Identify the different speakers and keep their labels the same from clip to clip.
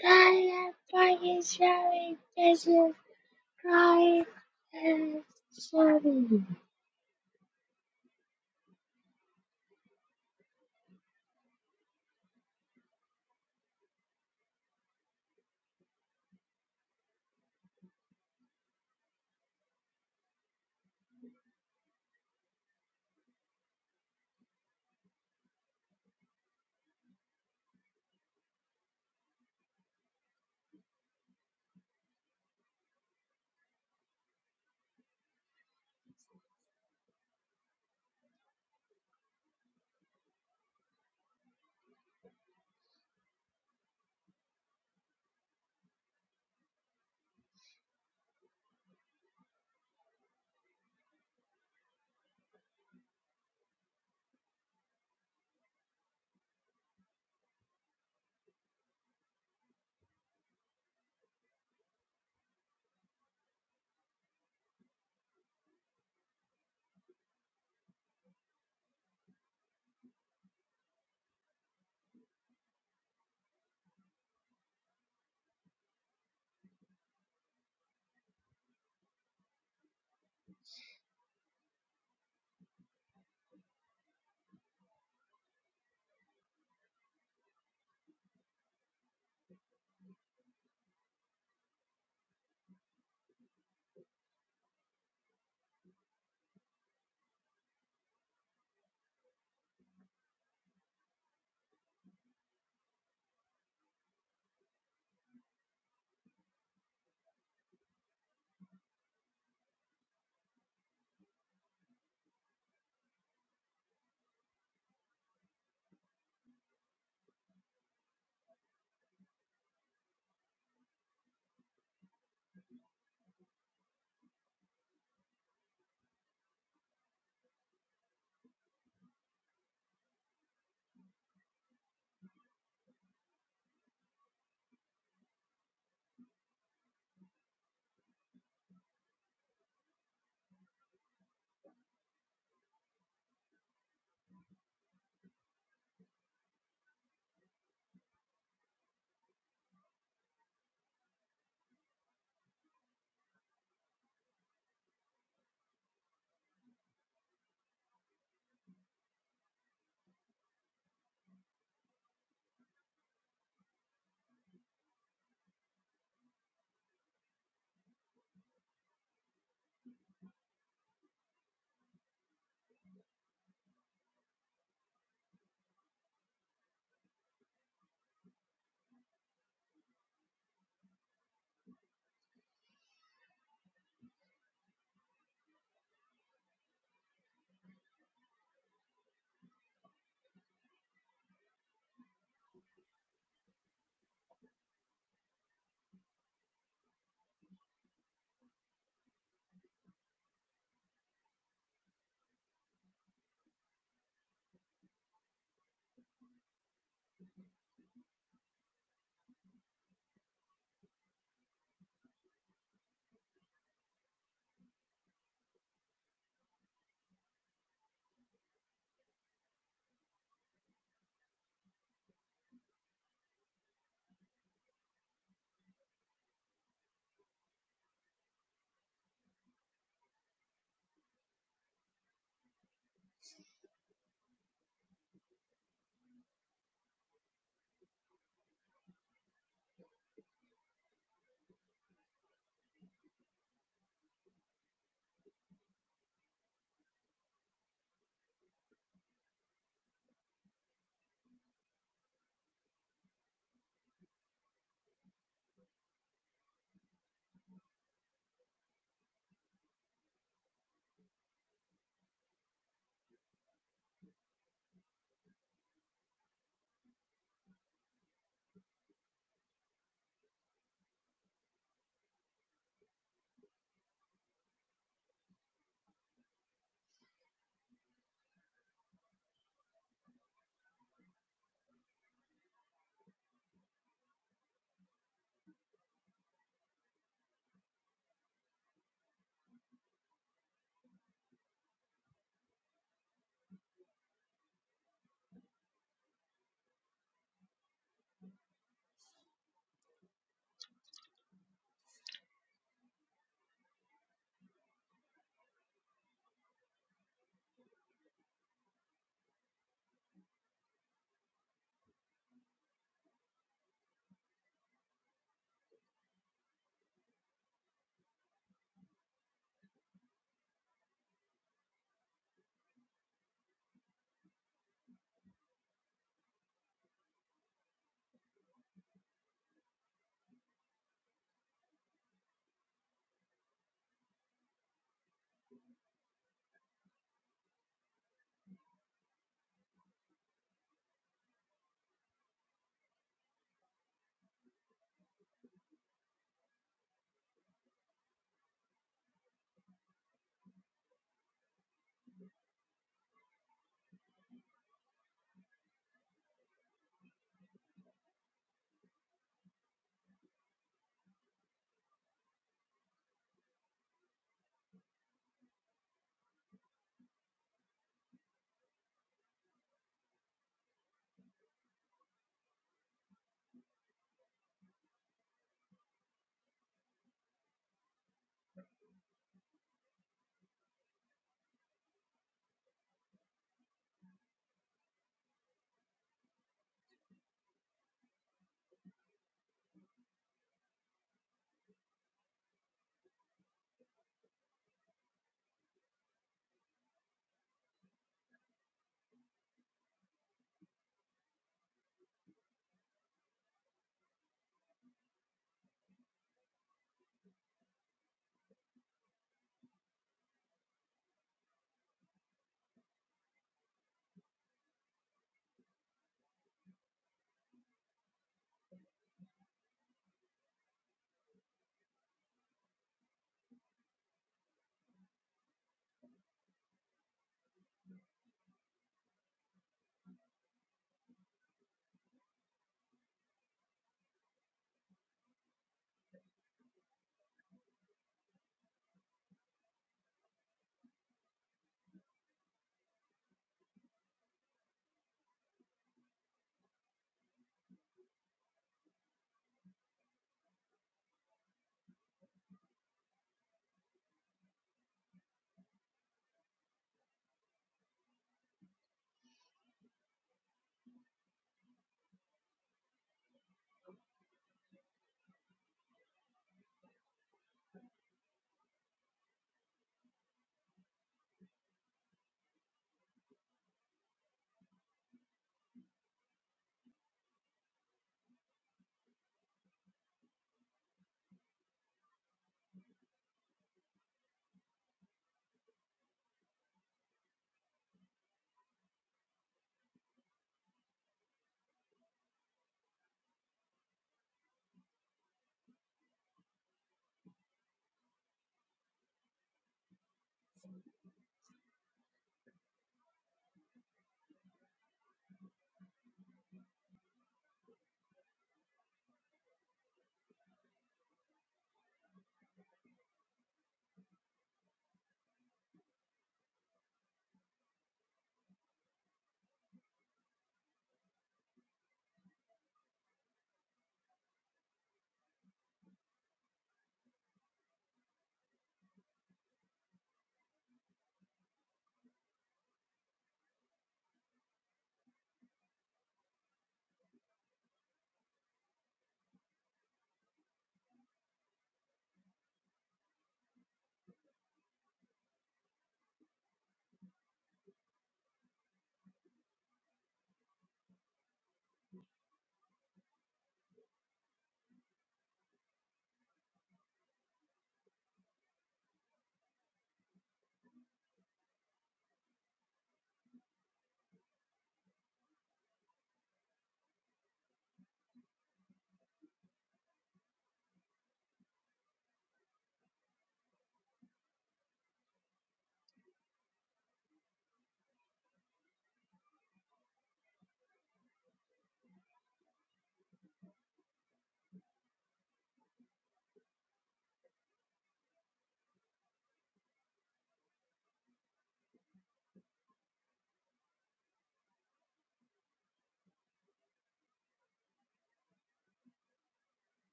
Speaker 1: Private Pakistani Desert crying, and Sorry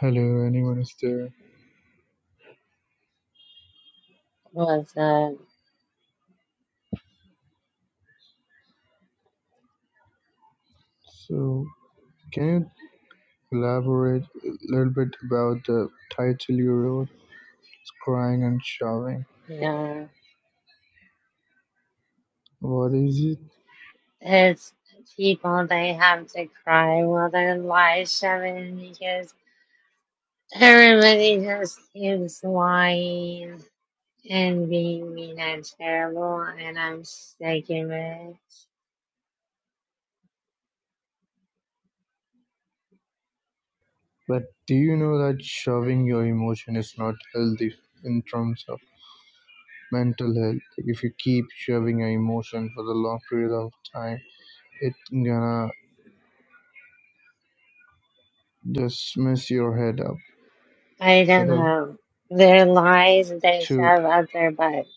Speaker 2: Hello, anyone is there?
Speaker 1: was uh,
Speaker 2: So, can you elaborate a little bit about the title you wrote, Crying and Shoving?
Speaker 1: yeah.
Speaker 2: What is it?
Speaker 1: It's people they have to cry while their lies shoving because everybody just keeps lying and being mean and terrible and I'm sick of it.
Speaker 2: But do you know that shoving your emotion is not healthy in terms of mental health? Like if you keep shoving your emotion for the long period of time, it gonna just mess your head up.
Speaker 1: I don't
Speaker 2: Better
Speaker 1: know. Their lies they
Speaker 2: too.
Speaker 1: shove up their butts.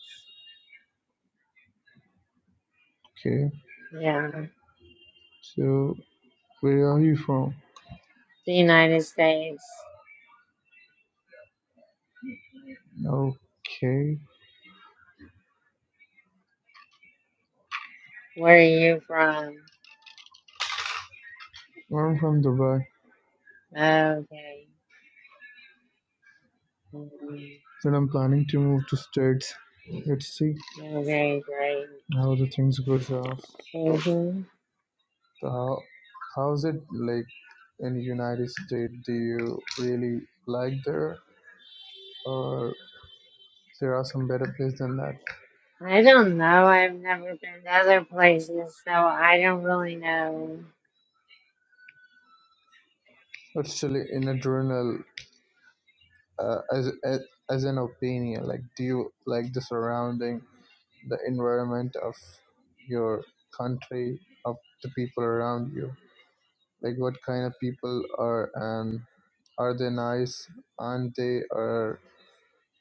Speaker 2: Okay.
Speaker 1: Yeah.
Speaker 2: So, where are you from?
Speaker 1: The United States.
Speaker 2: Okay.
Speaker 1: Where are you from?
Speaker 2: I'm from Dubai.
Speaker 1: Okay. Mm,
Speaker 2: Then I'm planning to move to states. Let's see
Speaker 1: Okay, great.
Speaker 2: how the things goes off.
Speaker 1: hmm
Speaker 2: So how how's it like in United States? Do you really like there, or there are some better places than that?
Speaker 1: I don't know. I've never been to other places, so I don't really know.
Speaker 2: Actually, in a journal, uh, as, as as an opinion, like do you like the surrounding, the environment of your country, of the people around you? like what kind of people are and are they nice aren't they or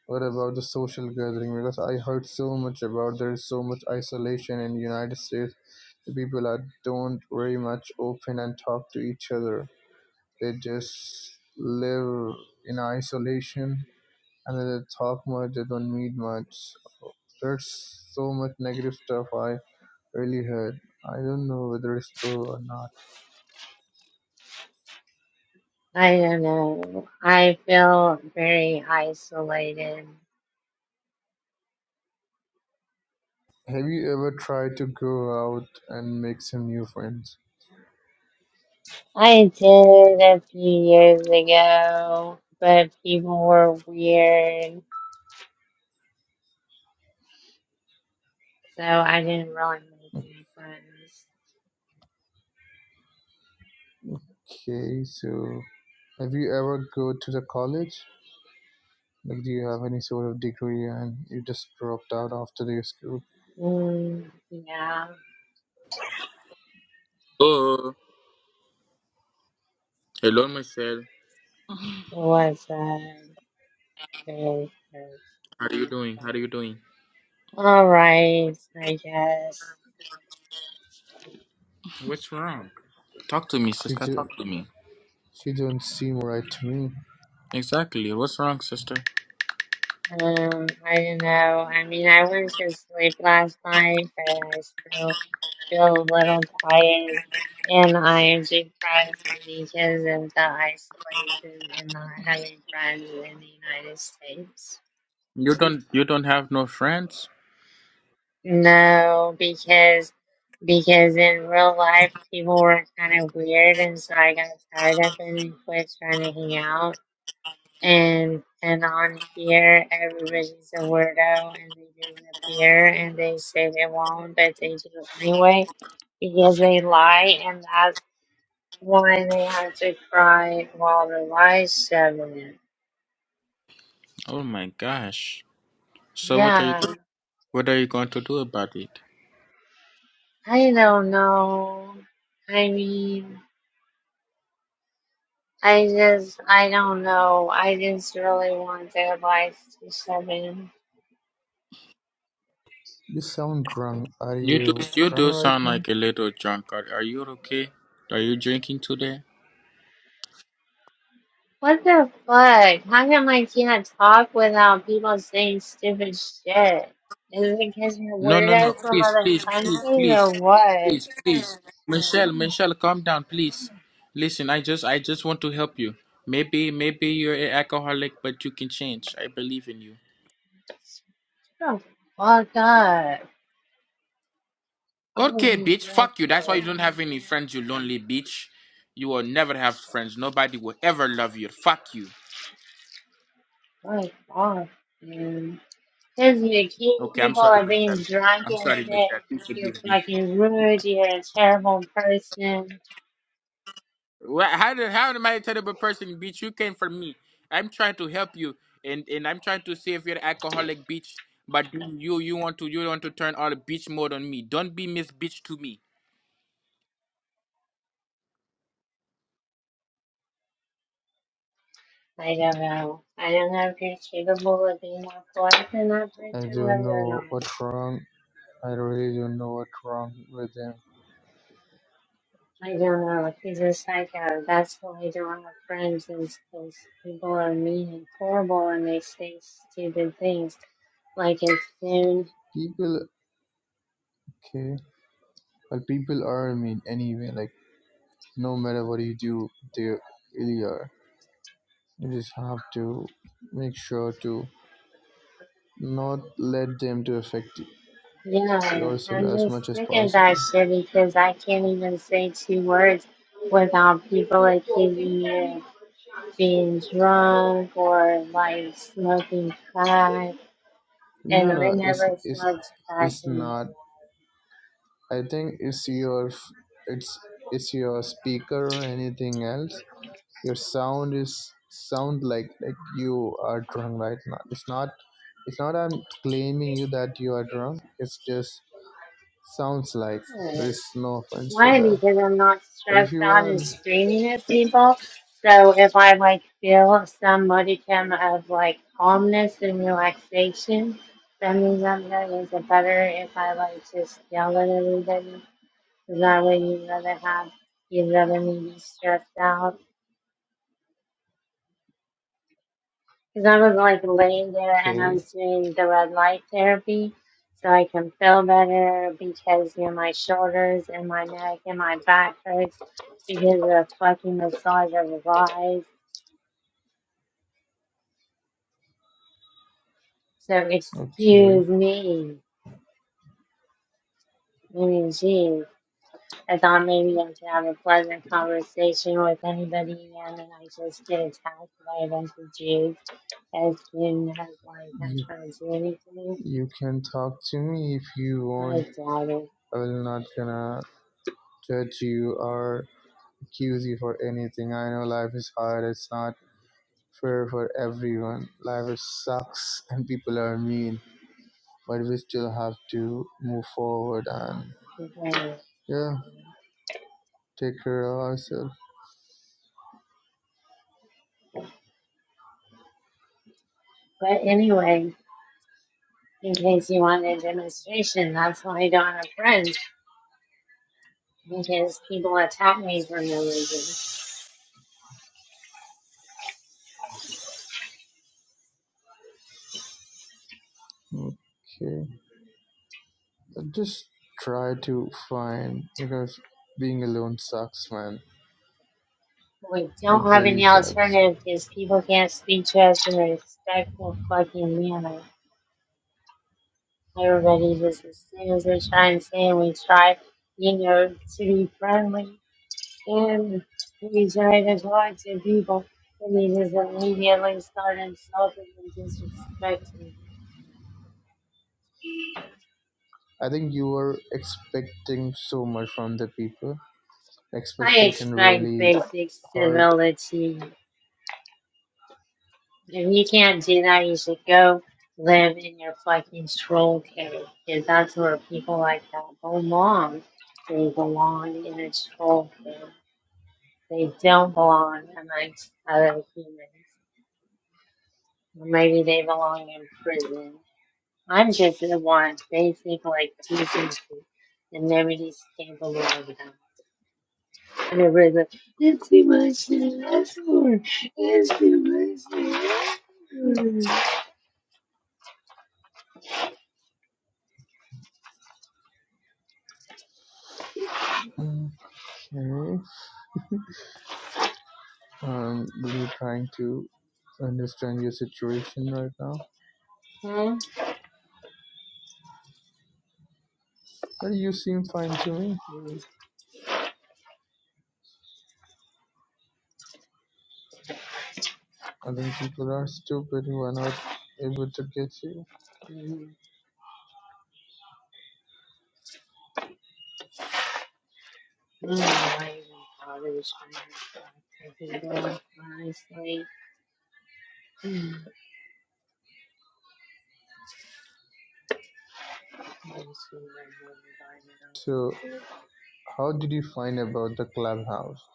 Speaker 2: what about the social gathering because i heard so much about there is so much isolation in united states the people are don't very much open and talk to each other they just live in isolation and they don't talk much they don't meet much So there's so much negative stuff i really heard i don't know whether it's true or not
Speaker 1: I don't know. I feel very isolated.
Speaker 2: Have you ever tried to go out and make some new friends?
Speaker 1: I did a few years ago, but people were weird, so I didn't really make any friends.
Speaker 2: Okay, so have you ever go to the college? Like, do you have any sort of degree and you just dropped out after the school?
Speaker 1: Mm, yeah,
Speaker 3: Oh, Hello, Michelle.
Speaker 1: it was a
Speaker 3: How are you doing? How are you doing?
Speaker 1: All right, I guess.
Speaker 3: What's wrong? Talk to me,
Speaker 2: She
Speaker 3: sister. Talk
Speaker 2: ju-
Speaker 3: to me.
Speaker 2: she don't seem right to me.
Speaker 3: Exactly. What's wrong, sister?
Speaker 1: Um, I don't know. I mean, I went to sleep last night, but I still feel a little tired, and I am depressed because of the isolation and not having friends in the United States.
Speaker 3: You don't you don't have no friends?
Speaker 1: No, because because in real life people were kind of weird, and so I got tired of it and quit trying to hang out. and and on here everybody's a weirdo and they disappear and they say they won't but they do it anyway because they lie and that's why they have to cry while the lies shoving it.
Speaker 3: Oh my gosh. So what are you
Speaker 1: Yeah.
Speaker 3: what are you going to do about it?
Speaker 1: I don't know. I mean I just I don't know. I just really want their lies to shove in.
Speaker 2: You sound drunk. Are
Speaker 3: You do
Speaker 2: you
Speaker 3: you
Speaker 2: drunk
Speaker 3: do
Speaker 2: right
Speaker 3: sound
Speaker 2: now?
Speaker 3: like a little drunk. Are, are you okay? Are you drinking today?
Speaker 1: What the fuck? How come I can't talk without people saying stupid shit? Is it because you're
Speaker 3: No, no, no.
Speaker 1: weirdos from
Speaker 3: Please,
Speaker 1: other
Speaker 3: please,
Speaker 1: countries
Speaker 3: please,
Speaker 1: or
Speaker 3: please,
Speaker 1: what?
Speaker 3: please, please. Michelle,
Speaker 1: God,
Speaker 3: Michelle, calm down, please. Listen, I just, I just want to help you. Maybe, maybe you're an alcoholic, but you can change. I believe in you.
Speaker 1: Shut the fuck up.
Speaker 3: Okay,
Speaker 1: I'm
Speaker 3: bitch. Fuck you. That's why you
Speaker 1: grateful.
Speaker 3: don't have any friends. You lonely bitch. You will never have friends. Nobody will ever love you. Fuck you.
Speaker 1: My God, dude. Because you accuse
Speaker 3: Okay, I'm
Speaker 1: people
Speaker 3: sorry,
Speaker 1: of being
Speaker 3: Michelle.
Speaker 1: drunk
Speaker 3: I'm
Speaker 1: and
Speaker 3: sorry,
Speaker 1: shit.
Speaker 3: Michelle. Please
Speaker 1: You're
Speaker 3: forgive me.
Speaker 1: fucking rude. You're a terrible person.
Speaker 3: Wha- How did how am I a terrible person, bitch? You came for me. I'm trying to help you, and and I'm trying to save your alcoholic, bitch. But you you you want to you want to turn all bitch mode on me. Don't be Miss Bitch to me.
Speaker 1: I don't know. I don't know if you're capable of being more polite than that
Speaker 2: I
Speaker 1: person
Speaker 2: don't
Speaker 1: was or
Speaker 2: know
Speaker 1: not.
Speaker 2: what's wrong. I really don't know what's wrong with them.
Speaker 1: I don't know. He's a psycho. That's what I don't have friends is because people are mean and horrible and they say stupid things. Like it's soon.
Speaker 2: People, okay, but people are mean anyway. Like, no matter what you do, they really are. You just have to make sure to not let them to affect
Speaker 1: Yeah,
Speaker 2: yourself
Speaker 1: I'm
Speaker 2: as
Speaker 1: just
Speaker 2: much as
Speaker 1: sick of that
Speaker 2: possible.
Speaker 1: shit because I can't even say two words without people accusing me of being drunk or like smoking crack. And
Speaker 2: No,
Speaker 1: I
Speaker 2: no, it's
Speaker 1: never
Speaker 2: it's
Speaker 1: smoked crack
Speaker 2: it's
Speaker 1: in my
Speaker 2: not. I think it's your f- it's it's your speaker or anything else. Your sound is sound like like you are drunk right now. It's not it's not I'm claiming you that you are drunk. It's just sounds like there
Speaker 1: life.
Speaker 2: is no offense for
Speaker 1: Why?
Speaker 2: that.
Speaker 1: Because I'm not
Speaker 2: But if
Speaker 1: stressed
Speaker 2: you
Speaker 1: out and
Speaker 2: wanna
Speaker 1: screaming at people. So if I like feel some modicum of like calmness and relaxation, that means I'm doing it better if I like just yell at everybody. Because that way you'd rather have, you'd rather me be stressed out Because I was like laying there and I
Speaker 2: okay
Speaker 1: was doing the red light therapy so I can feel better because you know my shoulders and my neck and my back hurts because of the fucking massage of the eyes. So
Speaker 2: okay
Speaker 1: excuse me. I mean, geez, I thought maybe I could have a pleasant conversation with anybody, and then I just get attacked by a bunch of Jews as soon as like I
Speaker 2: you
Speaker 1: try to do anything.
Speaker 2: You can talk to me if you
Speaker 1: I
Speaker 2: want.
Speaker 1: doubt it.
Speaker 2: I will not gonna judge you or accuse you for anything. I know life is hard. It's not fair for everyone. Life is sucks and people are mean. But we still have to move forward and yeah,
Speaker 1: Okay.
Speaker 2: take care of ourselves.
Speaker 1: But anyway, in case you want a demonstration, that's why I don't have friends because people attack me for no reason.
Speaker 2: Okay, just try to find because being alone sucks, man.
Speaker 1: We
Speaker 2: It
Speaker 1: don't have
Speaker 2: really
Speaker 1: any
Speaker 2: sucks.
Speaker 1: alternative because people can't speak to us in a respectful fucking manner. Everybody just as soon as we try and say we try, you know, to be friendly and we try to talk to people and they just immediately start insulting and disrespecting.
Speaker 2: I think you were expecting so much from the people
Speaker 1: I
Speaker 2: expectation
Speaker 1: expect
Speaker 2: really
Speaker 1: basic
Speaker 2: hurt.
Speaker 1: civility. If you can't do that, you should go live in your fucking troll cave. Because that's where people like that belong. They belong in a troll cave. They don't belong amongst other humans. Or maybe they belong in prison. I'm just the one basic, like, teaching people. And nobody's capable of that. And everybody's like, it's too much to ask for. It's too much to ask
Speaker 2: Okay. Um, really trying to understand your situation right now.
Speaker 1: for. Hmm?
Speaker 2: Well, you seem fine to me. I think people are stupid who are not able to get you.
Speaker 1: Hmm. Mm, why even bother trying to taking God, honestly? Mm, I just feel like I'm reminded of-
Speaker 2: So, how did you find about the clubhouse?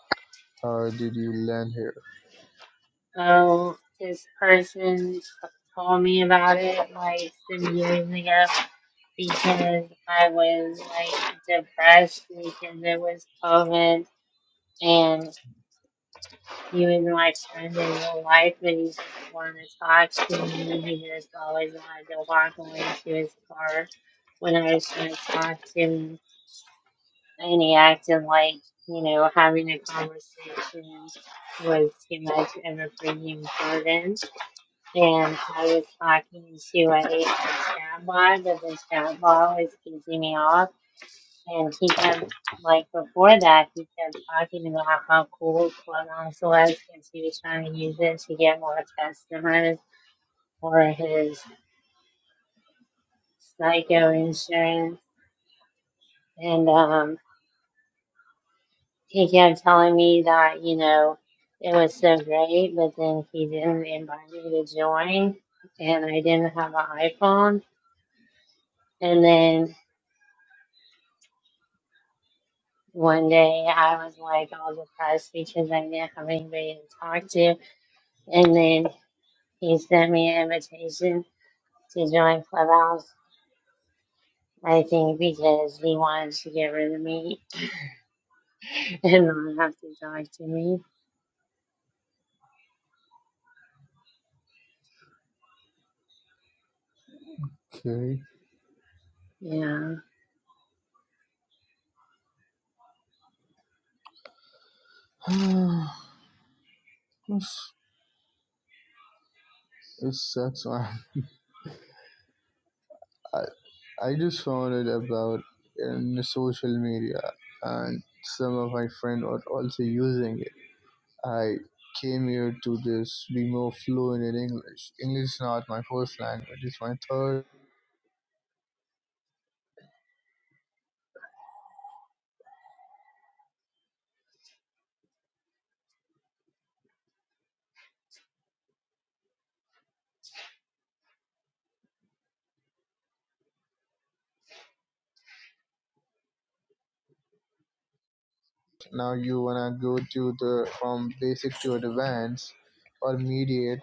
Speaker 2: How did you land here?
Speaker 1: Oh, this person told me about it like some years ago because I was like depressed because it was COVID and he was like trying to real life and he just wanted to talk to me. He just always wanted to walk away to his car when I was trying to talk to him and he acted like you know having a conversation was too much of a premium burden and i was talking to a AI chatbot but the chatbot was pissing me off and he kept like before that he kept talking about how cool clubhouse was because he was trying to use it to get more customers for his psycho insurance and um he kept telling me that, you know, it was so great, but then he didn't invite me to join, and I didn't have an iPhone. And then one day I was like all depressed because I didn't have anybody to talk to. And then he sent me an invitation to join Clubhouse, I think because he wanted to get rid of me and not have to talk to me.
Speaker 2: Okay.
Speaker 1: Yeah.
Speaker 2: It's- it sucks, man. I, I just found it about in the social media, and some of my friends were also using it. I came here to just be more fluent in English. English is not my first language; it's my third. Now you wanna go to the from basic to advanced or mediate.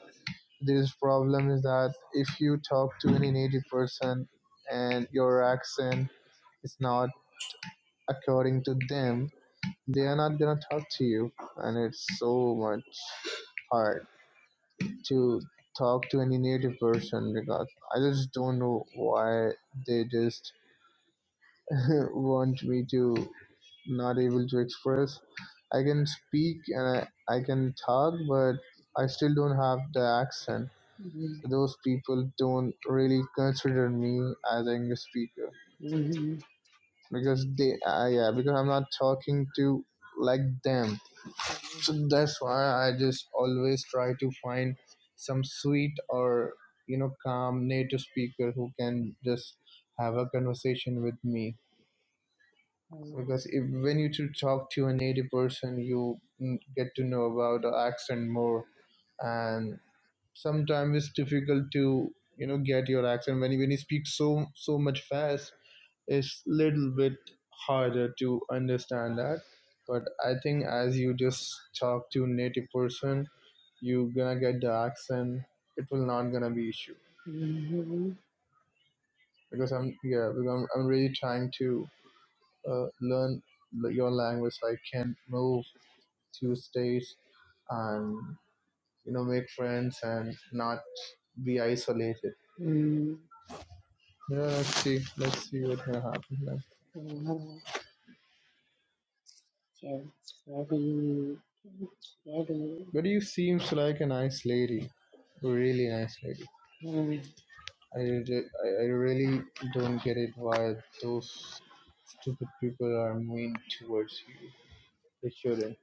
Speaker 2: This problem is that if you talk to any native person and your accent is not according to them, they are not gonna talk to you, and it's so much hard to talk to any native person because I just don't know why they just want me to not able to express. I can speak and I, I can talk, but I still don't have the accent.
Speaker 1: Mhm.
Speaker 2: Those people don't really consider me as an English speaker
Speaker 1: Mhm.
Speaker 2: because they, uh, yeah, because I'm not talking to like them. So that's why I just always try to find some sweet or you know calm native speaker who can just have a conversation with me
Speaker 1: Mhm.
Speaker 2: because if, when you to talk to a native person you mm, get to know about the accent more and sometimes it's difficult to you know get your accent when you, when you speak so so much fast it's little bit harder to understand that but i think as you just talk to native person you gonna get the accent it will not gonna be issue
Speaker 1: Mhm.
Speaker 2: because i'm yeah because i'm, I'm really trying to uh, learn the- your language so i can move Tuesdays and you know make friends and not be isolated.
Speaker 1: Mhm.
Speaker 2: Yeah, let's see. Let's see what will happen then.
Speaker 1: Little kids ready, kids ready,
Speaker 2: But you seems like a nice lady, really nice lady.
Speaker 1: and
Speaker 2: I, I I really don't get it why those stupid people are mean towards you. They shouldn't.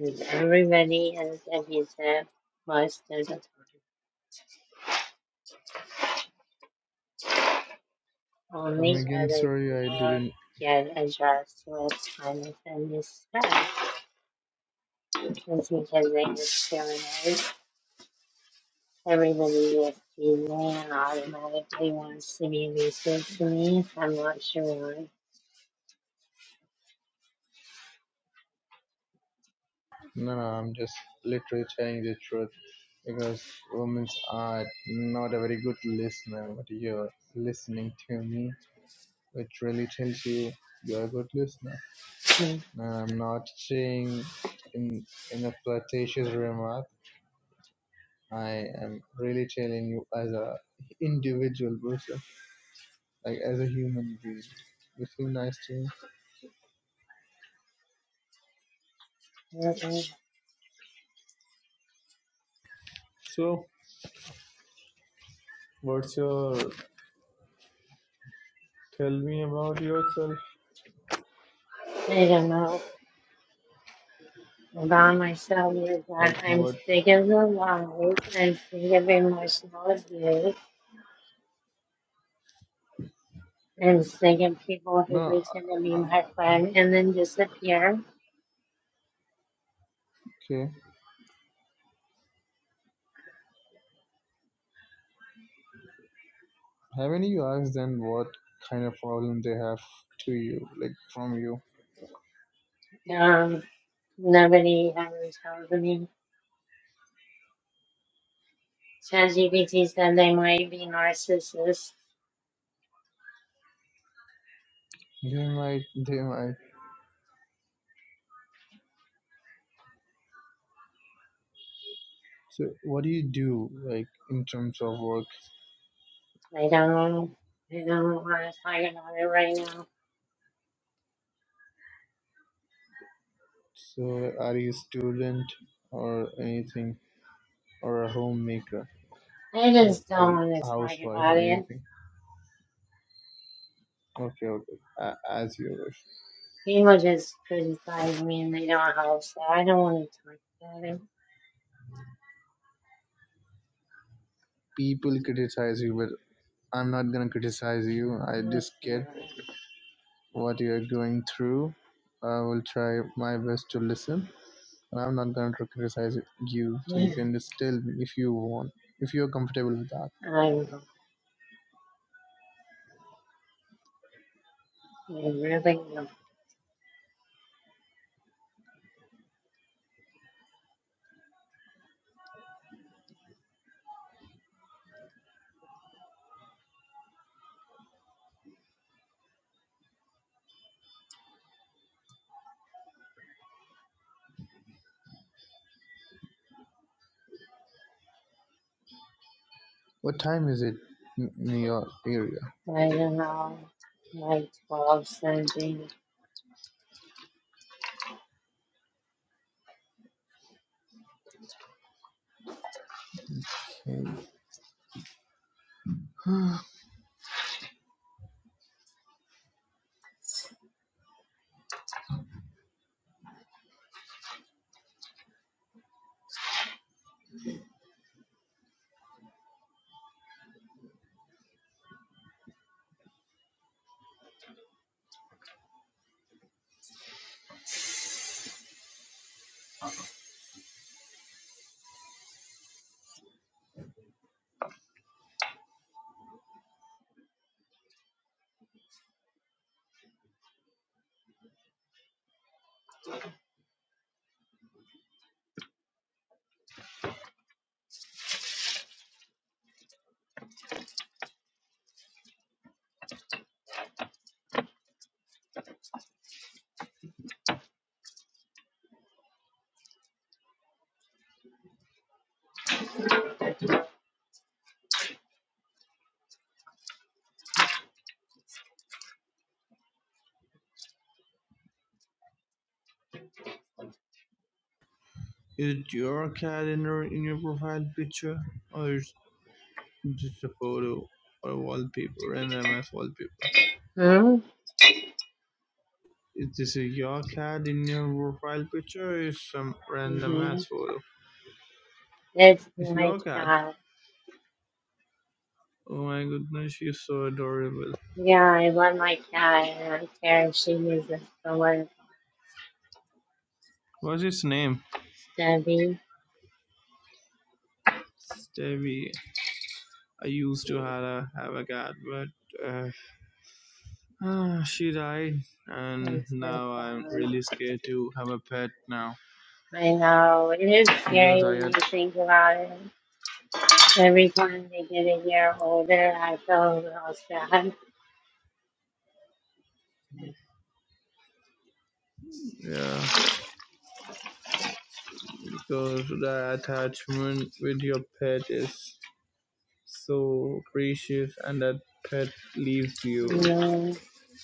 Speaker 1: and everybody has a visa most of the time.
Speaker 2: Come
Speaker 1: Only
Speaker 2: again,
Speaker 1: other
Speaker 2: sorry, I
Speaker 1: people
Speaker 2: didn't
Speaker 1: get a just with kind of in this stuff. It's because they discriminate. Everybody with visa and automatically wants to be visa to me. I'm not sure why.
Speaker 2: No, no, I'm just literally telling the truth because women are not a very good listener, but you're listening to me, which really tells you you're a good listener.
Speaker 1: Hmm.
Speaker 2: No, I'm not saying in in a flirtatious remark. I am really telling you as a individual person, like as a human being. You seem nice to me.
Speaker 1: I
Speaker 2: So, what's your? Tell me about yourself.
Speaker 1: don't know. About myself is that
Speaker 2: Like
Speaker 1: I'm
Speaker 2: what?
Speaker 1: sick of the lies, I'm sick of emotional abuse, I'm sick of people who
Speaker 2: No,
Speaker 1: pretend to
Speaker 2: uh,
Speaker 1: be
Speaker 2: uh,
Speaker 1: my friend and then disappear.
Speaker 2: okay. Haven't you asked them what kind of problem they have to you, like from you?
Speaker 1: Um, nobody ever tells me. ChatGPT said they might be narcissists.
Speaker 2: They might, they might. So, what do you do, like in terms of work?
Speaker 1: I don't I don't want to talk about it right now.
Speaker 2: So, are you a student or anything, or a homemaker,
Speaker 1: I
Speaker 2: like
Speaker 1: just
Speaker 2: a
Speaker 1: don't want to talk
Speaker 2: housewife
Speaker 1: about
Speaker 2: or
Speaker 1: it.
Speaker 2: anything? Okay, okay, a- as you wish.
Speaker 1: People just criticize me and they don't help, so I don't want to talk about it.
Speaker 2: People criticize you, but I'm not gonna criticize you. I
Speaker 1: I
Speaker 2: just get
Speaker 1: don't
Speaker 2: what you're going through. I will try my best to listen and I'm not going to criticize you. So
Speaker 1: care.
Speaker 2: you can just tell me if you want, if you're comfortable with that.
Speaker 1: I'm, really am
Speaker 2: What time is it in your area?
Speaker 1: planning on my 12 Sunday.
Speaker 2: is it your calendar in your profile picture, or is just a photo or a wallpaper, random ass wallpaper?
Speaker 1: Hmm?
Speaker 2: Is this a your cat in your profile picture, or is some random
Speaker 1: hmm
Speaker 2: ass photo?
Speaker 1: It's
Speaker 2: It's
Speaker 1: my
Speaker 2: your cat.
Speaker 1: cat.
Speaker 2: Oh my goodness, she's so adorable.
Speaker 1: Yeah, I love my cat and I care if she uses the word
Speaker 2: What's his name?
Speaker 1: Debbie.
Speaker 2: Stevie. I used to have a, have a cat, but uh, ah, she died,
Speaker 1: I'm
Speaker 2: and
Speaker 1: so
Speaker 2: now I'm
Speaker 1: sorry.
Speaker 2: really scared to have a pet now
Speaker 1: I know. It is
Speaker 2: because
Speaker 1: scary
Speaker 2: I
Speaker 1: when you
Speaker 2: had
Speaker 1: think about it. Every time they get a year older, I feel a little sad.
Speaker 2: yeah because the attachment with your pet is so precious, and that pet leaves
Speaker 1: You
Speaker 2: you.
Speaker 1: know,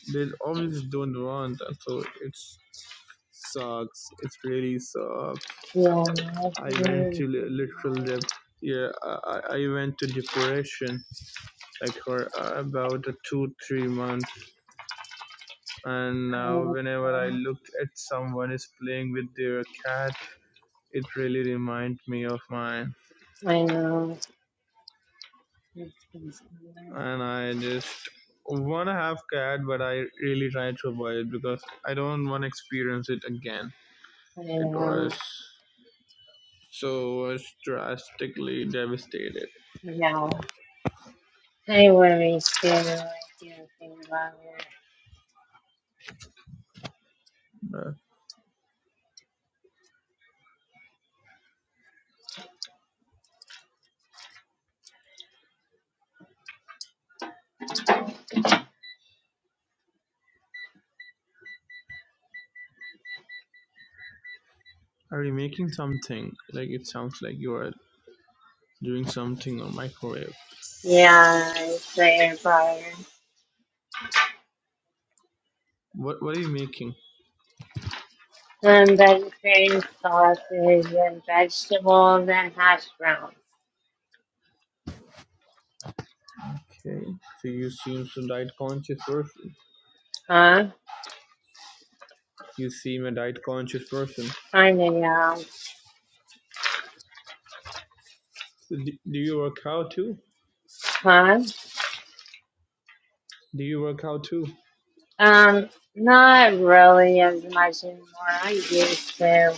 Speaker 2: They obviously don't want that, so it's sucks. It really sucks.
Speaker 1: feel
Speaker 2: I went
Speaker 1: nothing.
Speaker 2: to li- literal dep- yeah I, I I went to depression like for uh, about two three months and now whenever i look at someone is playing with their cat it really reminds me of mine
Speaker 1: I know. Yeah,
Speaker 2: and i just want to have cat but i really try to avoid it because i don't want to experience it again it was so was drastically devastated
Speaker 1: yeah. Anyway, it's been like thinking about it.
Speaker 2: Uh, are you making something like it sounds like you are doing something on microwave
Speaker 1: Yeah, it's later butter.
Speaker 2: what what are you making
Speaker 1: And vegetarian sauces and vegetables and hash browns.
Speaker 2: Okay, so you seem a diet conscious person.
Speaker 1: Huh?
Speaker 2: You seem a diet conscious person.
Speaker 1: Kinda, yeah.
Speaker 2: So do, do you work out too?
Speaker 1: Huh?
Speaker 2: Do you work out too?
Speaker 1: Um, not really as much anymore. I used to.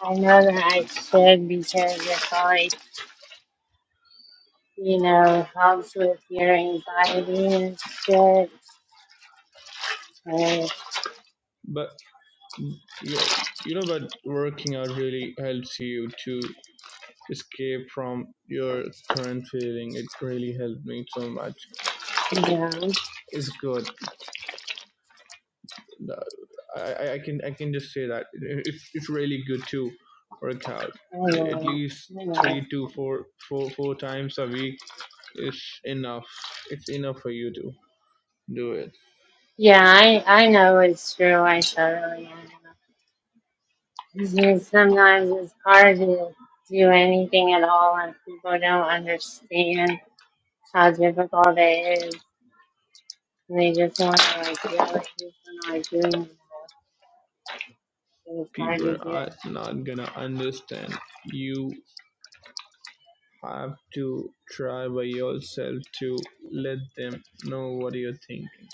Speaker 1: I know that I should because it's like, you know, helps with your anxiety and shit.
Speaker 2: But you you know, but working out really helps you to escape from your current feeling. It really helped me so much.
Speaker 1: Yeah, I
Speaker 2: It's good. I, I I can I can just say that it's it's really good to work out Like, at
Speaker 1: know.
Speaker 2: least
Speaker 1: I know.
Speaker 2: three to four four four times a week is enough. It's enough for you to do it.
Speaker 1: Yeah, I I know it's true. I totally I know. It's just sometimes it's hard to do anything at all if people don't understand how difficult it is. And they just want to like yell at you for not doing enough. So It's hard to
Speaker 2: People
Speaker 1: do
Speaker 2: are
Speaker 1: anything.
Speaker 2: not gonna understand. You have to try by yourself to let them know what you're thinking.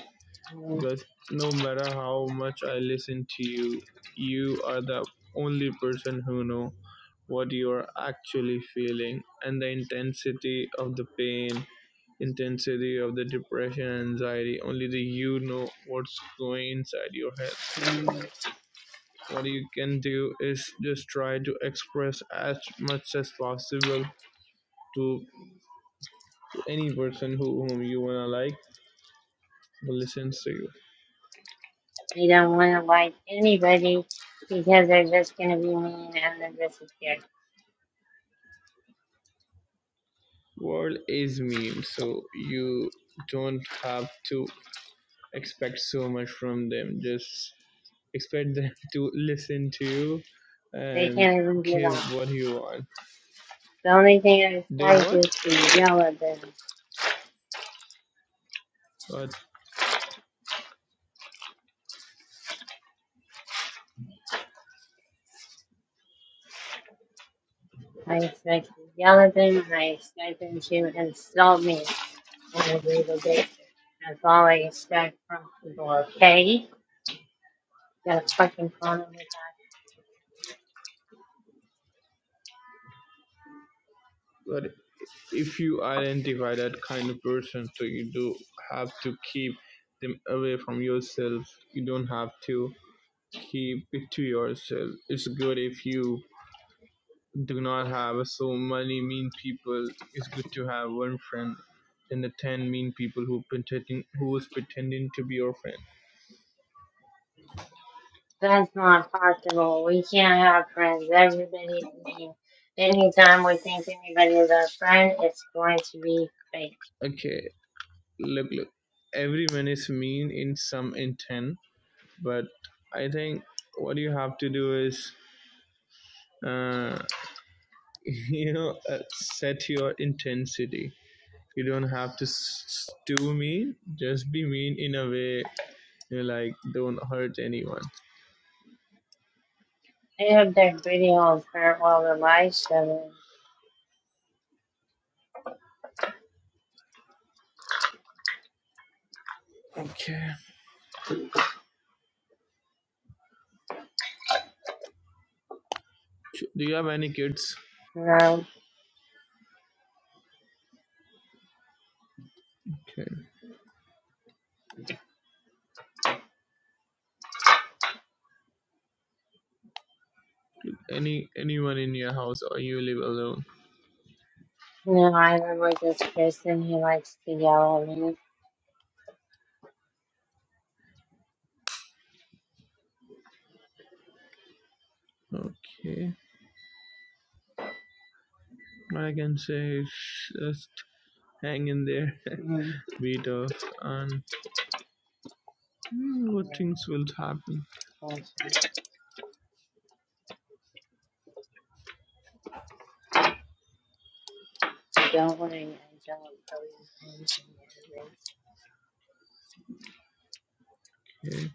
Speaker 1: And
Speaker 2: Cause no matter how much I listen to you, you are the only person who know what you are actually feeling and the intensity of the pain, intensity of the depression, anxiety. Only the you know what's going inside your head. What you can do is just try to express as much as possible to, to any person who, whom you wanna like who listens to you.
Speaker 1: They don't want to like anybody because they're just gonna be mean and then disappear.
Speaker 2: World is mean, so you don't have to expect so much from them. Just expect them to listen to you
Speaker 1: They
Speaker 2: and
Speaker 1: can't even do
Speaker 2: give
Speaker 1: that.
Speaker 2: what you want.
Speaker 1: The only thing I
Speaker 2: They
Speaker 1: like is
Speaker 2: what?
Speaker 1: to yell at them.
Speaker 2: But
Speaker 1: I expected Yelvin, I expect them to insult me on a regular basis. That's all I expect from people, okay? got a fucking problem with that.
Speaker 2: but if you identify that kind of person, so you do have to keep them away from yourself. You don't have to keep it to yourself. It's good if you Do not have so many mean people. It's good to have one friend than the ten mean people who pretending who is pretending to be your friend.
Speaker 1: That's not possible. We can't have friends. Everybody, I mean, anytime we think anybody is our friend, it's going to be fake.
Speaker 2: Okay, look, look. Everyone is mean in some intent, but I think what you have to do is, uh, you know, uh, set your intensity. You don't have to s- s- do mean. Just be mean in a way you know, like don't hurt anyone.
Speaker 1: They have their pretty old farewell to life, so
Speaker 2: Okay. Do you have any kids?
Speaker 1: no,
Speaker 2: Okay. Any anyone in your house, or you live alone?
Speaker 1: no, I live with this person. He likes to yell at me.
Speaker 2: Okay. What I can say is just hang in there,
Speaker 1: Mm-hmm.
Speaker 2: be tough, and mm, good
Speaker 1: Yeah,
Speaker 2: things will happen.
Speaker 1: that's awesome. going and John Kelly's engineering.
Speaker 2: Okay.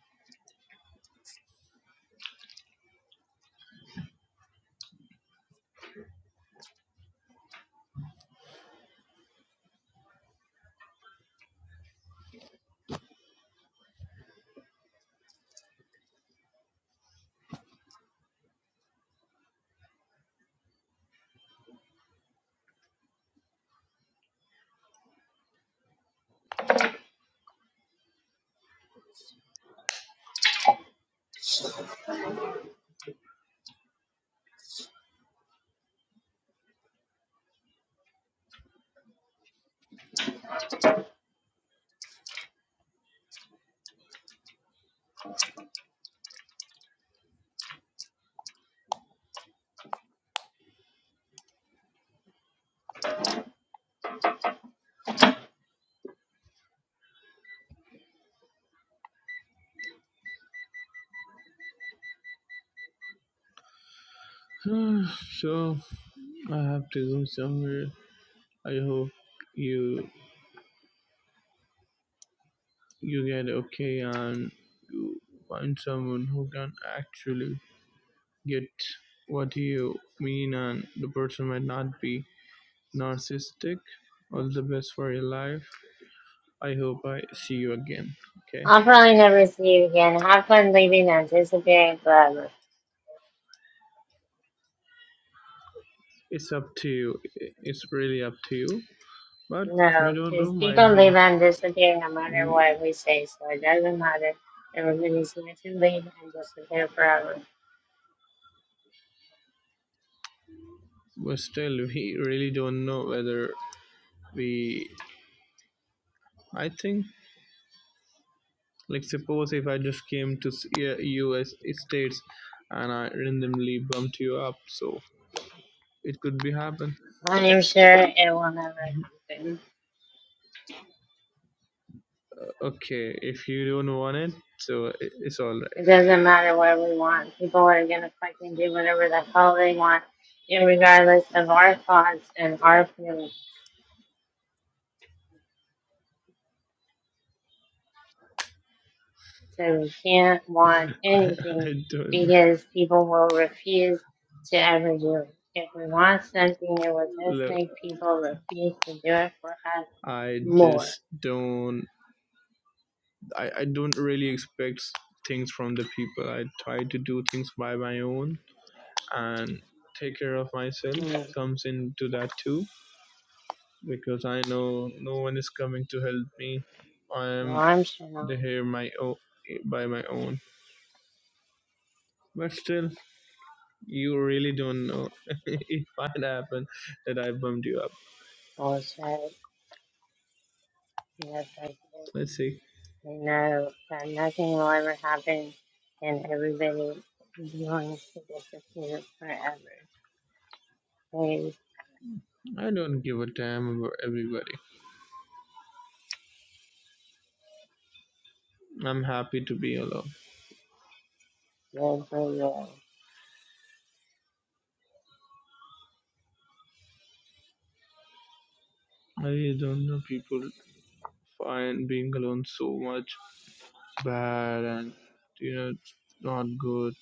Speaker 2: so I have to go somewhere. I hope you you get okay and you find someone who can actually get what you mean and the person might not be narcissistic all the best for your life I hope I see you again. Okay,
Speaker 1: I'll probably never see you again. Have fun leaving and disappearing forever.
Speaker 2: it's up to you. It's really up to you. But we
Speaker 1: No,
Speaker 2: don't
Speaker 1: because
Speaker 2: know. Might
Speaker 1: people
Speaker 2: be.
Speaker 1: leave and disappear no matter
Speaker 2: We
Speaker 1: what we say, so it doesn't matter. Everybody's going to leave and disappear forever.
Speaker 2: but still we really don't know whether we. I think like suppose if I just came to uh, U.S. states and I randomly bumped you up, so it could be happen.
Speaker 1: I am sure it will never happen.
Speaker 2: Okay, if you don't want it, so it's all right.
Speaker 1: It doesn't matter what we want. People are going to fucking do whatever the hell they want, regardless of our thoughts and our feelings. So we can't want anything
Speaker 2: I don't
Speaker 1: because people will refuse to ever do it. If we want something, it will just
Speaker 2: Look,
Speaker 1: make people refuse to do it for us
Speaker 2: I
Speaker 1: more.
Speaker 2: just don't I, I don't really expect things from the people. I try to do things by my own and take care of myself
Speaker 1: Hmm.
Speaker 2: comes into that too because I know no one is coming to help me. I
Speaker 1: Well,
Speaker 2: am
Speaker 1: I'm sure not.
Speaker 2: here my own, by my own. But still, you really don't know. it might happen that I bumped you up.
Speaker 1: Bullshit. No, thank you.
Speaker 2: Let's see.
Speaker 1: No, that nothing will ever happen and everybody is going to disappear forever. Please,
Speaker 2: I don't give a damn about everybody. I'm happy to be alone.
Speaker 1: good for you.
Speaker 2: I really don't know people find being alone so much bad and you know it's not good.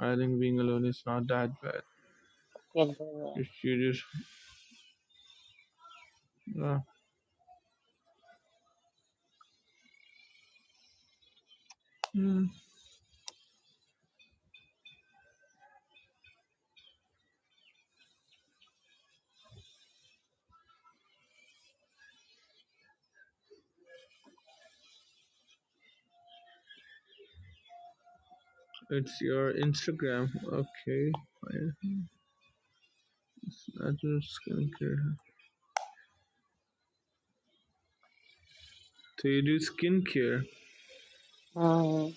Speaker 2: I think being alone is not that bad.
Speaker 1: Good for
Speaker 2: If you just uh, hmm, it's your Instagram, okay? fine. I do skincare. So you do skincare,
Speaker 1: you. Um,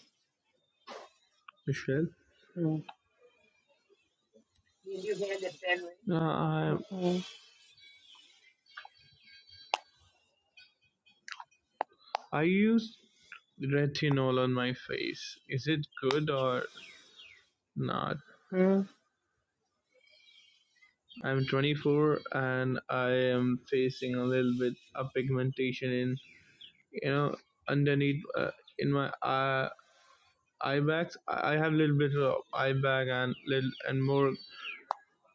Speaker 2: Michelle?
Speaker 1: hmm. Did you hand it, Henry?
Speaker 2: No, I
Speaker 1: Mm-hmm.
Speaker 2: I use retinol on my face. Is it good or not?
Speaker 1: Hmm?
Speaker 2: I'm 24 and I am facing a little bit of pigmentation in you know underneath uh, in my eye eye bags, I I have a little bit of eye bag and little and more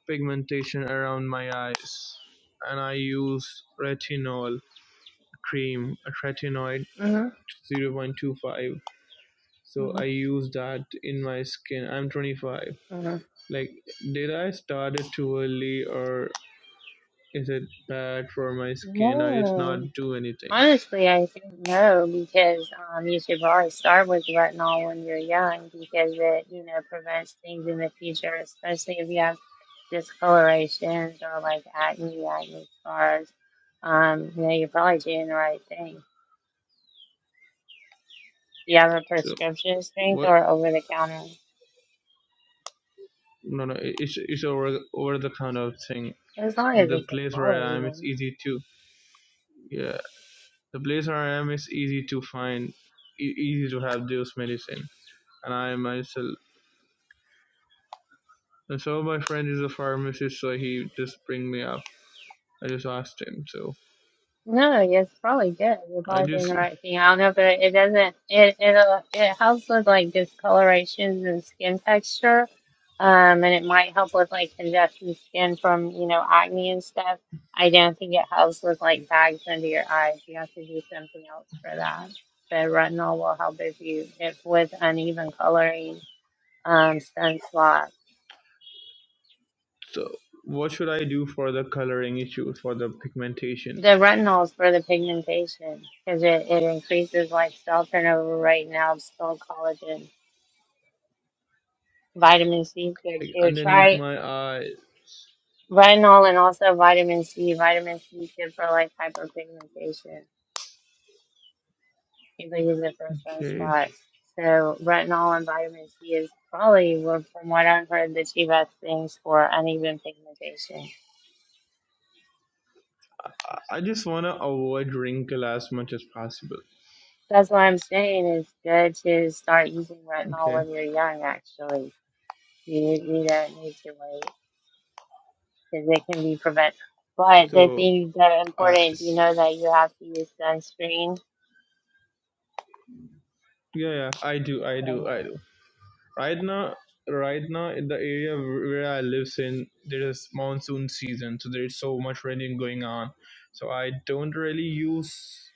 Speaker 2: pigmentation around my eyes, and I use retinol cream, a retinoid
Speaker 1: hmm
Speaker 2: 0.25. So I use that in my skin. I'm 25.
Speaker 1: hmm
Speaker 2: Like, did I start it too early, or is it bad for my skin? I just
Speaker 1: No.
Speaker 2: not do anything.
Speaker 1: Honestly, I think no, because um, you should probably start with retinol when you're young because it, you know, prevents things in the future, especially if you have discolorations or like acne, acne scars. Um, you know, you're probably doing the right thing. Do you have a
Speaker 2: So
Speaker 1: prescription strength
Speaker 2: what?
Speaker 1: or over the counter?
Speaker 2: No, no, it's it's over over the kind of thing.
Speaker 1: As long as
Speaker 2: The
Speaker 1: it's a
Speaker 2: place where I
Speaker 1: quality
Speaker 2: am, it's
Speaker 1: one.
Speaker 2: easy to yeah The place where I am is easy to find, e- easy to have those medicine, and I myself. And so my friend is a pharmacist, so he just bring me up. I just asked him. So
Speaker 1: No, it's probably good. You're
Speaker 2: I
Speaker 1: probably doing the
Speaker 2: just
Speaker 1: right thing. I don't know, but it doesn't. It it uh, it helps with like discolorations and skin texture, um, and it might help with like congested skin from you know acne and stuff. I don't think it helps with like bags under your eyes. You have to do something else for that. But retinol will help if you if with uneven coloring, um, sunspots.
Speaker 2: so what should I do for the coloring issue for the pigmentation?
Speaker 1: The retinol is for the pigmentation because it, it increases like cell turnover rate and helps build collagen. Vitamin C is good
Speaker 2: Like
Speaker 1: too.
Speaker 2: underneath
Speaker 1: Try
Speaker 2: my eye.
Speaker 1: retinol and also vitamin C. Vitamin C is good for like hyperpigmentation. People use it for
Speaker 2: Okay.
Speaker 1: sunspots. So retinol and vitamin C is probably, well, from what I've heard, the two best things for uneven pigmentation.
Speaker 2: I- I just wanna avoid wrinkle as much as possible.
Speaker 1: That's why I'm saying it's good to start using retinol
Speaker 2: Okay.
Speaker 1: when you're young. Actually, you you don't need to wait because it can be prevent. But the
Speaker 2: So
Speaker 1: things that are
Speaker 2: I
Speaker 1: important, you
Speaker 2: s-
Speaker 1: know that you have to use sunscreen
Speaker 2: yeah yeah I do I do I Right now, right now in the area wh- where I live in, there is monsoon season, so there's so much raining going on. So I don't really use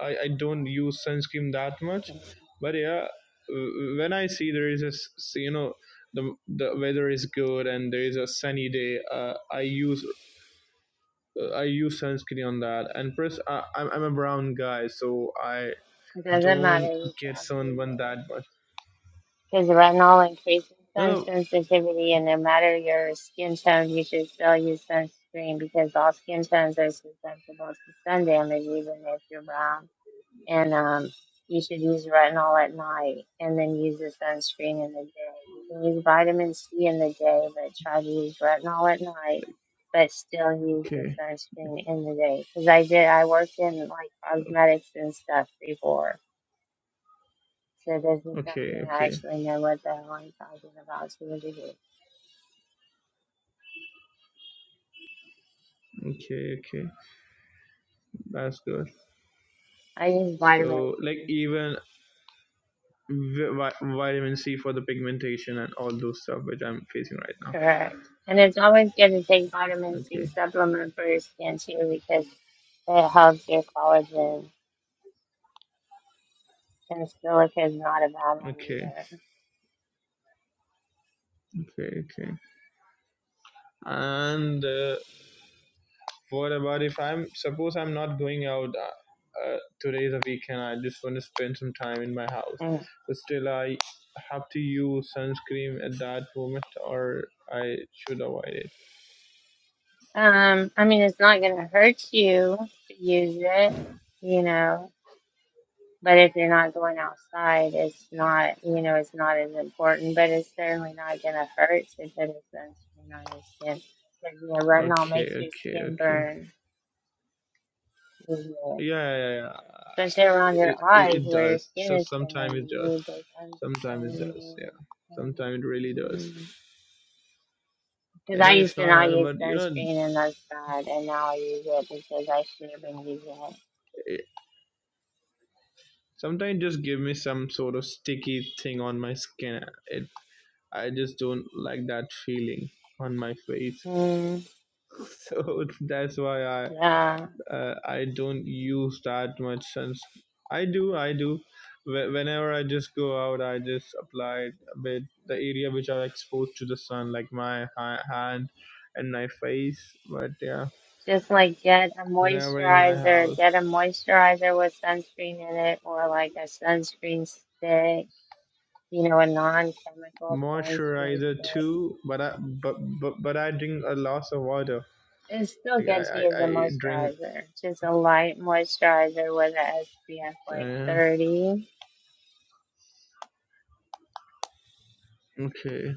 Speaker 2: I, I don't use sunscreen that much, but yeah, w- when I see there is a s- s- you know the the weather is good and there is a sunny day, uh, I use uh, I use sunscreen on that. And plus, I, I'm I'm a brown guy, so I
Speaker 1: It doesn't matter
Speaker 2: don't
Speaker 1: what
Speaker 2: get
Speaker 1: God gave
Speaker 2: sunburned that much.
Speaker 1: Because retinol increases
Speaker 2: No,
Speaker 1: sun sensitivity, and no matter your skin tone, you should still use sunscreen because all skin tones are susceptible to sun damage, even if you're brown. And um, you should use retinol at night and then use the sunscreen in the day. You can use vitamin C in the day, but try to use retinol at night. But still use
Speaker 2: no,
Speaker 1: the
Speaker 2: okay,
Speaker 1: sunscreen in the day because I did. I worked in like cosmetics and stuff before, So this is
Speaker 2: Okay,
Speaker 1: something I
Speaker 2: okay,
Speaker 1: actually know what the hell I'm talking about. It's ridiculous.
Speaker 2: okay, okay. That's good.
Speaker 1: I use vitamin
Speaker 2: So, like,
Speaker 1: C.
Speaker 2: even vi- vi- vitamin C for the pigmentation and all those stuff which I'm facing right now.
Speaker 1: Correct. And it's always good to take vitamin C
Speaker 2: Okay,
Speaker 1: supplement for your skin too because it helps your collagen. And silica is not a bad one
Speaker 2: okay,
Speaker 1: either.
Speaker 2: okay, okay. And uh, what about if I'm suppose I'm not going out? Uh, uh, today is a weekend. I just want to spend some time in my house,
Speaker 1: Mm.
Speaker 2: but still I have to use sunscreen at that moment, or I should avoid it.
Speaker 1: Um, I mean, it's not going to hurt you to use it, you know. But if you're not going outside, it's not, you know, it's not as important, but it's certainly not going to hurt to put a sunscreen on your skin. Because, you know, retinol
Speaker 2: Okay,
Speaker 1: makes your
Speaker 2: okay,
Speaker 1: skin
Speaker 2: okay.
Speaker 1: burn, easier,
Speaker 2: yeah, yeah, yeah.
Speaker 1: especially around your
Speaker 2: It, it,
Speaker 1: eyes
Speaker 2: it
Speaker 1: where your
Speaker 2: does.
Speaker 1: skin
Speaker 2: So
Speaker 1: is thinner.
Speaker 2: sometimes it
Speaker 1: You
Speaker 2: does.
Speaker 1: need the
Speaker 2: Sometimes it does. Yeah. Sometimes it really does.
Speaker 1: sunscreen. Because
Speaker 2: I
Speaker 1: I
Speaker 2: know it's
Speaker 1: used to
Speaker 2: not
Speaker 1: not
Speaker 2: hard,
Speaker 1: use
Speaker 2: but you know,
Speaker 1: sunscreen and that's bad, and now I use it because I should have been using it.
Speaker 2: it, sometimes just give me some sort of sticky thing on my skin. It, I just don't like that feeling on my face.
Speaker 1: Mm,
Speaker 2: So that's why I
Speaker 1: yeah.
Speaker 2: uh, I don't use that much suns. I do, I do. Wh- Whenever I just go out, I just apply it a bit the area which are exposed to the sun, like my ha- hand and my face. But yeah,
Speaker 1: Just like get a
Speaker 2: whenever in my
Speaker 1: moisturizer,
Speaker 2: house,
Speaker 1: get a moisturizer with sunscreen in it, or like a sunscreen stick, you know, a non-chemical sunscreen
Speaker 2: moisturizer
Speaker 1: stick.
Speaker 2: too. But I but but, but I drink a lot of water.
Speaker 1: It's still
Speaker 2: Like
Speaker 1: good to
Speaker 2: I
Speaker 1: use
Speaker 2: I,
Speaker 1: a
Speaker 2: I drink.
Speaker 1: moisturizer, just a light moisturizer with a SPF like
Speaker 2: Uh,
Speaker 1: 30.
Speaker 2: okay,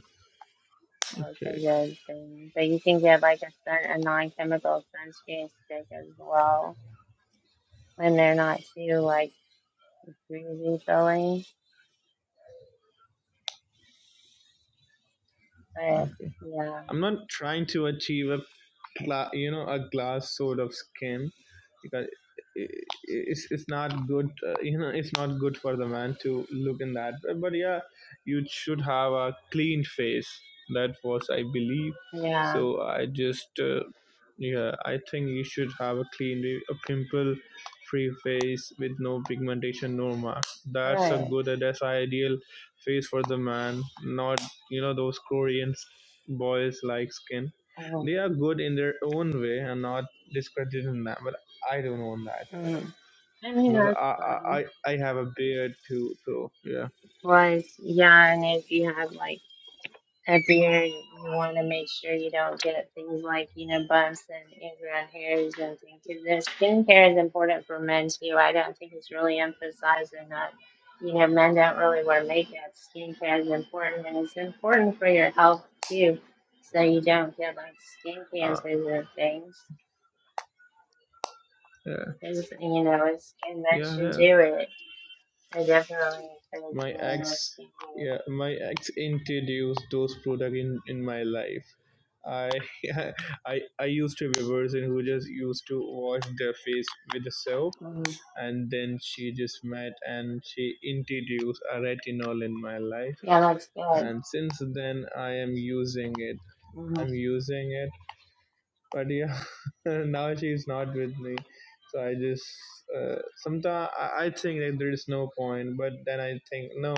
Speaker 1: That's a
Speaker 2: okay,
Speaker 1: good thing. But you can get like a sun, a non-chemical sunscreen stick as well, when they're not too like greasy filling, but
Speaker 2: okay.
Speaker 1: yeah,
Speaker 2: I'm not trying to achieve a gla- you know a glass sort of skin because i- i- it's it's not good uh, you know it's not good for the man to look in that way. but yeah you should have a clean face that was i believe
Speaker 1: yeah,
Speaker 2: so i just uh, yeah i think you should have a clean a pimple free face with no pigmentation no mark that's a
Speaker 1: right.
Speaker 2: good uh, that's a ideal face for the man not you know those korean boys like skin
Speaker 1: Um,
Speaker 2: they are good in their own way and not discrediting them I don't own that
Speaker 1: Mm. I mean,
Speaker 2: because
Speaker 1: that's
Speaker 2: I I,
Speaker 1: fun.
Speaker 2: I- have a beard too. So yeah,
Speaker 1: Plus, yeah, and if you have like a beard, you want to make sure you don't get things like, you know, bumps and ingrown hairs and things. things. 'Cause their skincare is important for men too. I don't think it's really emphasized enough. You know, men don't really wear makeup. Skincare is important, and it's important for your health too, so you don't get like skin
Speaker 2: uh,
Speaker 1: cancers and things.
Speaker 2: yeah,
Speaker 1: 'Cause, you know, it's, and men
Speaker 2: yeah,
Speaker 1: should
Speaker 2: yeah.
Speaker 1: do it. I definitely encourage
Speaker 2: My
Speaker 1: men with
Speaker 2: ex,
Speaker 1: skincare.
Speaker 2: yeah, my ex introduced those product in in my life. I I I used to be a person who just used to wash their face with the soap,
Speaker 1: Mm.
Speaker 2: and then she just met and she introduced a retinol in my life.
Speaker 1: Yeah, that's good.
Speaker 2: And since then, I am using it.
Speaker 1: Mm-hmm.
Speaker 2: I'm using it but yeah now she's not with me so i just uh, sometimes I, I think that there is no point but then i think no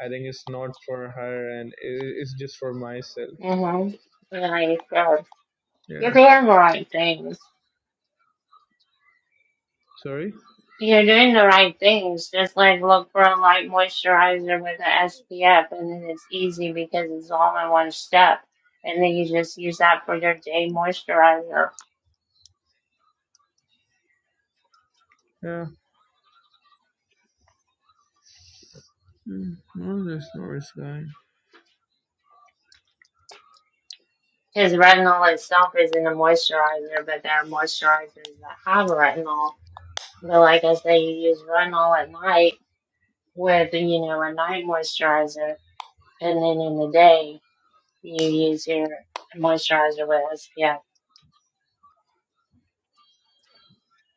Speaker 2: i think it's not for her and it, it's just for myself
Speaker 1: Yeah, you said you're
Speaker 2: yeah
Speaker 1: doing the right things.
Speaker 2: sorry
Speaker 1: You're doing the right things. Just like look for a light moisturizer with an SPF, and then it's easy because it's all in one step. And then you just use that for your day moisturizer.
Speaker 2: yeah Mm, no there's no risk guy
Speaker 1: Because retinol itself isn't a moisturizer, but there are moisturizers that have retinol. But like I say, you use retinol at night with, you know, a night moisturizer, and then in the day. you use your moisturizer with. Yeah.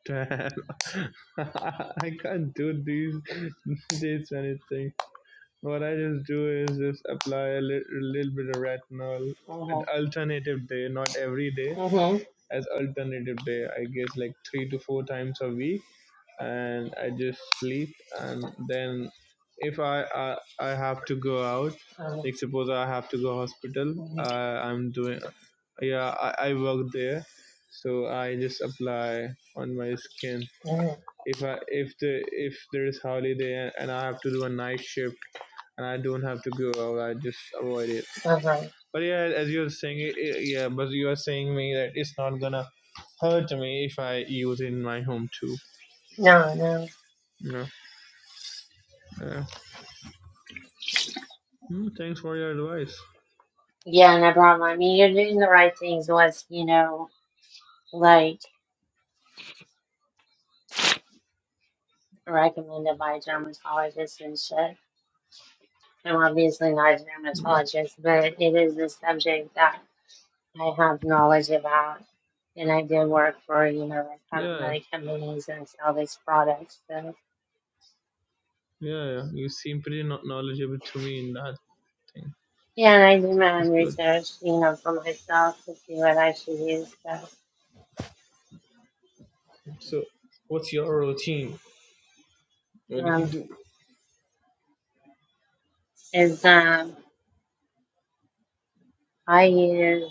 Speaker 2: Damn. I can't do these this anything. What I just do is just apply a, li- a little bit of retinol, an
Speaker 1: Mhm.
Speaker 2: alternative day, not every day
Speaker 1: Mhm.
Speaker 2: as alternative day i guess like three to four times a week and i just sleep and then if i i, I have to go out
Speaker 1: Mhm.
Speaker 2: like suppose i have to go hospital
Speaker 1: Mhm.
Speaker 2: uh, i'm doing yeah I, I work there so i just apply on my skin
Speaker 1: Mhm.
Speaker 2: if i if the if there is holiday and i have to do a night shift and i don't have to go out i just avoid it
Speaker 1: Mhm.
Speaker 2: but yeah, as you are saying, it, i- yeah, but you are saying me that it's not gonna hurt me if I use in my home too.
Speaker 1: No, no.
Speaker 2: Yeah. yeah. Hmm, thanks for your advice.
Speaker 1: Yeah, no problem. I mean, you're doing the right things. What's you know, like recommended by dermatologists and shit. I'm obviously not a
Speaker 2: Yeah.
Speaker 1: dermatologist, but it is a subject that I have knowledge about, and I did work for you know like
Speaker 2: yeah,
Speaker 1: cosmetic companies and sell these products. So.
Speaker 2: yeah, yeah. You seem pretty kno- knowledgeable to me in that thing.
Speaker 1: Yeah, and I do my own
Speaker 2: That's good.
Speaker 1: research, you know, for myself to see what I should use. So,
Speaker 2: So, what's your routine? What do you
Speaker 1: um,
Speaker 2: do?
Speaker 1: is um, I use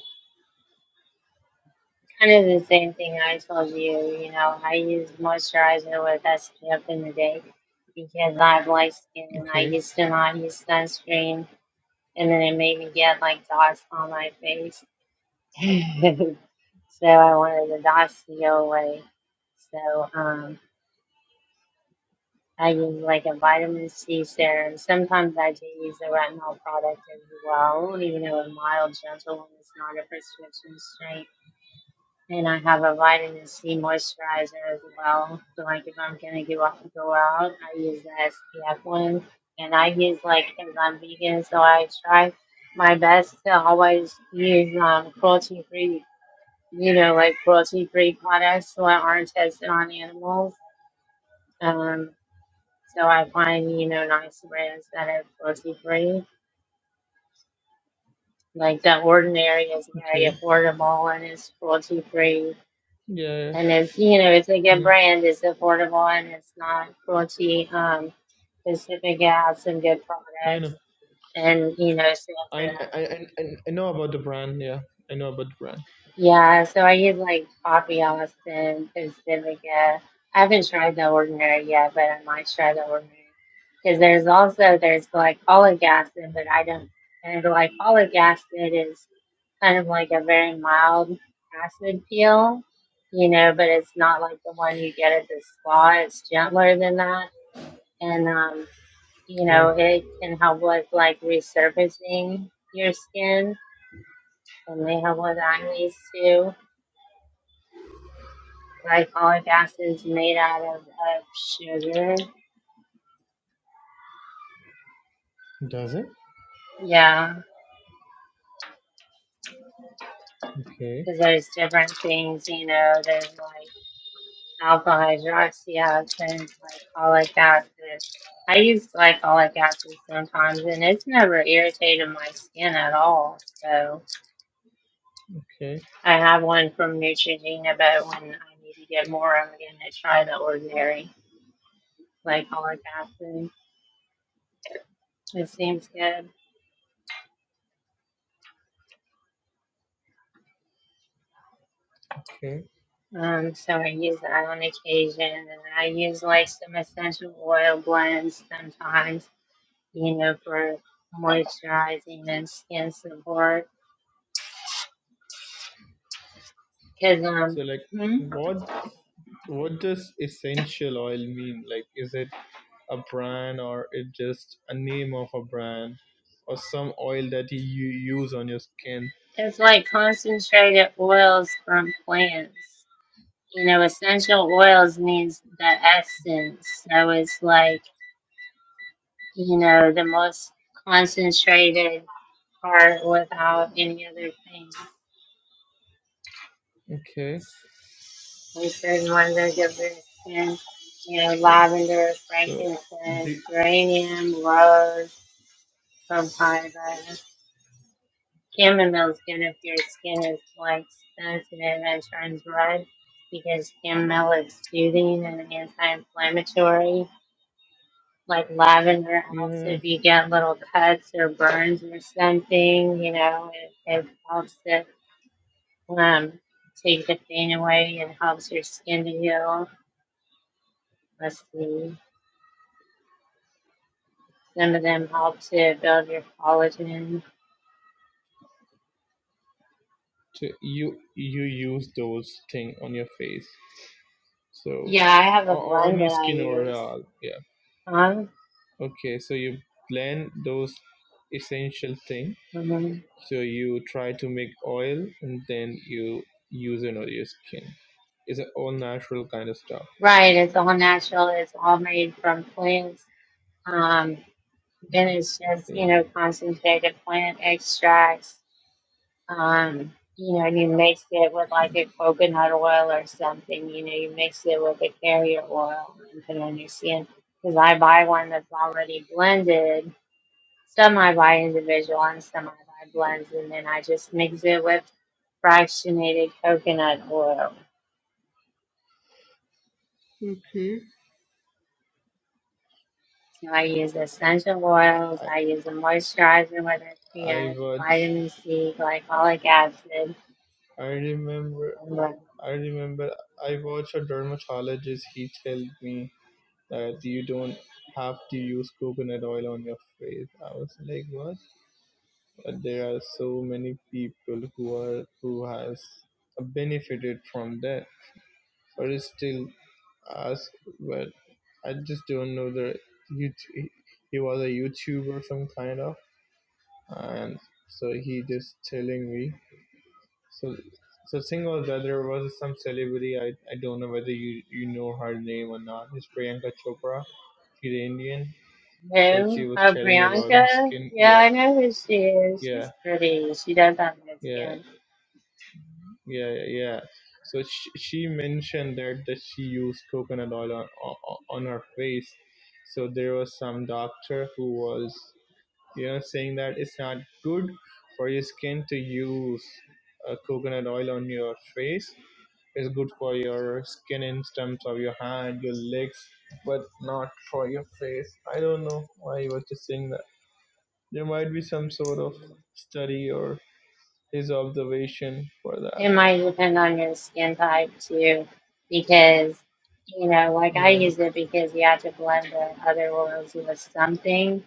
Speaker 1: kind of the same thing I told you. You know, I use moisturizer with SPF in the day because I have light skin and I
Speaker 2: Okay,
Speaker 1: used to not use sunscreen, and then it made me get like dots on my face. so I wanted the dots to go away. So. Um, I use like a vitamin C serum. Sometimes I do use a retinol product as well, even though a mild, gentle, one is not a prescription strength. And I have a vitamin C moisturizer as well. So like if I'm gonna go out, go out, I use the SPF one. And I use like because I'm vegan, so I try my best to always use um, cruelty-free, you know, like cruelty-free products that aren't tested on animals. Um. So I find, you know, nice brands that are cruelty free. Like the ordinary is very
Speaker 2: okay.
Speaker 1: affordable and it's cruelty free.
Speaker 2: Yeah,
Speaker 1: And it's you know, it's a good
Speaker 2: yeah.
Speaker 1: brand, it's affordable and it's not cruelty um specific. It has some good
Speaker 2: Hmm, I
Speaker 1: products
Speaker 2: know.
Speaker 1: and you know, it's good
Speaker 2: I,
Speaker 1: for that.
Speaker 2: I, I, I- I know about the brand. Yeah, I know about the brand.
Speaker 1: Yeah, so I use like Coffee Austin, Pacifica. I haven't tried the ordinary yet, but I might try the ordinary. Because there's also there's glycolic acid, but I don't. And glycolic acid is kind of like a very mild acid peel, you know, but it's not like the one you get at the spa. It's gentler than that, and um, you
Speaker 2: Yeah.
Speaker 1: know, it can help with like resurfacing your skin, and they help with acne too Glycolic acid is made out of, of sugar.
Speaker 2: Does it?
Speaker 1: Yeah,
Speaker 2: Okay,
Speaker 1: because there's different things, you know, there's like alpha hydroxy acid, glycolic acid. I use glycolic acid sometimes and it's never irritated my skin at all. So
Speaker 2: okay,
Speaker 1: I have one from Neutrogena, but when I need to get more, I'm going to try the ordinary glycolic acid. It seems good.
Speaker 2: okay.
Speaker 1: Um, so I use that on occasion, and I use like some essential oil blends sometimes, you know, for moisturizing and skin support. Cause um,
Speaker 2: So, like,
Speaker 1: hmm,
Speaker 2: what What does essential oil mean? Like, is it a brand or it just a name of a brand or some oil that you use on your skin?
Speaker 1: it's like concentrated oils from plants. You know, essential oils means the essence, so it's like you know the most concentrated part without any other thing.
Speaker 2: Okay,
Speaker 1: We should wonder extend, you know,
Speaker 2: so
Speaker 1: lavender,
Speaker 2: so the
Speaker 1: frankincense, geranium, rose, papaya, chamomile skin if your skin is like sensitive and turns red because chamomile is soothing and anti-inflammatory. Like lavender helps
Speaker 2: yeah,
Speaker 1: if you get little cuts or burns or something, you know, it, it helps to um, take the pain away and helps your skin to heal. Let's see. Some of them help to build your collagen.
Speaker 2: so you you use those thing on your face, so
Speaker 1: Yeah, I have a
Speaker 2: o- on
Speaker 1: blend that
Speaker 2: your
Speaker 1: I
Speaker 2: skin
Speaker 1: use.
Speaker 2: overall. Yeah.
Speaker 1: Um,
Speaker 2: Okay, so you blend those essential thing
Speaker 1: mhm.
Speaker 2: So you try to make oil and then you use it on your skin. It's an all natural kind of stuff.
Speaker 1: Right, it's all natural. It's all made from plants. Um, and it's just you
Speaker 2: Okay.
Speaker 1: know concentrated plant extracts. Um, you know, and you mix it with like a coconut oil or something. You know, you mix it with a carrier oil and put it on your skin. Because I buy one that's already blended semi by individual and semi by blends, and then I just mix it with fractionated coconut oil.
Speaker 2: Okay.
Speaker 1: So I use essential
Speaker 2: I,
Speaker 1: oils,
Speaker 2: I
Speaker 1: I use a moisturizer, whether it's
Speaker 2: I
Speaker 1: via
Speaker 2: watch.
Speaker 1: vitamin C, glycolic acid.
Speaker 2: I remember.
Speaker 1: and what-
Speaker 2: I remember. I watched a dermatologist. He told me that you don't have to use coconut oil on your face. I was like, what? But there are so many people who are who has benefited from that, but it's still us, but I just don't know the YouTube. He was a YouTuber, some kind of, and so he just telling me. So, so thing was that there was some celebrity. I, I don't know whether you you know her name or not. It's Priyanka Chopra. She's Indian. So she
Speaker 1: Who?
Speaker 2: was
Speaker 1: Oh,
Speaker 2: telling about her
Speaker 1: Priyanka?
Speaker 2: skin.
Speaker 1: Yeah,
Speaker 2: Yeah,
Speaker 1: I know who she is. She's
Speaker 2: yeah,
Speaker 1: pretty. She does have good
Speaker 2: yeah.
Speaker 1: skin.
Speaker 2: Yeah, yeah, yeah. So she, she mentioned that that she used coconut oil on, on on her face. So there was some doctor who was, you know, saying that it's not good for your skin to use uh, coconut oil on your face. It's good for your skin in terms of your hand, your legs, but not for your face. I don't know why he was just saying that. There might be some sort of study or his observation for that.
Speaker 1: It might depend on your skin type too, because you know, like I
Speaker 2: Right.
Speaker 1: use it because you have to blend the other oils with something.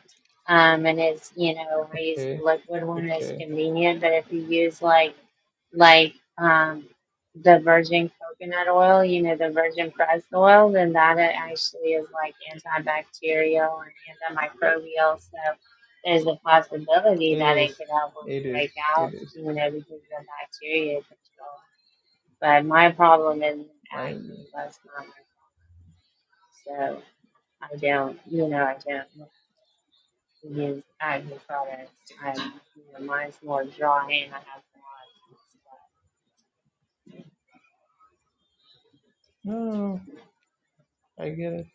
Speaker 1: Um, and it's you know, I use the
Speaker 2: Okay,
Speaker 1: liquid one as
Speaker 2: okay.
Speaker 1: convenient, but if you use like like um, the virgin coconut oil, you know, the virgin pressed oil, then that it actually is like antibacterial and antimicrobial. So there's a possibility
Speaker 2: It
Speaker 1: that it
Speaker 2: is.
Speaker 1: could help
Speaker 2: It
Speaker 1: with
Speaker 2: is. It
Speaker 1: breakouts,
Speaker 2: is.
Speaker 1: you know, because the bacteria control. But my problem is
Speaker 2: I
Speaker 1: acne. That's not my problem. So I don't, you know, I don't use acne products. I, you know, mine's more dry and I have to wash.
Speaker 2: no, no, no. I get it.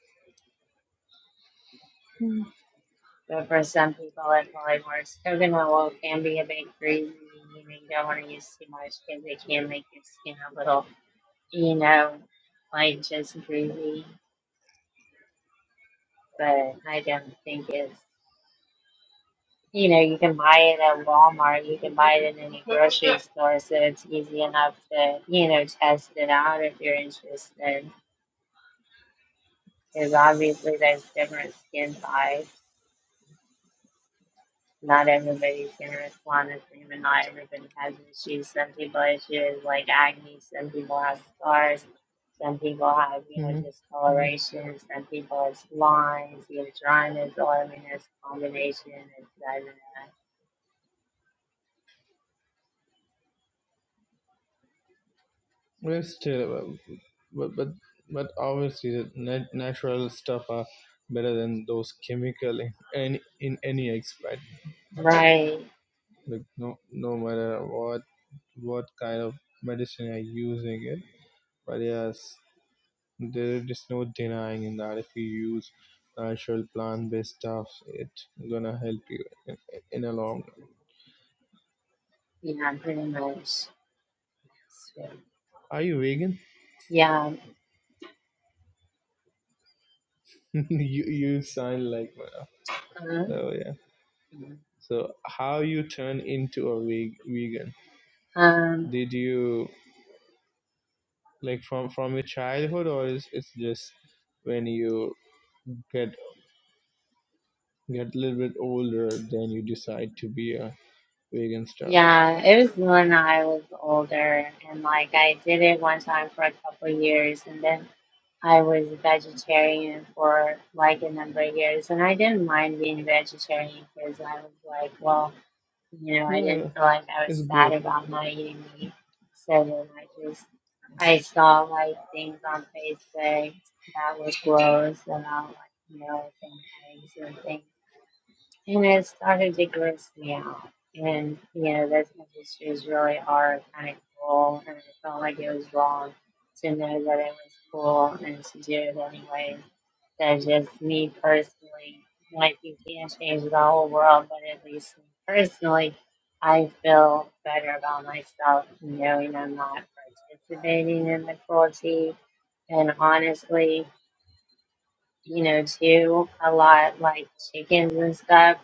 Speaker 1: But for some people, it probably works. Coconut oil can be a bit greasy. You know, you don't want to use too much because it can make your skin a little, you know, like just greasy. But I don't think it's, you know, you can buy it at Walmart. You can buy it in any grocery store. So it's easy enough to, you know, test it out if you're interested. Because obviously there's different skin types. Not everybody can respond in agreement. Not everybody has issues. Some people have issues like acne. Some people have scars. Some people have, you know,
Speaker 2: Mm-hmm.
Speaker 1: discoloration. Some people it's lines. You know, dryness, oiliness, combination, etc.
Speaker 2: But still, but but but obviously the nat- natural stuff are better than those chemical in any in any aspect.
Speaker 1: Right.
Speaker 2: Like no no matter what what kind of medicine you're using it, but yes, there is no denying in that if you use natural plant based stuff, it's gonna help you in, in a long
Speaker 1: Yeah, pretty much. So,
Speaker 2: Are you vegan?
Speaker 1: yeah.
Speaker 2: you you sound like one.
Speaker 1: Uh,
Speaker 2: Oh yeah. So how you turn into a veg- vegan?
Speaker 1: um,
Speaker 2: Did you like from from your childhood or is it's just when you get get a little bit older then you decide to be a vegan stuff?
Speaker 1: yeah, it was when I was older, and like I did it one time for a couple years, and then I was vegetarian for like a number of years, and I didn't mind being vegetarian because I was like, well, you know, I didn't
Speaker 2: Yeah,
Speaker 1: feel like I was
Speaker 2: it's
Speaker 1: sad
Speaker 2: good.
Speaker 1: about not eating meat. So then I just, I saw like things on Facebook that was gross about like milk and eggs and things and it started to gross me out. And you know, those industries really are kind of cool, and I felt like it was wrong to know that it was cool and to do it anyway. So just me personally, like you can't change the whole world, but at least me personally, I feel better about myself knowing I'm not participating in the cruelty. And honestly, you know, too, a lot like chickens and stuff.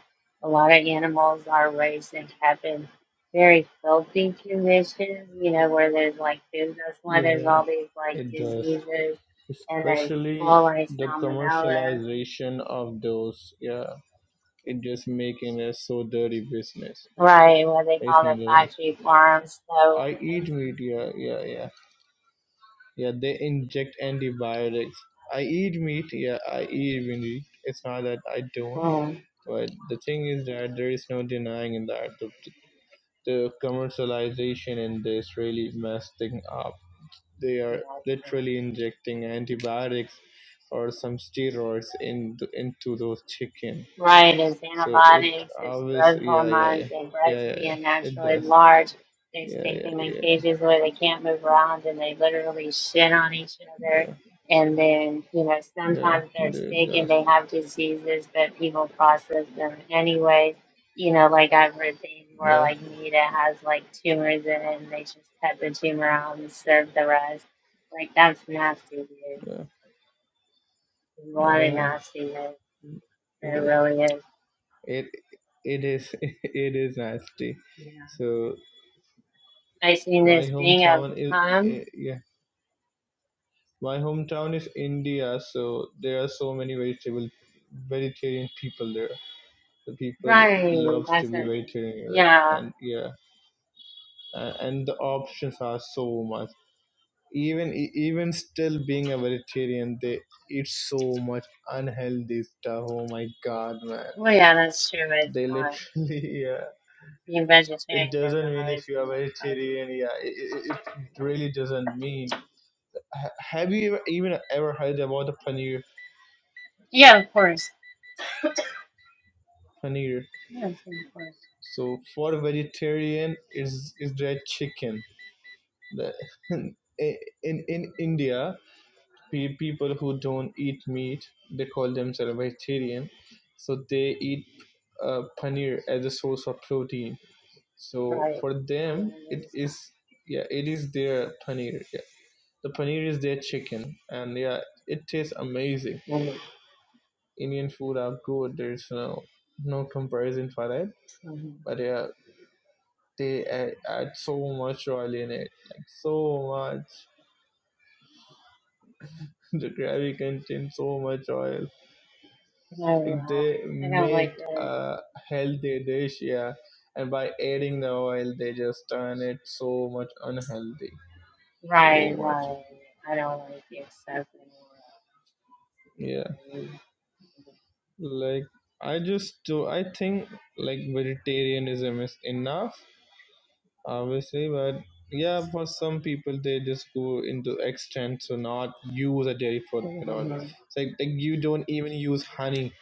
Speaker 1: A lot of animals are raised and kept in cabin, very filthy conditions, you know, where there's like food. That's why
Speaker 2: Yeah,
Speaker 1: there's
Speaker 2: yeah,
Speaker 1: all these like
Speaker 2: it does.
Speaker 1: diseases and there's
Speaker 2: Especially
Speaker 1: full like
Speaker 2: the
Speaker 1: salmonella,
Speaker 2: commercialization of those. Yeah, it just making it so dirty business.
Speaker 1: right? What they
Speaker 2: There's
Speaker 1: call the
Speaker 2: no doubt.
Speaker 1: five sheep worms. So,
Speaker 2: I eat
Speaker 1: mm,
Speaker 2: meat. Yeah, yeah, yeah, yeah. They inject antibiotics. I eat meat. Yeah, I eat meat. It's not that I don't. But the thing is that there is no denying in that the, the commercialization in this really messed thing up. They are
Speaker 1: yeah.
Speaker 2: literally injecting antibiotics or some steroids in th- into those chicken.
Speaker 1: Right, as
Speaker 2: So it
Speaker 1: antibiotics, as growth
Speaker 2: obviously, yeah, yeah, yeah,
Speaker 1: hormones, they're bred
Speaker 2: yeah,
Speaker 1: to
Speaker 2: yeah,
Speaker 1: be
Speaker 2: yeah. It
Speaker 1: unnaturally
Speaker 2: does.
Speaker 1: large. They
Speaker 2: Yeah,
Speaker 1: stick
Speaker 2: yeah,
Speaker 1: them in
Speaker 2: yeah,
Speaker 1: cages where they can't move around and they literally shit on each other.
Speaker 2: yeah,
Speaker 1: And then, you know,
Speaker 2: yeah.
Speaker 1: sometimes they're
Speaker 2: It
Speaker 1: sick and
Speaker 2: does.
Speaker 1: they have diseases, but people process them anyway. You know, like I've read things where
Speaker 2: Yeah.
Speaker 1: like meat it has like tumors in it and they just cut the tumor out and serve the rest. Like that's nasty, dude.
Speaker 2: Yeah,
Speaker 1: There's a lot of
Speaker 2: uh,
Speaker 1: nastiness.
Speaker 2: it
Speaker 1: There
Speaker 2: is.
Speaker 1: really is.
Speaker 2: It it is it is nasty.
Speaker 1: Yeah.
Speaker 2: So my
Speaker 1: laziness being a
Speaker 2: hometown is
Speaker 1: harm.
Speaker 2: eh, yeah. My hometown is India, so there are so many vegetable vegetarian people there. The people
Speaker 1: Right,
Speaker 2: loves to
Speaker 1: that's the
Speaker 2: be
Speaker 1: thing.
Speaker 2: vegetarian here,
Speaker 1: Yeah.
Speaker 2: and yeah, and, and the options are so much. Even e- even still being a vegetarian, they eat so much unhealthy stuff. Oh my god, man!
Speaker 1: Well, yeah, that's true. It's
Speaker 2: They
Speaker 1: not
Speaker 2: literally
Speaker 1: being
Speaker 2: it
Speaker 1: vegetarian doesn't
Speaker 2: doesn't mean if
Speaker 1: always
Speaker 2: you are
Speaker 1: mean it's healthy.
Speaker 2: vegetarian yeah it, it, it really doesn't mean Ha- have you ever, even ever heard about the paneer
Speaker 1: Yeah, of course.
Speaker 2: paneer
Speaker 1: Yeah, of course.
Speaker 2: so for vegetarian is is that chicken The- in in india pe- people who don't eat meat they call themselves vegetarian so they eat uh, paneer as a source of protein so
Speaker 1: Right.
Speaker 2: for
Speaker 1: Yeah,
Speaker 2: them
Speaker 1: that
Speaker 2: it
Speaker 1: is
Speaker 2: is yeah it is their paneer The paneer is their chicken, and yeah, it tastes amazing.
Speaker 1: good.
Speaker 2: Indian food are good. There's no no comparison for that.
Speaker 1: Mm-hmm.
Speaker 2: But yeah, they add, add so much oil in it, like so much. The gravy contains so much oil.
Speaker 1: I,
Speaker 2: Like
Speaker 1: uh,
Speaker 2: they
Speaker 1: I don't like
Speaker 2: make
Speaker 1: really.
Speaker 2: a healthy dish, yeah, and by adding the oil, they just turn it so much unhealthy. So
Speaker 1: Right,
Speaker 2: much,
Speaker 1: right. I don't like the excessive.
Speaker 2: yeah. Like I just do. I think like vegetarianism is enough obviously but yeah for some people they just go into extent to not use a dairy product at all it's like, like you don't even use honey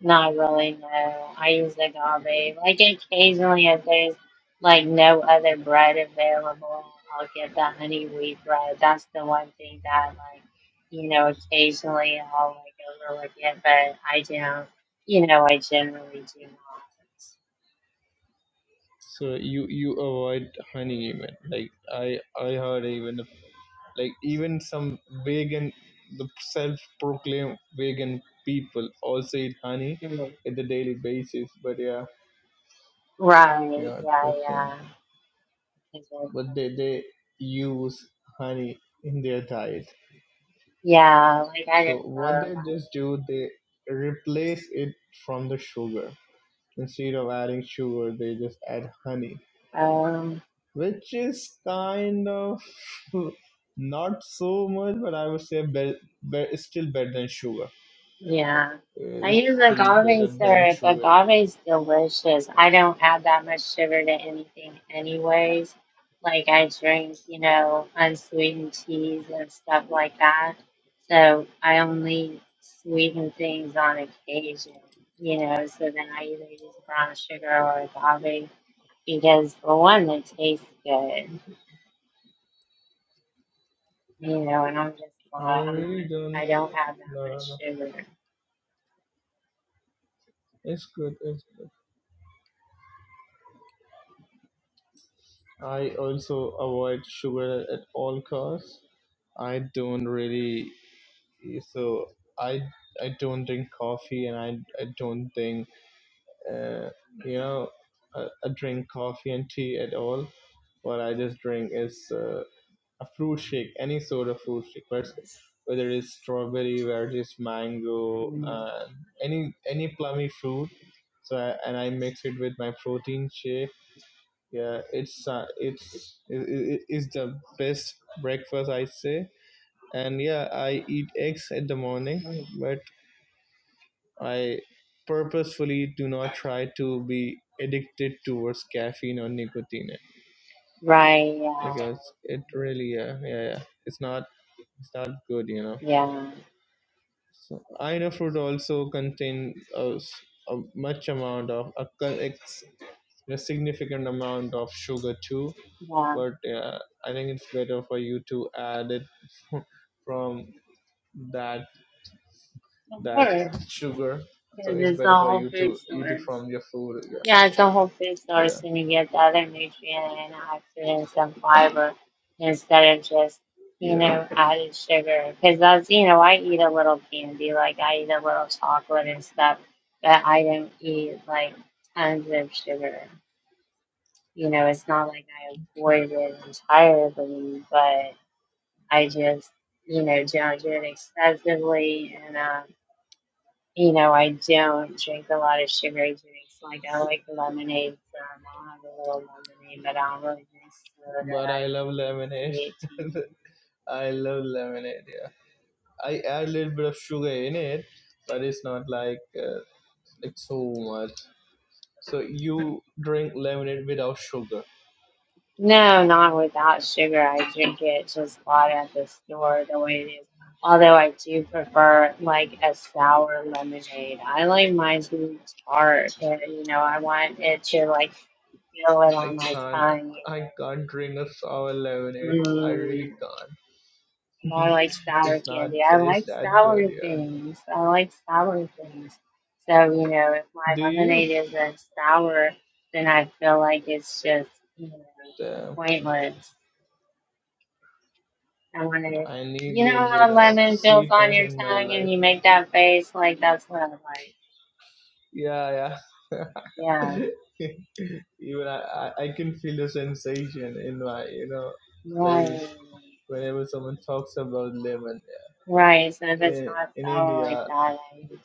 Speaker 1: Not really, no. I use agave. Like occasionally, if there's like no other bread available, I'll get the honey wheat bread. That's the one thing that like, you know, occasionally I'll like overlook it, but I don't, you know, I generally do not.
Speaker 2: so you you avoid honey even like i i heard even like even some vegan the self-proclaimed vegan people also eat honey
Speaker 1: Mm.
Speaker 2: at the daily basis but yeah
Speaker 1: Right,
Speaker 2: yeah
Speaker 1: yeah,
Speaker 2: that's thing
Speaker 1: yeah. Exactly.
Speaker 2: but they they use honey in their diet
Speaker 1: Yeah, like I
Speaker 2: So
Speaker 1: didn't
Speaker 2: what
Speaker 1: know about
Speaker 2: they just do, they replace it from the sugar. Instead of adding sugar, they just add honey,
Speaker 1: it. Um,
Speaker 2: which is kind of not so much, but I would say better, be- it's still better than sugar.
Speaker 1: Yeah. I use
Speaker 2: It's still
Speaker 1: agave
Speaker 2: better than
Speaker 1: syrup.
Speaker 2: sugar.
Speaker 1: Agave's delicious. I don't add that much sugar to anything anyways. Like I drink, you know, unsweetened teas and stuff like that. So I only sweeten things on occasion, you know, so then I either use brown sugar or agave because for one it tastes good. You know, and I'm just
Speaker 2: I
Speaker 1: not I'm not
Speaker 2: really don't.
Speaker 1: I don't have
Speaker 2: No,
Speaker 1: that
Speaker 2: no,
Speaker 1: much
Speaker 2: no.
Speaker 1: sugar.
Speaker 2: It's good. It's good. I also avoid sugar at all costs. I don't really so i i don't drink coffee and i i don't think uh, you know I, I drink coffee and tea at all what i just drink is uh, a fruit shake any sort of fruit shake but whether it's strawberry whether it's mango
Speaker 1: Mm.
Speaker 2: and any any plummy fruit so I, and i mix it with my protein shake yeah it's uh, it's it, it, it's the best breakfast i say and yeah i eat eggs at the morning but I purposefully do not try to be addicted towards caffeine or nicotine eh,
Speaker 1: Right, yeah.
Speaker 2: because it really yeah yeah, yeah it's not it's not good you know.
Speaker 1: Yeah,
Speaker 2: So Ina fruit also contain a, s- a much amount of a, con- ex, a significant amount of sugar too,
Speaker 1: yeah.
Speaker 2: but yeah, I think it's better for you to add it from that
Speaker 1: Of
Speaker 2: that
Speaker 1: course,
Speaker 2: sugar.
Speaker 1: because
Speaker 2: So it's
Speaker 1: it's the
Speaker 2: better for
Speaker 1: whole
Speaker 2: you
Speaker 1: food
Speaker 2: to eat it
Speaker 1: source.
Speaker 2: from your food.
Speaker 1: Yeah, it's the whole food
Speaker 2: Yeah,
Speaker 1: source, and you get the other nutrient and antioxidants and fiber instead of just,
Speaker 2: yeah,
Speaker 1: you
Speaker 2: yeah.
Speaker 1: know, added sugar. Because that's, you know, I eat a little candy, like I eat a little chocolate and stuff, but I don't eat like tons of sugar. You know, it's not like I avoid it entirely, but I just, you know, judge it excessively and, um, You know, I don't drink a lot of sugary drinks. Like I like lemonade, so I'll have a little lemonade, but I don't really drink soda.
Speaker 2: But
Speaker 1: I
Speaker 2: I love
Speaker 1: don't drink
Speaker 2: lemonade.
Speaker 1: sweet tea.
Speaker 2: I love lemonade. Yeah, I add a little bit of sugar in it, but it's not like uh, like so much. So you drink lemonade without sugar.
Speaker 1: No, not without sugar. I drink it just bought at the store the way it is. Although I do prefer like a sour lemonade. I like mine to be tart, but you know, I want it to like feel it
Speaker 2: I
Speaker 1: on my
Speaker 2: can't.
Speaker 1: tongue.
Speaker 2: I can't drink a sour
Speaker 1: you
Speaker 2: lemonade. I really can't.
Speaker 1: I like sour
Speaker 2: it's not
Speaker 1: candy. I
Speaker 2: taste
Speaker 1: like
Speaker 2: that good.
Speaker 1: sour
Speaker 2: Yeah.
Speaker 1: things. I like sour things. So, you know, if my
Speaker 2: Do you?
Speaker 1: lemonade isn't sour, then I feel like it's just, you know,
Speaker 2: Damn.
Speaker 1: pointless. I want to,
Speaker 2: I need a
Speaker 1: you know,
Speaker 2: little
Speaker 1: how
Speaker 2: bit of
Speaker 1: lemon feels on
Speaker 2: sweetness
Speaker 1: your
Speaker 2: in my
Speaker 1: tongue
Speaker 2: life.
Speaker 1: and you make that face? Like, that's what I like.
Speaker 2: Yeah, yeah.
Speaker 1: Yeah.
Speaker 2: Even I, I, I can feel the sensation in my, you know,
Speaker 1: Right.
Speaker 2: face whenever someone talks about lemon.
Speaker 1: Right. So if it's
Speaker 2: In,
Speaker 1: not
Speaker 2: in
Speaker 1: sour like
Speaker 2: India,
Speaker 1: that, I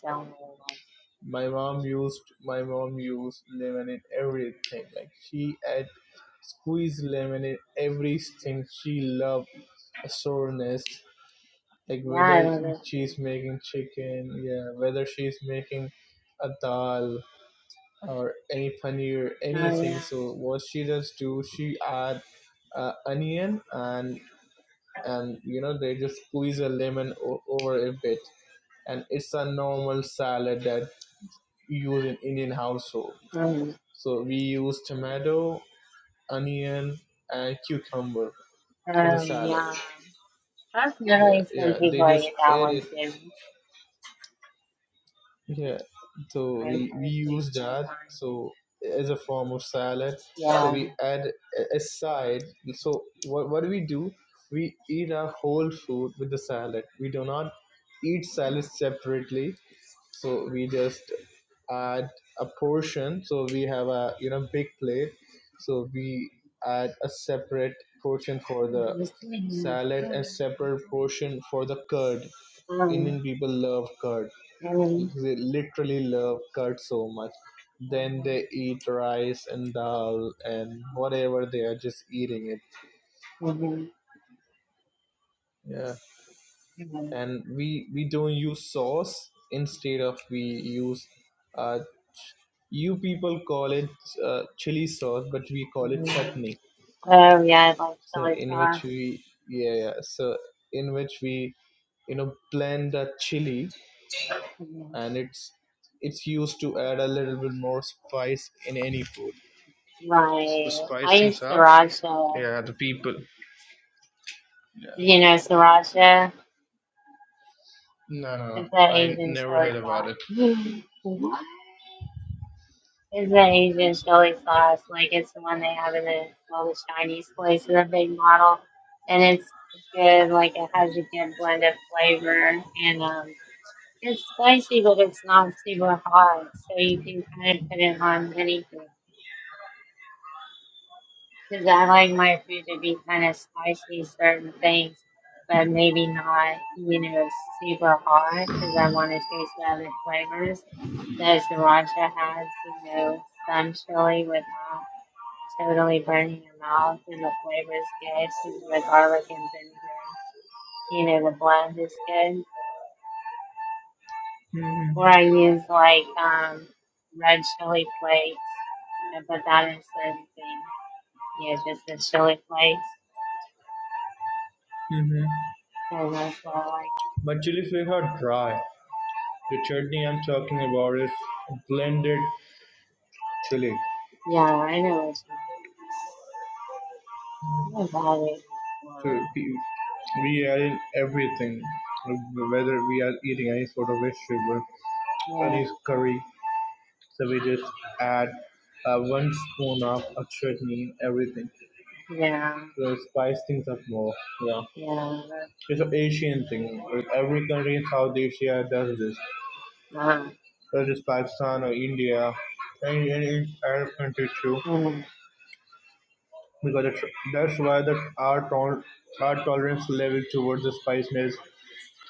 Speaker 1: don't really like
Speaker 2: my mom used my mom used lemon in everything. Like she had squeezed lemon in everything. She loved a soreness. Like
Speaker 1: it. Yeah, I
Speaker 2: whether
Speaker 1: love this
Speaker 2: she's
Speaker 1: thing.
Speaker 2: making chicken, yeah, whether she's making a dal, or any paneer,
Speaker 1: Oh,
Speaker 2: anything.
Speaker 1: yeah.
Speaker 2: So what she does do, she add uh, onion and and you know they just squeeze a lemon o- over a bit, and it's a normal salad that you use in Indian household.
Speaker 1: Um,
Speaker 2: So we use tomato, onion, and cucumber as a
Speaker 1: um,
Speaker 2: salad.
Speaker 1: yeah.
Speaker 2: Yeah,
Speaker 1: Personally, some
Speaker 2: yeah.
Speaker 1: people
Speaker 2: They
Speaker 1: are
Speaker 2: just
Speaker 1: get that
Speaker 2: add it
Speaker 1: one too.
Speaker 2: Yeah, so
Speaker 1: I'm
Speaker 2: we we
Speaker 1: thirsty
Speaker 2: use
Speaker 1: sometimes.
Speaker 2: that so as a form of salad.
Speaker 1: Yeah.
Speaker 2: So we
Speaker 1: Um,
Speaker 2: add a a side. So what what do we do? We eat our whole food with the salad. We do not eat salad separately. So we just add a portion. So we have a you know big plate. So we add a separate portion for the
Speaker 1: mhm,
Speaker 2: salad and separate portion for the curd.
Speaker 1: mhm,
Speaker 2: Indian people love curd they literally love curd so much. Then they eat rice and dal and whatever they are just eating it.
Speaker 1: mhm,
Speaker 2: Yeah,
Speaker 1: mhm,
Speaker 2: and we we don't use sauce. Instead of we use, uh, ch- you people call it uh, chili sauce, but we call it
Speaker 1: mhm.
Speaker 2: chutney.
Speaker 1: Oh yeah, I like
Speaker 2: So
Speaker 1: chili
Speaker 2: in which
Speaker 1: sauce.
Speaker 2: we yeah, yeah so in which we you know blend a chili
Speaker 1: Mhm.
Speaker 2: and it's it's used to add a little bit more spice in any food to
Speaker 1: Right. I
Speaker 2: spice
Speaker 1: use
Speaker 2: things up.
Speaker 1: sriracha.
Speaker 2: Yeah, the people. Yeah.
Speaker 1: You know sriracha?
Speaker 2: No, no, no.
Speaker 1: It's that
Speaker 2: I
Speaker 1: Asian
Speaker 2: never
Speaker 1: chili
Speaker 2: heard about it.
Speaker 1: sauce. It's an Asian chili sauce. Like it's the one they have in the all the Chinese places, a big model, and it's good. Like it has a good blend of flavor, and um, it's spicy, but it's not super hot, so you can kind of put it on anything. Because I like my food to be kind of spicy, certain things, but maybe not, you know, super hot, because I want to taste the other flavors. So sriracha has, you know, some chili without. totally burning your mouth, and the flavor is good. This is the garlic and ginger. You know, the blend is good. Or
Speaker 2: Mm-hmm.
Speaker 1: I use like um, red chili flakes. I put that in certain things. Yeah, just the chili flakes.
Speaker 2: Mm-hmm.
Speaker 1: And that's what I like.
Speaker 2: But chili flakes are dry. The chutney I'm talking about is blended chili.
Speaker 1: Yeah, I know what you mean. I love it.
Speaker 2: So we, we add in everything, whether we are eating any sort of vegetable,
Speaker 1: Yeah,
Speaker 2: any curry. So we just add uh, one spoon of a chutney, everything.
Speaker 1: yeah,
Speaker 2: So spice things up more. Yeah,
Speaker 1: yeah.
Speaker 2: it's an Asian
Speaker 1: That's,
Speaker 2: thing. Every country in South Asia does this.
Speaker 1: that's,
Speaker 2: such as Pakistan or India and, and, and Arab countries too, because it's, that's why the, our, tol- our tolerance level towards the spiciness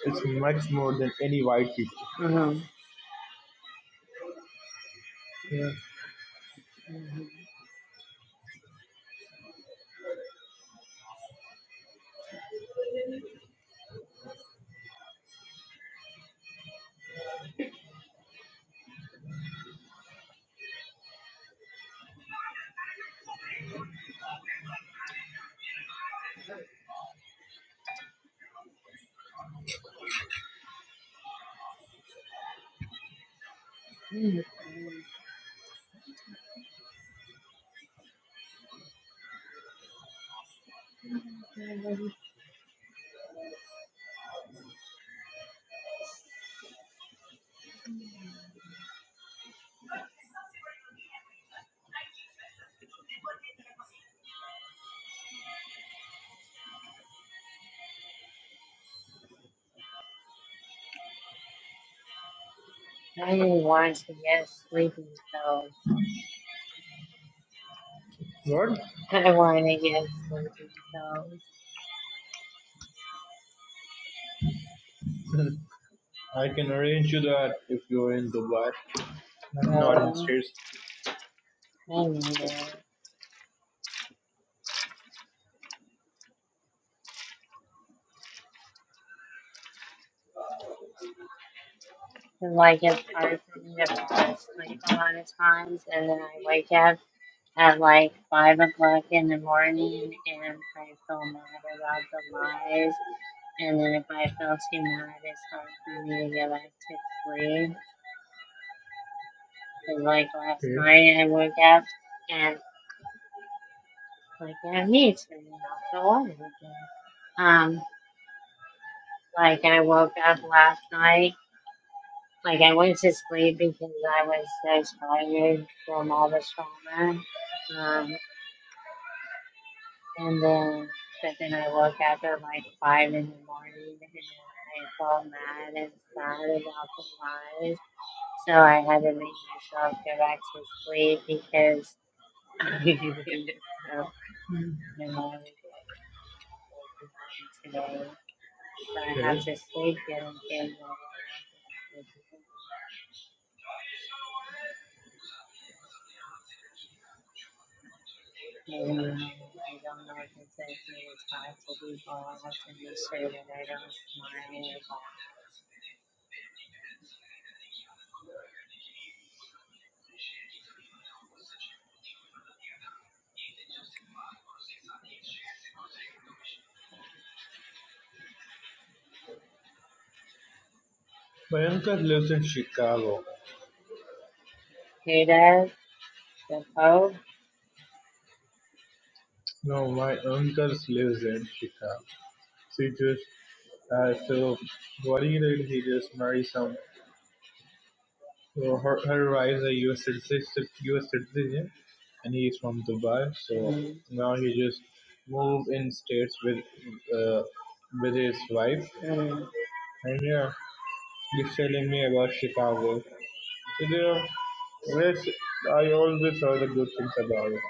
Speaker 2: is much more than any white people.
Speaker 1: uh, uh,
Speaker 2: Yeah.
Speaker 1: uh, uh, uh, I want to get sleepy pills.
Speaker 2: What?
Speaker 1: I want to get sleepy pills.
Speaker 2: I can arrange you that if you're in Dubai. I'm not in
Speaker 1: Really? I
Speaker 2: States.
Speaker 1: really need it. And, Like, it's hard for me to fall asleep a lot of times, and then I wake up at like 5 o'clock in the morning and I feel mad about the lies. And then if I feel too mad, it's hard for me to get back to sleep. Because, like, last
Speaker 2: Okay,
Speaker 1: night I woke up and, like, I need to, you know, go on again. Um, Like I woke up last night, like I went to sleep because I was so tired from all the trauma. Um, and then, but then I woke up at like five in the morning and I felt mad and sad about the lies. So I had to make myself go back to sleep because I didn't know, you know, I was today. But I
Speaker 2: okay.
Speaker 1: have to sleep and get a I don't know. I don't know if it's anything it's hard to be I have to make sure that I don't smile or laugh.
Speaker 2: My uncle lives in Chicago.
Speaker 1: Who does? The Pope?
Speaker 2: No, my uncle lives in Chicago. So he just, uh, so what he did, he just married some So her her wife is a US citizen, US citizen, and he's from Dubai. So
Speaker 1: mm
Speaker 2: now he just moved in states with uh, with his wife.
Speaker 1: mm.
Speaker 2: And yeah, he's telling me about Chicago. So there, are- there's, I always heard the good things about it.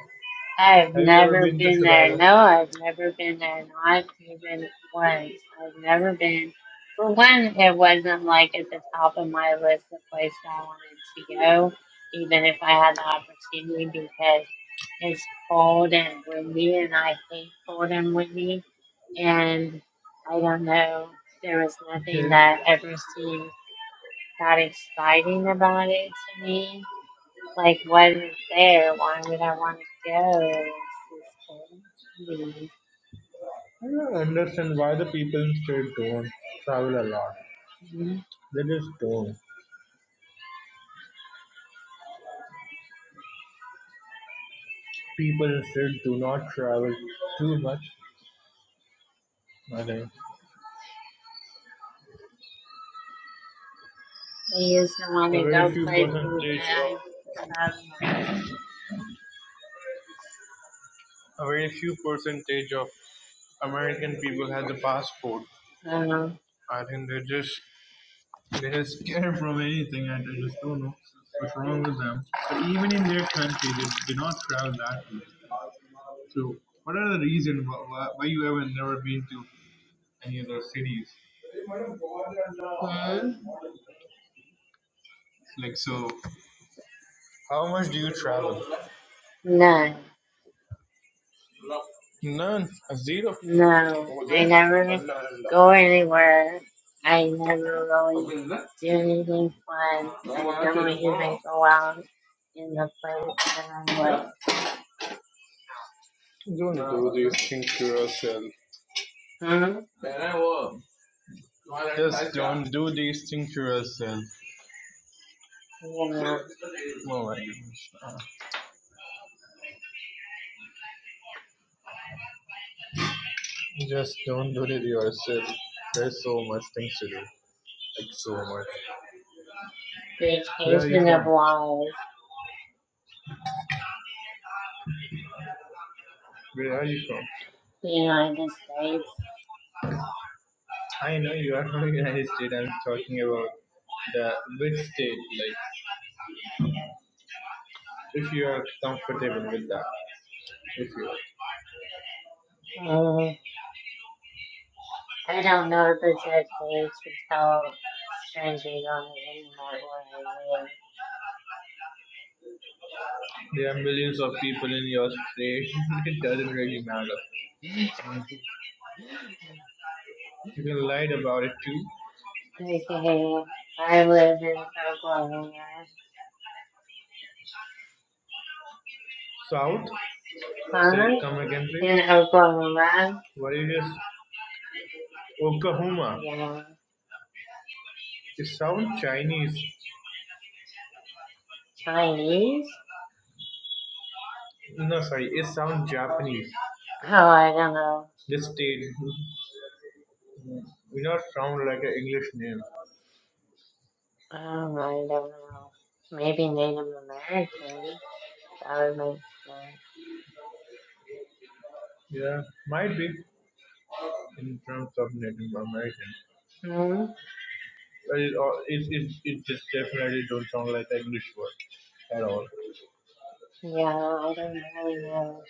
Speaker 1: I've
Speaker 2: Have you ever
Speaker 1: never
Speaker 2: been to
Speaker 1: been there.
Speaker 2: Chicago?
Speaker 1: No, I've never been there. Not even once. I've never been. For one, it wasn't like at the top of my list of places I wanted to go, even if I had the opportunity, because. It's cold and windy, and I hate cold and windy. And I don't know, there was nothing
Speaker 2: Okay.
Speaker 1: that ever seemed that exciting about it to me. Like, what is there? Why would I want to go? It's just cold. and windy.
Speaker 2: I don't understand why the people in state don't travel a lot.
Speaker 1: Mhm.
Speaker 2: They just don't. People in state do not travel too much. I think.
Speaker 1: I used to want
Speaker 2: A
Speaker 1: to
Speaker 2: very
Speaker 1: go
Speaker 2: few
Speaker 1: places
Speaker 2: percentage
Speaker 1: that I
Speaker 2: of
Speaker 1: about
Speaker 2: a very few percentage of American people has a passport.
Speaker 1: now. So,
Speaker 2: I think they just they just scared from anything, and I just don't know what's wrong with them. But even in their country, they do not travel that much. So, what are the reasons why, why, you haven't never been to any other cities?
Speaker 1: hmm?
Speaker 2: Like, so how much do you travel?
Speaker 1: No.
Speaker 2: None. Zero.
Speaker 1: No, I never go anywhere. I never really do anything fun. I don't even go out in the place that I live.
Speaker 2: Don't do these things to yourself.
Speaker 1: Hmm?
Speaker 2: Do these things to yourself.
Speaker 1: Yeah.
Speaker 2: Just don't worry yourself. There's so much things to do. Like so much. Where are you
Speaker 1: Vacation of
Speaker 2: from?
Speaker 1: life.
Speaker 2: Where are you from?
Speaker 1: Being on The United States.
Speaker 2: I know you are from the United States. I'm talking about the big state. Like if you are comfortable with that. If you are.
Speaker 1: Mm. I don't know if it's okay to tell strangers on the internet where I
Speaker 2: There are millions of people in your state. it doesn't really matter. You can lie about it too.
Speaker 1: live. Okay. I live in Oklahoma.
Speaker 2: South? Say
Speaker 1: Huh?
Speaker 2: come again please.
Speaker 1: In Oklahoma.
Speaker 2: What is this? Oklahoma.
Speaker 1: Yeah.
Speaker 2: It sounds Chinese.
Speaker 1: Chinese?
Speaker 2: No, sorry, it sounds Japanese.
Speaker 1: Oh, I don't know.
Speaker 2: This state not sound like an English name.
Speaker 1: Um, I don't know. Maybe Native American. That would make sense.
Speaker 2: Yeah, might be in terms of Native American.
Speaker 1: Hmm?
Speaker 2: But it, all- it, it, it just definitely don't sound like an English word at all.
Speaker 1: Yeah, I don't really know.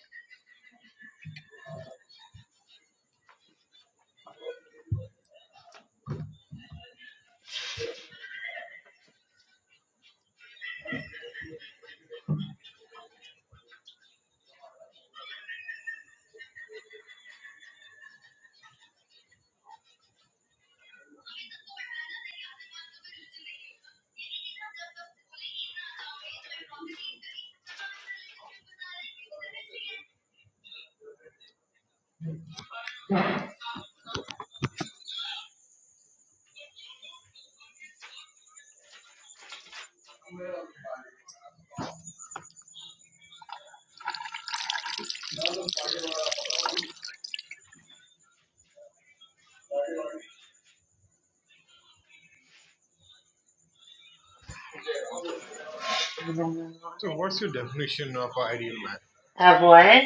Speaker 1: I don't know.
Speaker 2: So what's your definition of ideal man?
Speaker 1: I, of what?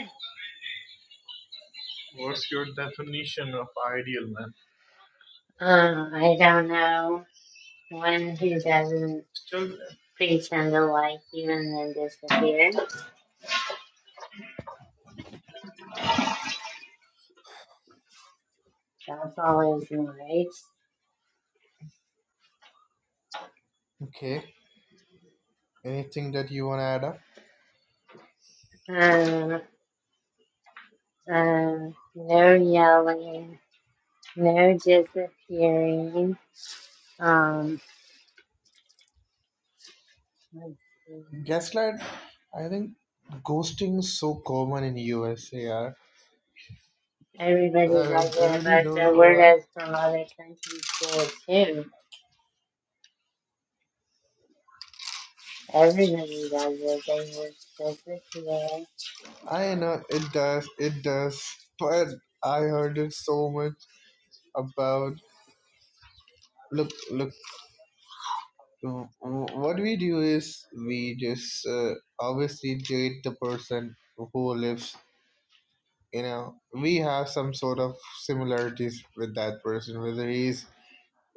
Speaker 2: What's your definition of ideal man?
Speaker 1: Um, I don't know. One who doesn't
Speaker 2: Still,
Speaker 1: pretend to like you and then disappear. That's always nice. Um, um, no yelling, no disappearing. Um, let's see.
Speaker 2: Gaslight, I think ghosting is so common in USA. Yeah. I,
Speaker 1: Everybody does
Speaker 2: I
Speaker 1: it,
Speaker 2: really
Speaker 1: but
Speaker 2: don't
Speaker 1: the
Speaker 2: know
Speaker 1: word
Speaker 2: why.
Speaker 1: is from other countries there too. Everybody does it. They were just business today.
Speaker 2: I know it does, it does, but I heard it so much about look, look. Uh, what we do is we just uh, obviously date the person who lives you know we have some sort of similarities with that person whether he's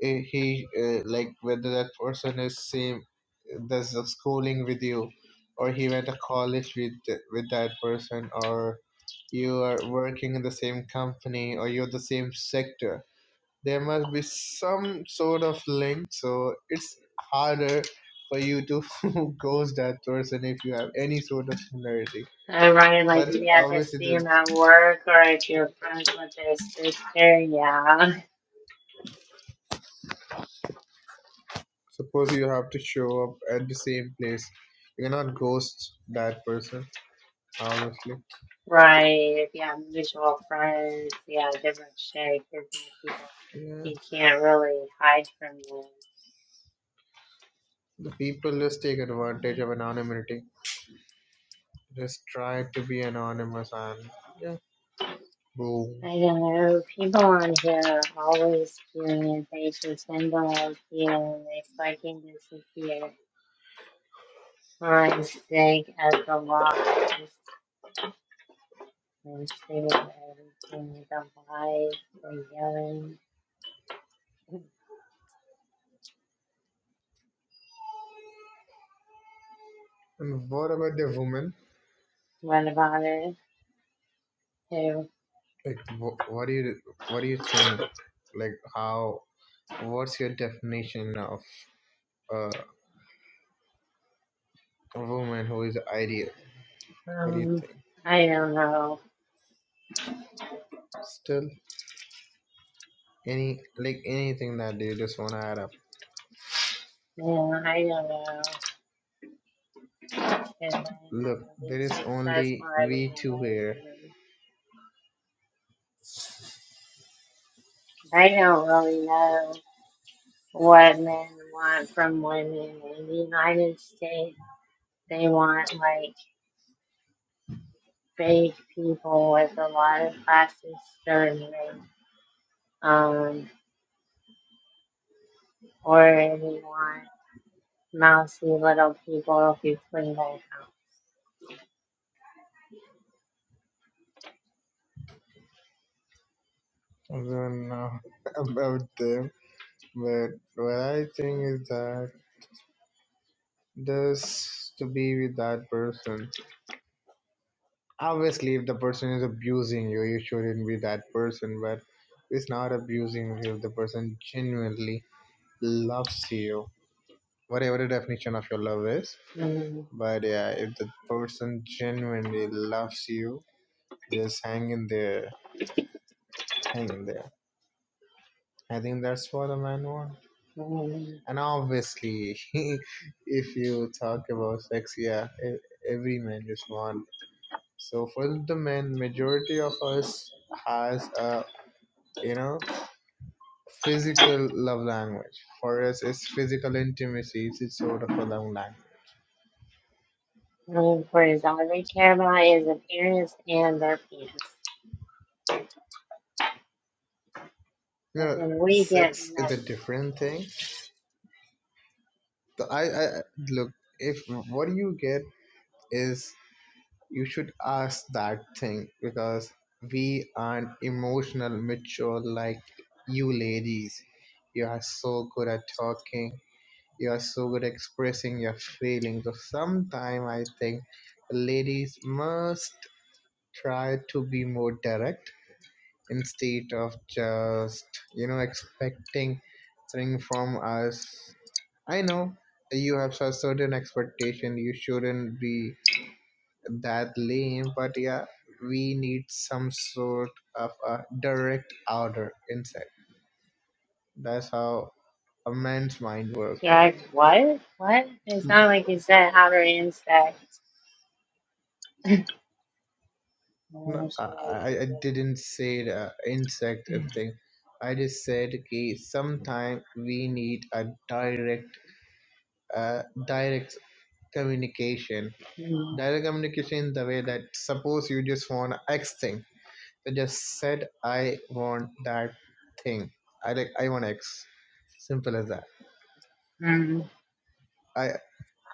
Speaker 2: eh, he uh, like whether that person is same does the schooling with you or he went to college with with that person or you are working in the same company or you're the same sector there must be some sort of link so it's harder for you to ghost that person if you have any sort of similarity
Speaker 1: So Ryan, like
Speaker 2: but
Speaker 1: if you have to
Speaker 2: obviously
Speaker 1: see
Speaker 2: the,
Speaker 1: them at work or if you're friends with their sister, yeah.
Speaker 2: suppose you have to show up at the same place you cannot ghost that person obviously
Speaker 1: Right. If you have mutual friends, yeah, different shit. Different people.
Speaker 2: yeah
Speaker 1: You can't really hide from them.
Speaker 2: the people just take advantage of anonymity just try to be anonymous and yeah boom
Speaker 1: I don't know. People on here are always doing it. They pretend to like you and they fucking disappear. Mine's big as the lock. I'm screaming at everything. The lies, the yelling.
Speaker 2: and what about the woman
Speaker 1: What about it? Too.
Speaker 2: like wh- what do you what do you think like how What's your definition of uh, a woman who is ideal? What do you
Speaker 1: Um,
Speaker 2: think?
Speaker 1: I don't know.
Speaker 2: Still, any like anything that you just want to add up.
Speaker 1: Yeah, I don't know. If I
Speaker 2: Look,
Speaker 1: haven't
Speaker 2: there
Speaker 1: been
Speaker 2: is
Speaker 1: successful
Speaker 2: only
Speaker 1: at being
Speaker 2: we two here.
Speaker 1: a lesbian. I don't really know what men want from women in the United States. They want like fake people with a lot of plastic surgery. Um. or anyone mousy little people who clean their house.
Speaker 2: I don't know about them, but what I think is that just to be with that person. Obviously, if the person is abusing you, you shouldn't be that person. But it's not abusing you if the person genuinely loves you whatever the definition of your love is.
Speaker 1: mm
Speaker 2: But yeah, if the person genuinely loves you, just hang in there, hang in there. I think that's what a man wants.
Speaker 1: mm
Speaker 2: And obviously, if you talk about sex, yeah, e- every man just wants. So for the men, majority of us has a you know physical love language. For us, it's physical intimacy. It's sort of a love language.
Speaker 1: mm. For his all they care about is appearance and their penis.
Speaker 2: You
Speaker 1: But
Speaker 2: know,
Speaker 1: then we get
Speaker 2: sex is a
Speaker 1: messed.
Speaker 2: different thing The- I, I look if what you get is you should ask that thing because we aren't emotional mature like you ladies. You are so good at talking. You are so good at expressing your feelings. So sometime I think ladies must try to be more direct instead of just you know expecting something from us i know you have a certain expectation you shouldn't be that lame but yeah we need some sort of a direct order inside that's how a man's mind works
Speaker 1: like, what? What? It's not like you said how to insect.
Speaker 2: no,
Speaker 1: Oh,
Speaker 2: I,
Speaker 1: sure,
Speaker 2: I I didn't say the insect
Speaker 1: we do.
Speaker 2: thing. I just said okay, sometimes we need a direct, uh, direct communication.
Speaker 1: Mm,
Speaker 2: Direct communication in the way that suppose you just want X thing. So just said I want that thing. I like I want X. Simple as that.
Speaker 1: mm.
Speaker 2: I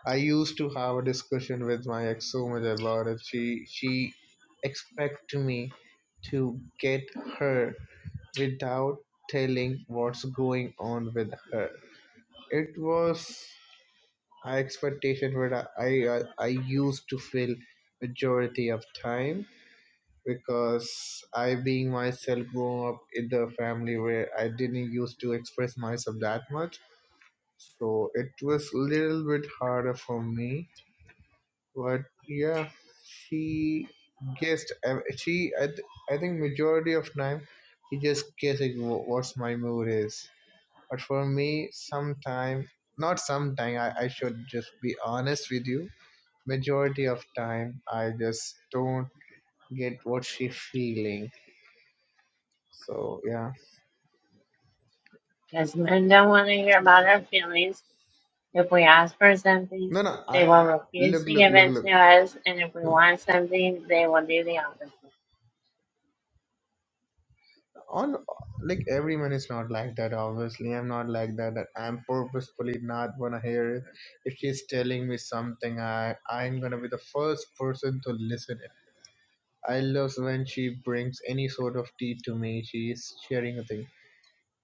Speaker 2: I used to have a discussion with my ex so much about it. She she expect me to get her without telling what's going on with her. It was an expectation where I, I I used to feel majority of time because I, being myself, grew up in the family where I didn't used to express myself that much. So it was a little bit harder for me. But yeah, she guessed. uh, She, I, th- I think, majority of time, she just guessing wh- what's my mood is. But for me, sometime, not sometime, I, I should just be honest with you. Majority of time, I just don't get what she feeling. So yeah.
Speaker 1: Because men don't want to hear about our feelings. If we ask for something,
Speaker 2: No, no.
Speaker 1: they
Speaker 2: I
Speaker 1: will refuse
Speaker 2: look,
Speaker 1: to
Speaker 2: look,
Speaker 1: give
Speaker 2: look,
Speaker 1: it to
Speaker 2: look.
Speaker 1: us. And if we want something, they will do the opposite.
Speaker 2: On like everyone is not like that. Obviously, I'm not like that. That I'm purposefully not gonna hear it. If she's telling me something, I I'm gonna be the first person to listen it. I love when she brings any sort of tea to me. She's sharing a thing.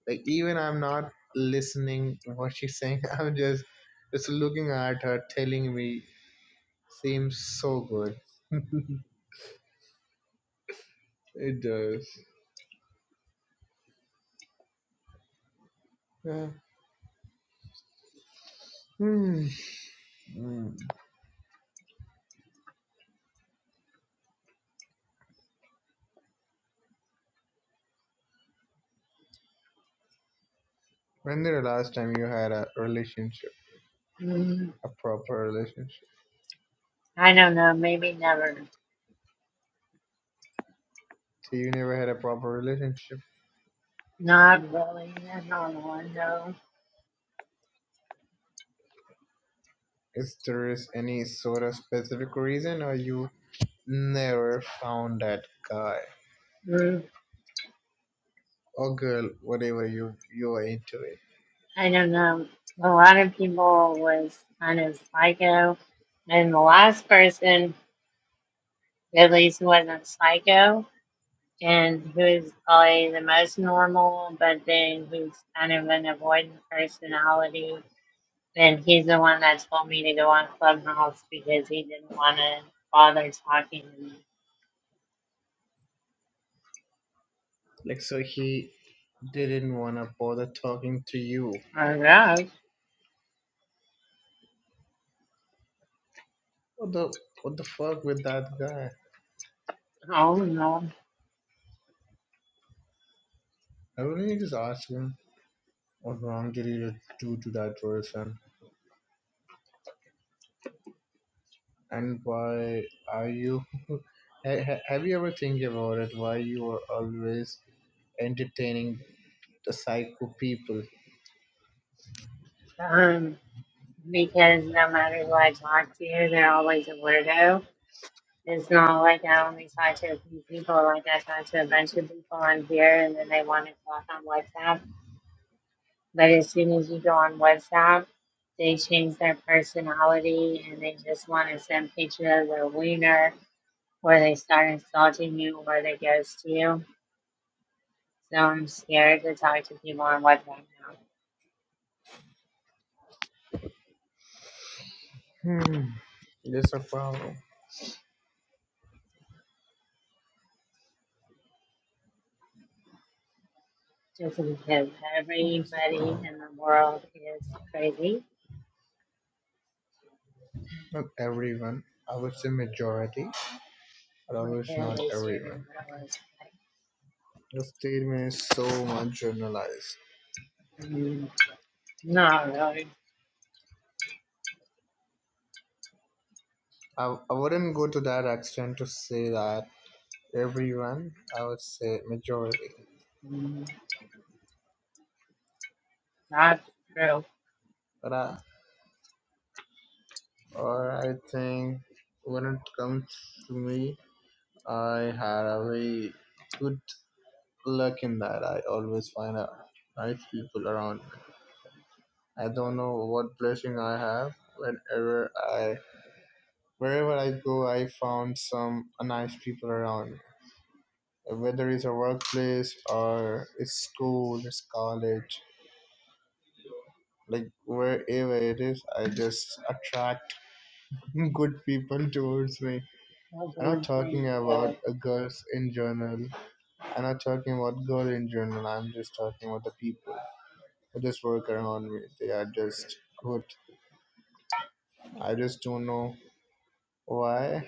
Speaker 2: Like even I'm not listening what she's saying. I'm just just looking at her, telling me seems so good. It does. Hmm. Hmm. When did the last time you had a relationship,
Speaker 1: Mm,
Speaker 2: a proper relationship?
Speaker 1: I don't know. Maybe never.
Speaker 2: So you never had a proper relationship.
Speaker 1: Not really. I don't know. No.
Speaker 2: Is there is any sort of specific reason, or you never found that guy
Speaker 1: Mm,
Speaker 2: or girl, whatever you you are into it?
Speaker 1: I don't know. A lot of people was kind of psycho, and the last person, at least, who wasn't psycho, and who's probably the most normal, but then who's kind of an avoidant personality. And he's the one that told me to go on Clubhouse because he didn't want to bother talking to me.
Speaker 2: Like so, he didn't wanna bother talking to you.
Speaker 1: I guess.
Speaker 2: What the what the fuck with that guy?
Speaker 1: I don't know.
Speaker 2: I wouldn't you just ask him what wrong did he do to that person? And why are you? ha- ha- have you ever think about it? Why you are always entertaining the psycho people?
Speaker 1: Um, because no matter who I talk to, they're always a weirdo. It's not like I only talk to a few people, like I talk to a bunch of people on here and then they want to talk on WhatsApp. But as soon as you go on WhatsApp, they change their personality and they just want to send pictures of their wiener or they start insulting you or they ghost you. So I'm scared to talk to people on WhatsApp now
Speaker 2: Hmm, there's a problem.
Speaker 1: just because everybody in the world is crazy
Speaker 2: Not everyone. I would say majority, but always
Speaker 1: At
Speaker 2: not
Speaker 1: least every
Speaker 2: everyone.
Speaker 1: hour.
Speaker 2: Okay. The statement is so much generalized.
Speaker 1: Mm, not really.
Speaker 2: I, I wouldn't go to that extent to say that everyone. I would say majority,
Speaker 1: Mm, not true.
Speaker 2: but I or I think when it comes to me, I had a very good luck in that. I always find a nice people around me. I don't know what blessing I have. Whenever I, wherever I go, I found some nice people around me. Whether it's a workplace or it's school, it's college, like wherever it is, I just attract good people towards me.
Speaker 1: I
Speaker 2: I'm
Speaker 1: don't
Speaker 2: not talking
Speaker 1: think
Speaker 2: about
Speaker 1: that.
Speaker 2: uh, girls in general. I'm not talking about girl in general. I'm just talking about the people. just work around me. They are just good. I just don't know why.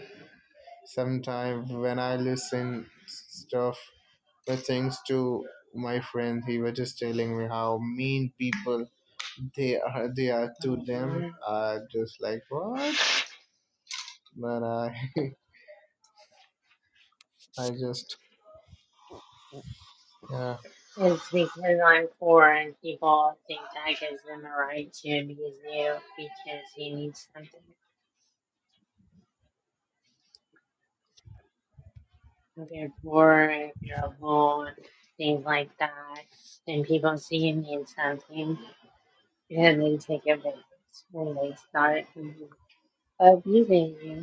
Speaker 2: Sometimes when I listen stuff, the things to my friend, he was just telling me how mean people they are. They are to them.
Speaker 1: Mhm.
Speaker 2: I just like what? But I, I just yeah.
Speaker 1: It's because I'm poor and people think that gives them a right to abuse you because you need something. If you're poor, if you're a things like that, then people see you need something and they take advantage and they start abusing you.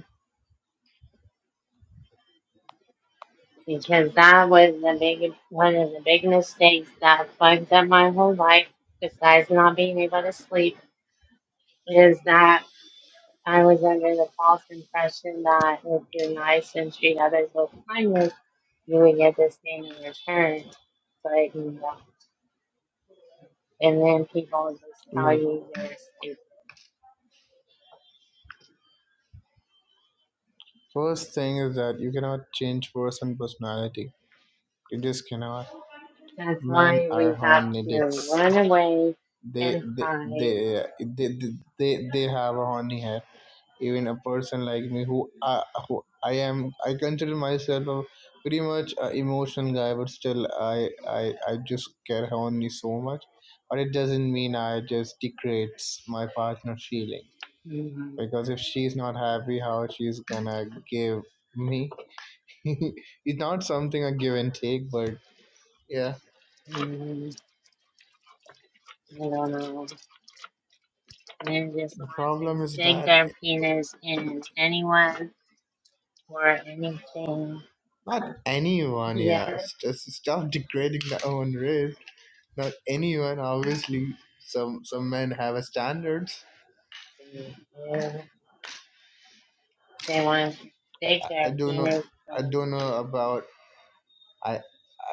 Speaker 1: because that was the big one of the big mistakes that fucked up my whole life, besides not being able to sleep, is that I was under the false impression that if you're nice and treat others with kindness, you would get this thing in return. But you know, and then people just tell
Speaker 2: Look,
Speaker 1: you you're stupid.
Speaker 2: first thing is that you cannot change person personality. You just cannot.
Speaker 1: That's
Speaker 2: Men
Speaker 1: why
Speaker 2: are
Speaker 1: we have to
Speaker 2: hermetics.
Speaker 1: run away
Speaker 2: they
Speaker 1: and
Speaker 2: they
Speaker 1: hide.
Speaker 2: they they they, they they have a horny hair even a person like me who I, who i am i consider myself a pretty much a emotional guy but still i i i just care horny so much but it doesn't mean i just degrades my partner feeling
Speaker 1: Mhm.
Speaker 2: because if she's not happy how she's gonna give me it's not something a give and take but yeah
Speaker 1: Mhm. I don't know. and just
Speaker 2: the
Speaker 1: want to
Speaker 2: problem is
Speaker 1: stick
Speaker 2: that
Speaker 1: their penis in anyone or anything.
Speaker 2: Not anyone,
Speaker 1: Yes.
Speaker 2: yeah. Just stop degrading their own race. Not anyone. Obviously, some some men have a standards.
Speaker 1: If they want to
Speaker 2: I,
Speaker 1: stick
Speaker 2: I I
Speaker 1: their
Speaker 2: don't know.
Speaker 1: penis
Speaker 2: I
Speaker 1: in
Speaker 2: don't know
Speaker 1: anything.
Speaker 2: about. I,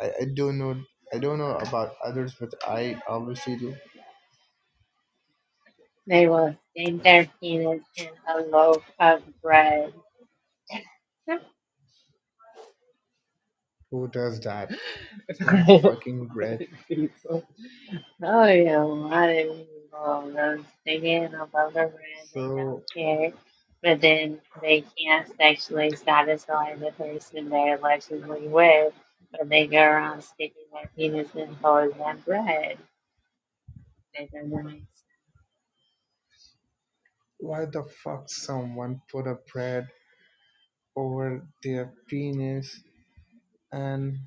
Speaker 2: I I don't know. I don't know about others, but I obviously do.
Speaker 1: They will stick their penis in a loaf of bread.
Speaker 2: Who does that in a fucking bread?
Speaker 1: Oh yeah, well, I didn't even go. I was thinking about the brand. They don't
Speaker 2: So
Speaker 1: care, but then they can't sexually satisfy the person they're allegedly with, but they go around sticking their penis in holes and bread. That doesn't make
Speaker 2: why the fuck someone put a bread over their penis and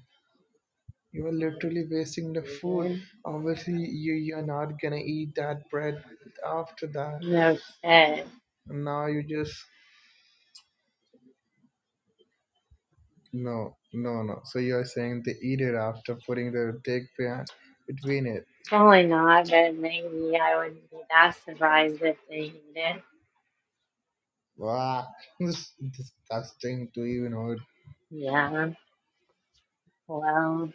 Speaker 2: You are
Speaker 1: sense.
Speaker 2: literally wasting the food.
Speaker 1: Mhm.
Speaker 2: Obviously, you, you are not gonna eat that bread after that.
Speaker 1: No shit.
Speaker 2: Now you just no, no, no. So you are saying they eat it after putting the dick behind between it.
Speaker 1: Probably not, but maybe I wouldn't be that surprised if they did. it.
Speaker 2: Wow, this is disgusting to even heard.
Speaker 1: Yeah. Well,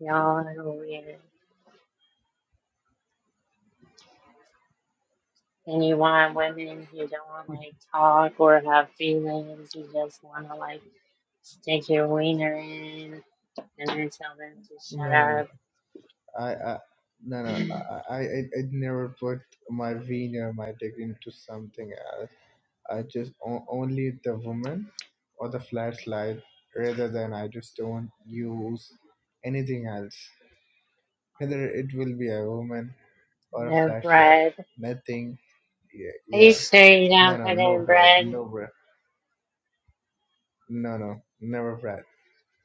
Speaker 1: y'all are weird. And you want women who don't want to like talk or have feelings. You just want to like stick your wiener in and then tell them to
Speaker 2: No,
Speaker 1: shut
Speaker 2: no, no.
Speaker 1: up.
Speaker 2: I, I no, no. I, I, I I'd never put my wiener, my dick into something else. I just o- only the woman or the flat slide rather than I just don't use anything else. Whether it will be a woman or a
Speaker 1: No
Speaker 2: flashlight,
Speaker 1: bread.
Speaker 2: nothing. Yeah,
Speaker 1: Are you
Speaker 2: yeah.
Speaker 1: sure you
Speaker 2: No,
Speaker 1: don't
Speaker 2: no,
Speaker 1: put
Speaker 2: no
Speaker 1: in
Speaker 2: bread,
Speaker 1: bread?
Speaker 2: no bread. No, no, never bread.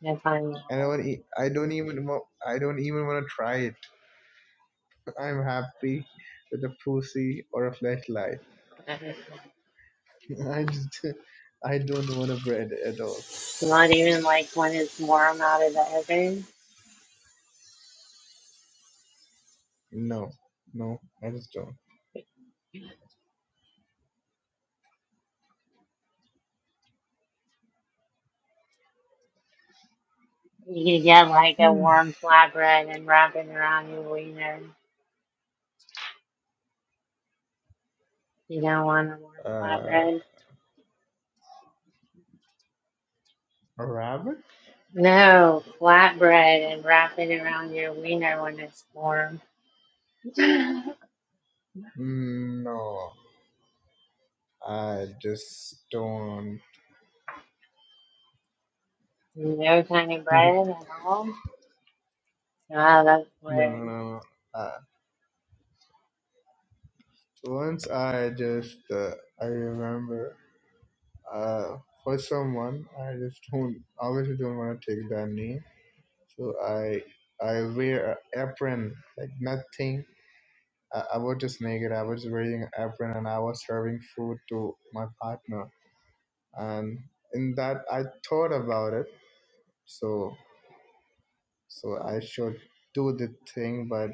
Speaker 1: No, I'm not
Speaker 2: And I don't, e- I don't even want. I don't even want to try it. I'm happy with a pussy or a flashlight. I just, I don't want a bread at all.
Speaker 1: Not even like when it's warm out of the oven.
Speaker 2: No, no, I just don't.
Speaker 1: You could get like a warm flatbread and wrap it around your wiener. You don't want a warm
Speaker 2: Uh,
Speaker 1: flatbread.
Speaker 2: A Rabbit?
Speaker 1: No, flatbread and wrap it around your wiener when it's warm.
Speaker 2: Mm, No, I just don't.
Speaker 1: No tiny
Speaker 2: no,
Speaker 1: bread at all. Wow, that's
Speaker 2: no,
Speaker 1: weird.
Speaker 2: no. Uh, once I just, uh, I remember, uh, for someone, I just don't, obviously don't want to take their name. So I, I wear an apron, like nothing. I, I was just naked. I was wearing an apron and I was serving food to my partner. And in that, I thought about it. So, so I should do the thing, but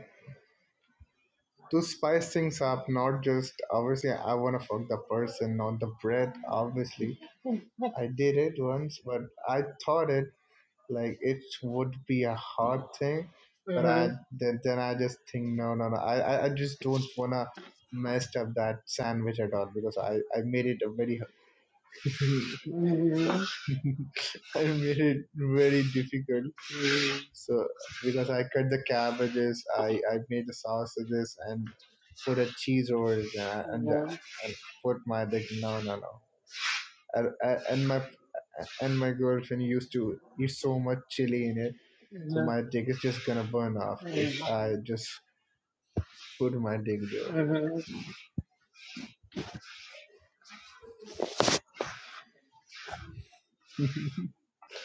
Speaker 2: to spice things up, not just obviously I want to fuck the person, not the bread. Obviously, I did it once, but I thought it like it would be a hard thing, but I
Speaker 1: Mhm.
Speaker 2: then, then I just think no, no, no. I I, I just don't wanna messed up that sandwich at all because I I made it a very
Speaker 1: Mhm.
Speaker 2: I made it very difficult
Speaker 1: Mhm.
Speaker 2: So because I cut the cabbages, I, I made the sausages and put a cheese rolls and and, and put my like no no no and, and my and my girlfriend used to eat so much chili in it, so
Speaker 1: Mhm.
Speaker 2: my dick is just gonna burn off if
Speaker 1: Mhm. Mhm.
Speaker 2: I just put my dick there.
Speaker 1: Mhm.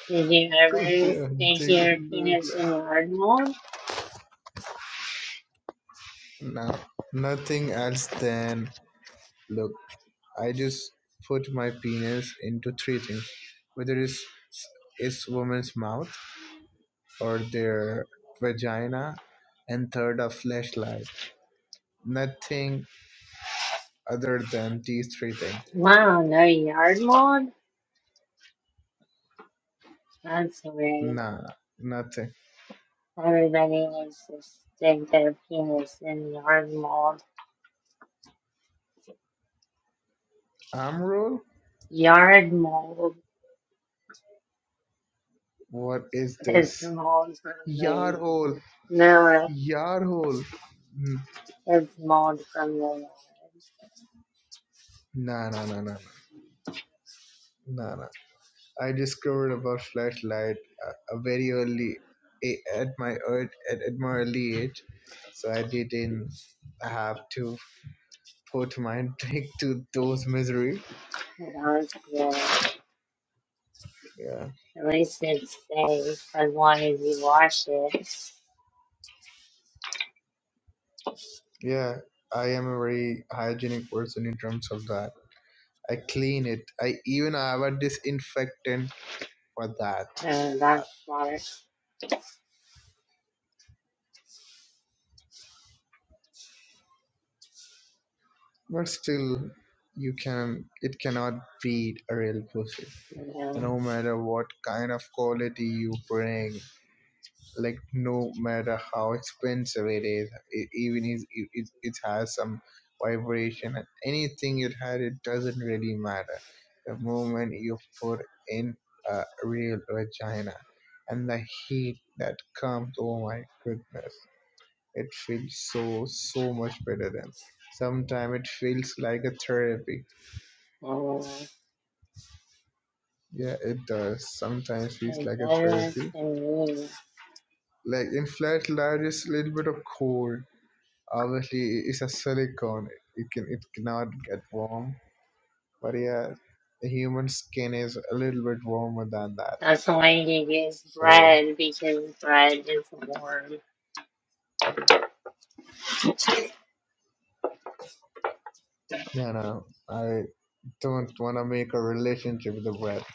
Speaker 1: Did you
Speaker 2: put
Speaker 1: ever
Speaker 2: your
Speaker 1: stick
Speaker 2: dick
Speaker 1: your
Speaker 2: in the flat.
Speaker 1: penis in yard mold?
Speaker 2: No, nothing else than look. I just put my penis into three things, whether it's it's woman's mouth or their vagina, and third a flashlight. Nothing other than these three things.
Speaker 1: Wow, no yard mold? That's weird.
Speaker 2: Nah, nothing.
Speaker 1: Everybody needs to stick their penis in yard mold.
Speaker 2: Arm roll?
Speaker 1: Yard mold
Speaker 2: What is
Speaker 1: is
Speaker 2: this?
Speaker 1: mold from
Speaker 2: Yar
Speaker 1: the
Speaker 2: hole.
Speaker 1: no,
Speaker 2: Yar hole. N-
Speaker 1: it's mold from the
Speaker 2: Nah, nah, nah, nah, nah, nah, nah, I discovered about flashlight uh, a very early a- at my ear- at, at my early age, so I didn't have to put my drink to those misery.
Speaker 1: yard. That's good.
Speaker 2: Yeah,
Speaker 1: At least it's safe as long as you wash it.
Speaker 2: yeah. I am a very hygienic person in terms of that. I clean it. I even have a disinfectant for that.
Speaker 1: So
Speaker 2: Uh,
Speaker 1: that's smart.
Speaker 2: But still, you can. It cannot beat a real pussy.
Speaker 1: You
Speaker 2: No matter what kind of quality you bring, like no matter how expensive it is it, even is if it, it has some vibration and anything it had it doesn't really matter the moment you put in a real vagina and the heat that comes oh my goodness it feels so so much better than sometimes it feels like a therapy
Speaker 1: know, so
Speaker 2: yeah it does sometimes feels
Speaker 1: I
Speaker 2: like a
Speaker 1: guess
Speaker 2: therapy
Speaker 1: to me,
Speaker 2: like in flat light it's a little bit of cold obviously it's a silicone it can it cannot get warm but yeah the human skin is a little bit warmer than that
Speaker 1: that's the way you use
Speaker 2: so
Speaker 1: bread because bread is warm.
Speaker 2: no no i don't want to make a relationship with the breath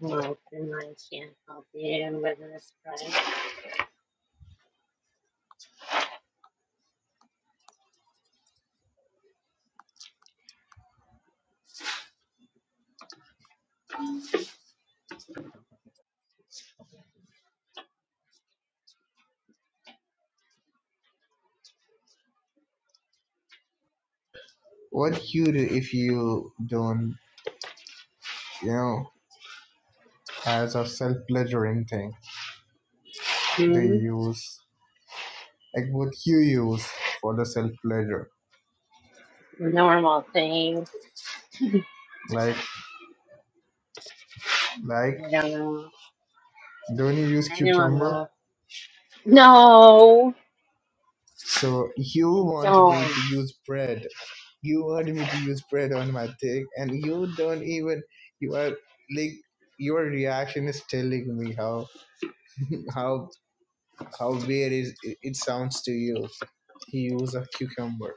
Speaker 1: Well, and I can't help you with this bread.
Speaker 2: what you do if you don't you know as a self-pleasuring thing they
Speaker 1: Hmm?
Speaker 2: use like what you use for the self-pleasure
Speaker 1: Normal thing.
Speaker 2: like like
Speaker 1: I don't know.
Speaker 2: don't you use
Speaker 1: I don't
Speaker 2: cucumber
Speaker 1: know. No,
Speaker 2: So you
Speaker 1: I
Speaker 2: want me
Speaker 1: don't.
Speaker 2: to use bread. You want me to use bread on my dick, and you don't even. You are like your reaction is telling me how how how weird is it, it sounds to you. He used a cucumber.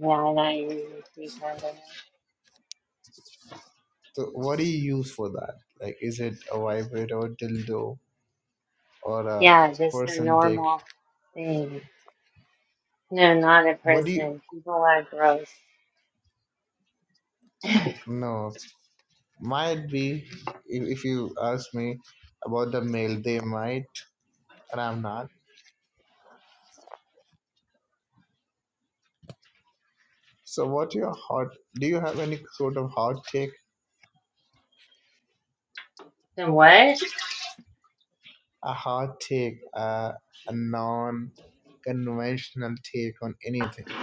Speaker 1: Yeah, I don't use it because of- it.
Speaker 2: So what do you use for that? Like, is it a vibrator, or dildo, or a
Speaker 1: Yeah, just a
Speaker 2: person dick?
Speaker 1: normal thing. No, not a
Speaker 2: What do you?
Speaker 1: person. People are gross.
Speaker 2: No, might be. If, if you ask me about the male, they might, and I'm not. So, what your hot? Do you have any sort of hot take?
Speaker 1: Then what?
Speaker 2: A hot take, uh, a non-conventional take on anything?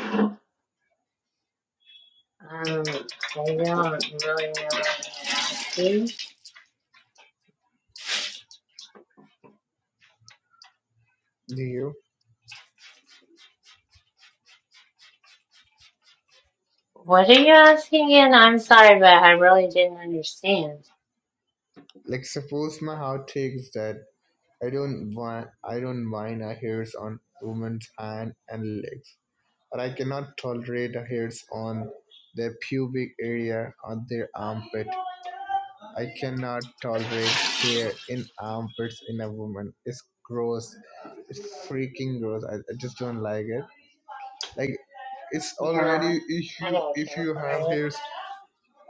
Speaker 1: Um, I don't really know what I'm asking.
Speaker 2: Do you
Speaker 1: What are you asking again? I'm sorry, but I really didn't understand.
Speaker 2: like? Suppose my hot take is that I don't want, I don't mind a hairs on women's hand and legs, but I cannot tolerate a hairs on their pubic area or their armpit. I cannot tolerate hair in armpits in a woman. It's gross. It's freaking gross. I, I just don't like it. Like it's
Speaker 1: Yeah,
Speaker 2: already if
Speaker 1: I
Speaker 2: you
Speaker 1: don't
Speaker 2: if
Speaker 1: care
Speaker 2: you
Speaker 1: for
Speaker 2: have
Speaker 1: it.
Speaker 2: hairs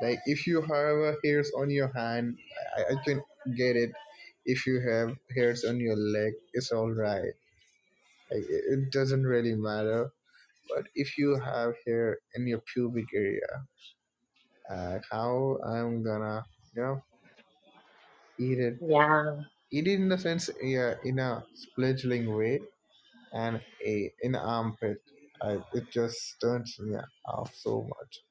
Speaker 2: like if you have uh, hairs on your hand, I, I can get it. If you have hairs on your leg, it's all right. Like it, it doesn't really matter. But if you have hair in your pubic area, uh, how I'm gonna you know eat it
Speaker 1: Yeah,
Speaker 2: It in the sense, yeah, in a fledgling way, and a in armpit, I, it just turns me off so much.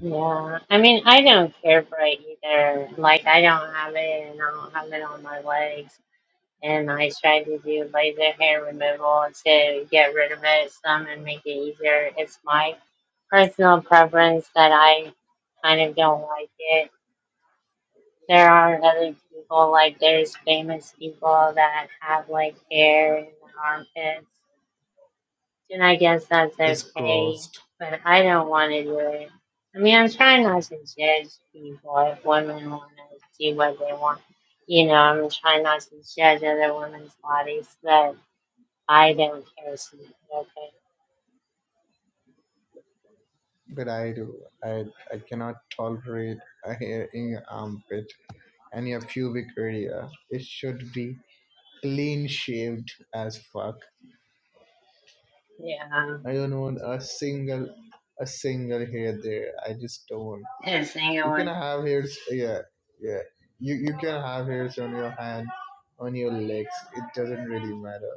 Speaker 1: yeah. I mean, I don't care for it either. Like, I don't have it, and I don't have it on my legs. And I tried to do laser hair removal to get rid of it some and make it easier. It's my personal preference that I kind of don't like it. There are other people, like there's famous people that have like hair in their armpits, and I guess that's
Speaker 2: It's
Speaker 1: okay,
Speaker 2: grossed,
Speaker 1: but I don't want to do it. I mean, I'm trying not to judge people if women want to do what they want. You know, I'm trying not to judge other women's bodies, but I don't care. So, much, okay.
Speaker 2: but I do. I I cannot tolerate a hair in your armpit and your pubic area. It should be clean shaved as fuck. I
Speaker 1: Yeah.
Speaker 2: don't want a single a single hair there. I just don't.
Speaker 1: Single
Speaker 2: you can
Speaker 1: one.
Speaker 2: have hairs yeah yeah you you can have hairs on your hand on your legs it doesn't really matter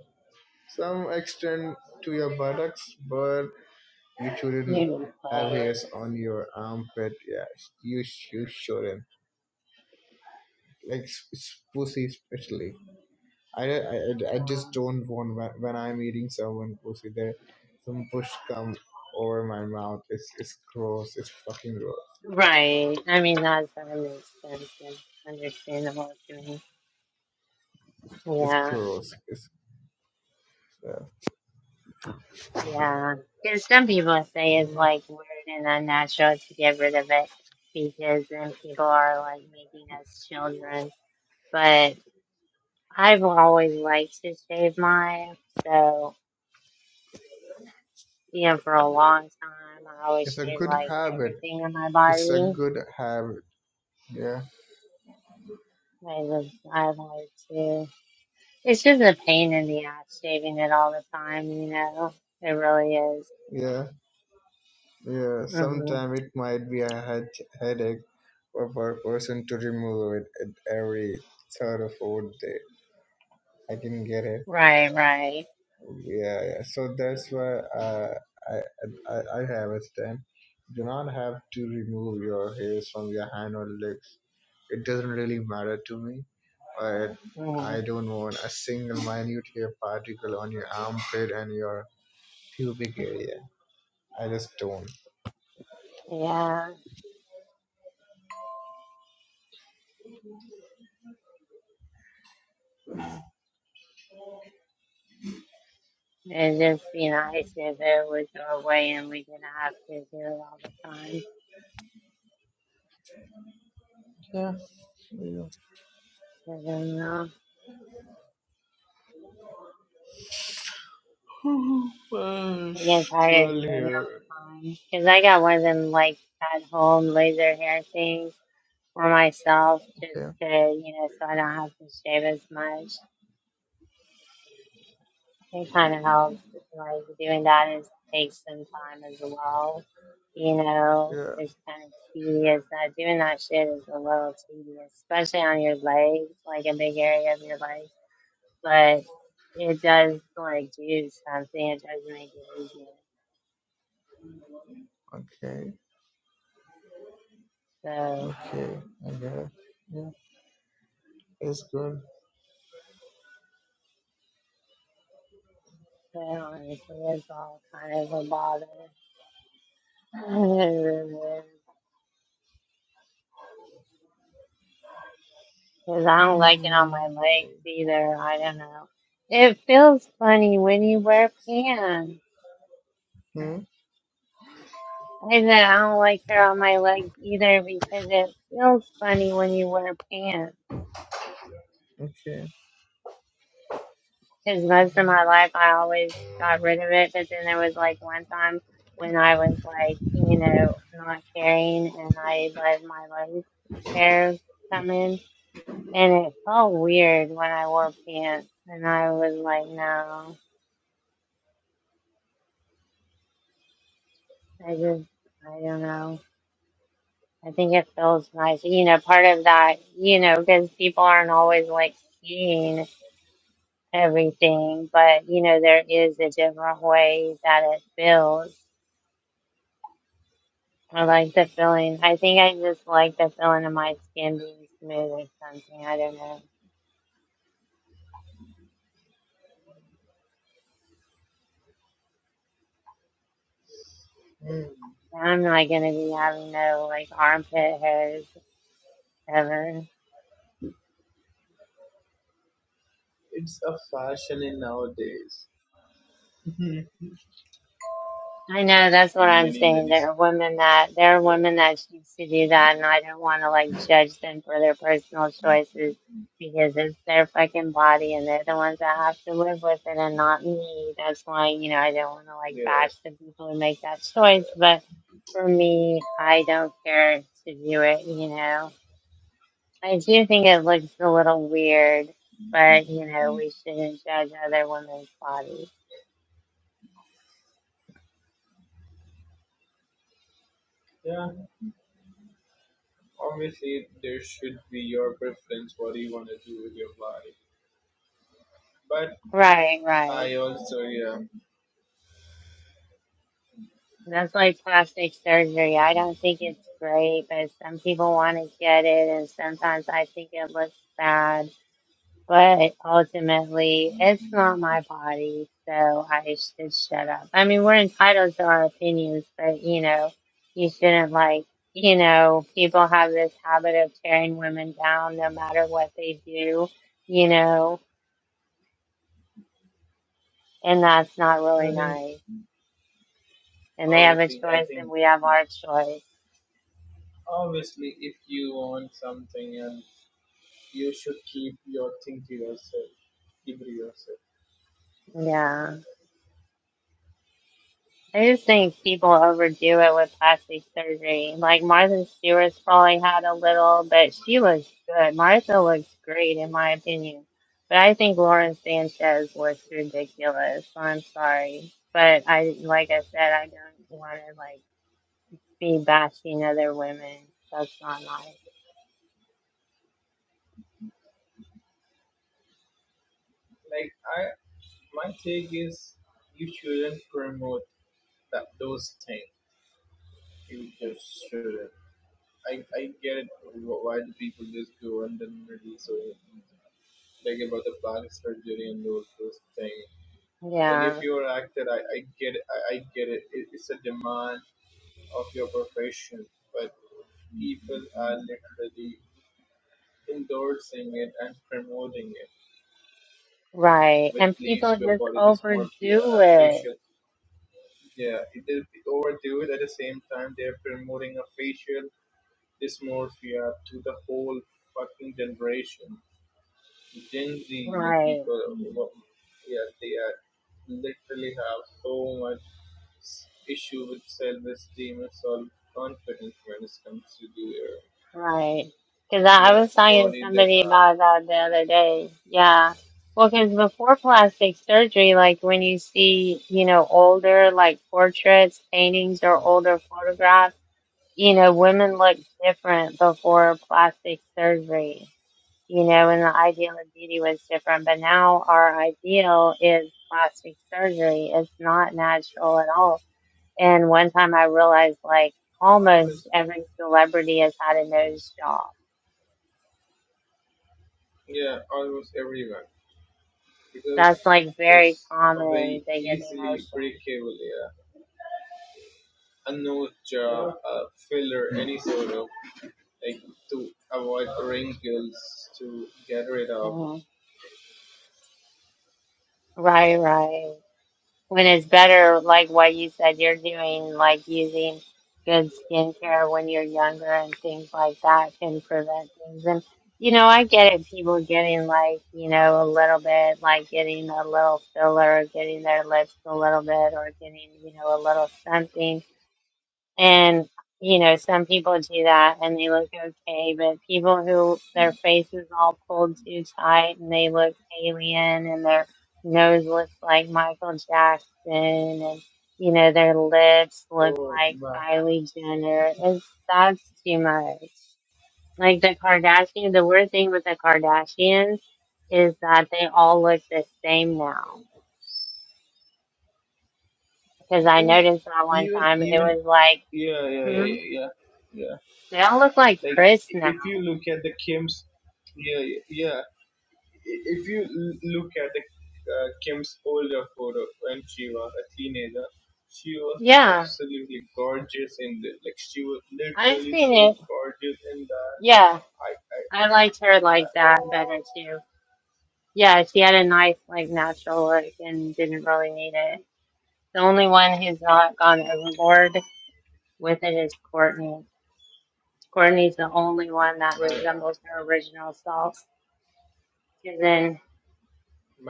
Speaker 2: some extend to your buttocks but you shouldn't
Speaker 1: You
Speaker 2: have
Speaker 1: know,
Speaker 2: hairs on your armpit yeah you sh- you shouldn't like s- s- pussy especially I, I I- I
Speaker 1: uh,
Speaker 2: just don't want when when i'm eating someone pussy there some push come over my mouth it's it's gross it's fucking gross
Speaker 1: Right. I mean, that that makes sense and understandable to me.
Speaker 2: it's
Speaker 1: Yeah,
Speaker 2: gross it's uh,
Speaker 1: yeah. Because some people say it's like weird and unnatural to get rid of it because then people are like making us children. But I've always liked to shave mine. So, you know, for a long time, I always
Speaker 2: it's a
Speaker 1: shaved
Speaker 2: good
Speaker 1: like
Speaker 2: habit
Speaker 1: everything on my
Speaker 2: It's a
Speaker 1: body.
Speaker 2: good habit. Yeah,
Speaker 1: I just, I like to. It's just a pain in the ass shaving it all the time, you know. It really is.
Speaker 2: yeah, yeah.
Speaker 1: hmm
Speaker 2: Sometimes it might be a head, headache for a person to remove it at every third or fourth day. I can get it.
Speaker 1: Right, right.
Speaker 2: Yeah, yeah. So that's why uh, I, I I have a stand. Do not have to remove your hairs from your hand or legs. It doesn't really matter to me. But
Speaker 1: Mhm.
Speaker 2: I don't want a single minute hair particle on your armpit and your pubic area. I just don't.
Speaker 1: Yeah. It'd just be nice if it would go away and we didn't have to do it all the time. I don't know.
Speaker 2: Well,
Speaker 1: I get tired of
Speaker 2: twelve
Speaker 1: shaving
Speaker 2: here.
Speaker 1: all the time. Cause I got one of them like at home laser hair things for myself just
Speaker 2: Okay.
Speaker 1: to, you know, so I don't have to shave as much. It kind of helps. Like doing that is takes some time as well. You know,
Speaker 2: Yeah.
Speaker 1: it's kind of tedious. That doing that shit is a little tedious, especially on your legs, like a big area of your legs. But it does like do something. It does make it easier. So, but honestly, it's all kind of a bother. Because I don't like it on my legs either. I don't know. It feels funny when you wear pants. I said I don't like her on my legs either because it feels funny when you wear pants. Because most of my life I always got rid of it, but then there was like one time when I was like, you know, not caring and I let my leg hair come in and it felt weird when I wore pants and I was like, no, I just, I don't know. I think it feels nice. You know, part of that, you know, because people aren't always like seeing. everything, but you know, there is a different way that it feels. I like the feeling. I think I just like the feeling of my skin being smooth or something. I don't know. I'm not gonna be having no like armpit hairs ever. I know that's what I'm saying. There are women that there are women that choose to do that, and I don't want to like judge them for their personal choices because it's their fucking body, and they're the ones that have to live with it, and not me. That's why you know I don't want to like
Speaker 2: Yeah.
Speaker 1: bash the people who make that choice, but for me, I don't care to do it. You know, I do think it looks a little weird, but you know we shouldn't judge other women's bodies.
Speaker 2: Yeah. Obviously, there should be your preference. What do you want to do with your life? But
Speaker 1: Right, right.
Speaker 2: I also, yeah.
Speaker 1: That's like plastic surgery. I don't think it's great, but some people want to get it, and sometimes I think it looks bad. But ultimately, it's not my body, so I should shut up. I mean, we're entitled to our opinions, but you know, you shouldn't like, you know, people have this habit of tearing women down no matter what they do, you know, and that's not really
Speaker 2: I think
Speaker 1: nice. And they have a
Speaker 2: obviously, I
Speaker 1: choice, and
Speaker 2: think
Speaker 1: we have our choice.
Speaker 2: obviously, if you want something, and you should keep your thing to yourself. Keep it to yourself.
Speaker 1: Yeah. I just think people overdo it with plastic surgery. Like Martha Stewart's probably had a little, but she looks good. Martha looks great in my opinion. But I think Lauren Sanchez looks ridiculous. So I'm sorry. But I like I said, I don't wanna like be bashing other women. That's not nice.
Speaker 2: Like I, my take is, you shouldn't promote that those things. You just shouldn't. I, I get it. wh- why the people just go in the middle. So, mm, like about the plastic surgery and those those things. Like if
Speaker 1: Yeah.
Speaker 2: you're an actor, I, I get it. I, I get it. it. It's a demand of your profession, but people are literally endorsing it and promoting it,
Speaker 1: Right.
Speaker 2: which
Speaker 1: And
Speaker 2: leads
Speaker 1: people
Speaker 2: to a
Speaker 1: just
Speaker 2: body dysmorphia,
Speaker 1: overdo
Speaker 2: a
Speaker 1: it.
Speaker 2: facial. Yeah, it, they overdo it at the same time. They're promoting a facial dysmorphia to the whole fucking generation. Gen Z, like
Speaker 1: Right.
Speaker 2: people, who- yeah, they are literally have so much s- issue with self-esteem and self-confidence when it comes to their,
Speaker 1: Right. Because I,
Speaker 2: you
Speaker 1: I
Speaker 2: know,
Speaker 1: was talking to
Speaker 2: body they
Speaker 1: somebody
Speaker 2: have.
Speaker 1: about that the other day. Yeah. Well, because before plastic surgery, like when you see, you know, older like portraits, paintings, or older photographs, you know, women look different before plastic surgery, you know, and the ideal of beauty was different. But now our ideal is plastic surgery. It's not natural at all. And one time I realized, like, almost
Speaker 2: Always,
Speaker 1: every celebrity has had a nose job
Speaker 2: yeah, almost everyone because
Speaker 1: That's like very
Speaker 2: it's a
Speaker 1: common
Speaker 2: very
Speaker 1: bigoted
Speaker 2: easily
Speaker 1: notion.
Speaker 2: breakable, yeah, a nose job, a filler, any sort of like to avoid wrinkles to get rid of.
Speaker 1: Mhm. Right, right. When it's better, like what you said, you're doing, like using good skincare when you're younger and things like that can prevent things. And, you know, I get it, people getting like, you know, a little bit, like getting a little filler, getting their lips a little bit, or getting, you know, a little something And, you know, some people do that and they look okay, but people who their face is all pulled too tight and they look alien and their nose looks like Michael Jackson and, you know, their lips look
Speaker 2: Oh,
Speaker 1: like
Speaker 2: my
Speaker 1: Kylie Jenner, it's, that's too much. Like the Kardashians, the weird thing with the Kardashians is that they all look the same now. Because I
Speaker 2: yeah
Speaker 1: noticed that one
Speaker 2: even
Speaker 1: time it
Speaker 2: even
Speaker 1: was like,
Speaker 2: yeah, yeah, yeah,
Speaker 1: hmm,
Speaker 2: yeah, yeah. yeah.
Speaker 1: they all look like
Speaker 2: Like
Speaker 1: Chris
Speaker 2: i- if
Speaker 1: now.
Speaker 2: you look at the Kim's, yeah, yeah. yeah. I- If you l- look at the uh, Kim's older photo when she was a teenager, she was
Speaker 1: Yeah,
Speaker 2: absolutely gorgeous in the like she was
Speaker 1: I've
Speaker 2: literally
Speaker 1: seen
Speaker 2: so
Speaker 1: it.
Speaker 2: gorgeous in that.
Speaker 1: Yeah,
Speaker 2: I, I,
Speaker 1: I liked her like that better too. Yeah, she had a nice, like, natural look and didn't really need it. The only one who's not gone overboard with it is Courtney. Courtney's the only one that
Speaker 2: I, I
Speaker 1: resembles her original self. And then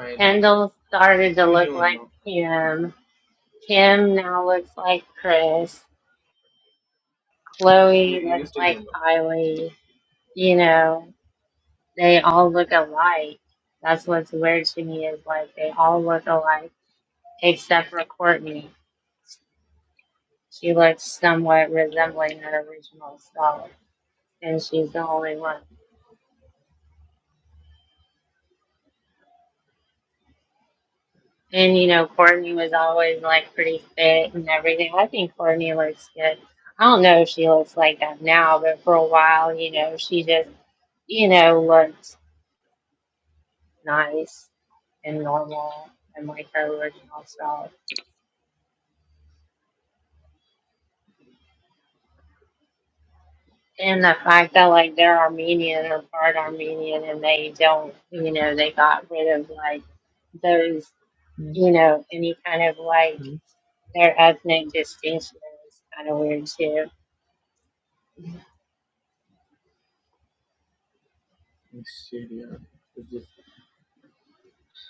Speaker 2: mind me.
Speaker 1: Kendall started to
Speaker 2: You
Speaker 1: look
Speaker 2: don't
Speaker 1: like
Speaker 2: know.
Speaker 1: Kim. Kim now looks like Chris.
Speaker 2: You,
Speaker 1: Chloe
Speaker 2: you
Speaker 1: looks
Speaker 2: still
Speaker 1: like
Speaker 2: don't know.
Speaker 1: Kylie. You know, They all look alike. That's what's weird to me is like they all look alike except for Courtney. She looks somewhat resembling her original self, and she's the only one. And you know, Courtney was always like pretty fit and everything. I think Courtney looks good. I don't know if she looks like that now, but for a while, you know, she just, you know, looked nice and normal and like her original self. and the fact that like they're Armenian or part Armenian and they don't, you know, they got rid of like those,
Speaker 2: Hmm.
Speaker 1: you know, any kind of like their ethnic distinction is kind of weird too.
Speaker 2: Shit, yeah. It's, just,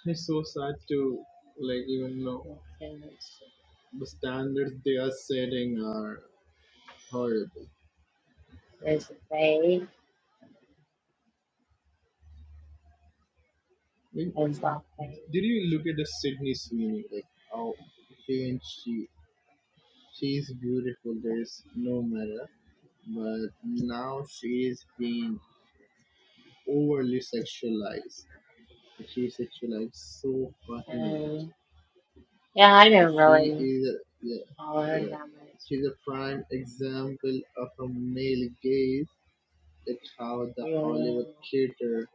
Speaker 2: it's so sad to like even know
Speaker 1: Since
Speaker 2: the standards they are setting are horrible.
Speaker 1: There's they,
Speaker 2: We
Speaker 1: there's not they.
Speaker 2: Did you look at the Sydney Sweeney? Like how she and she she is beautiful. There is no matter, but now she is being overly sexualized. Like, She is sexualized so fucking much.
Speaker 1: Um, yeah, I
Speaker 2: But
Speaker 1: don't
Speaker 2: she
Speaker 1: really
Speaker 2: is a, yeah
Speaker 1: follow that
Speaker 2: yeah.
Speaker 1: much.
Speaker 2: She's a prime example of a male gaze, like how the
Speaker 1: You know.
Speaker 2: Hollywood cater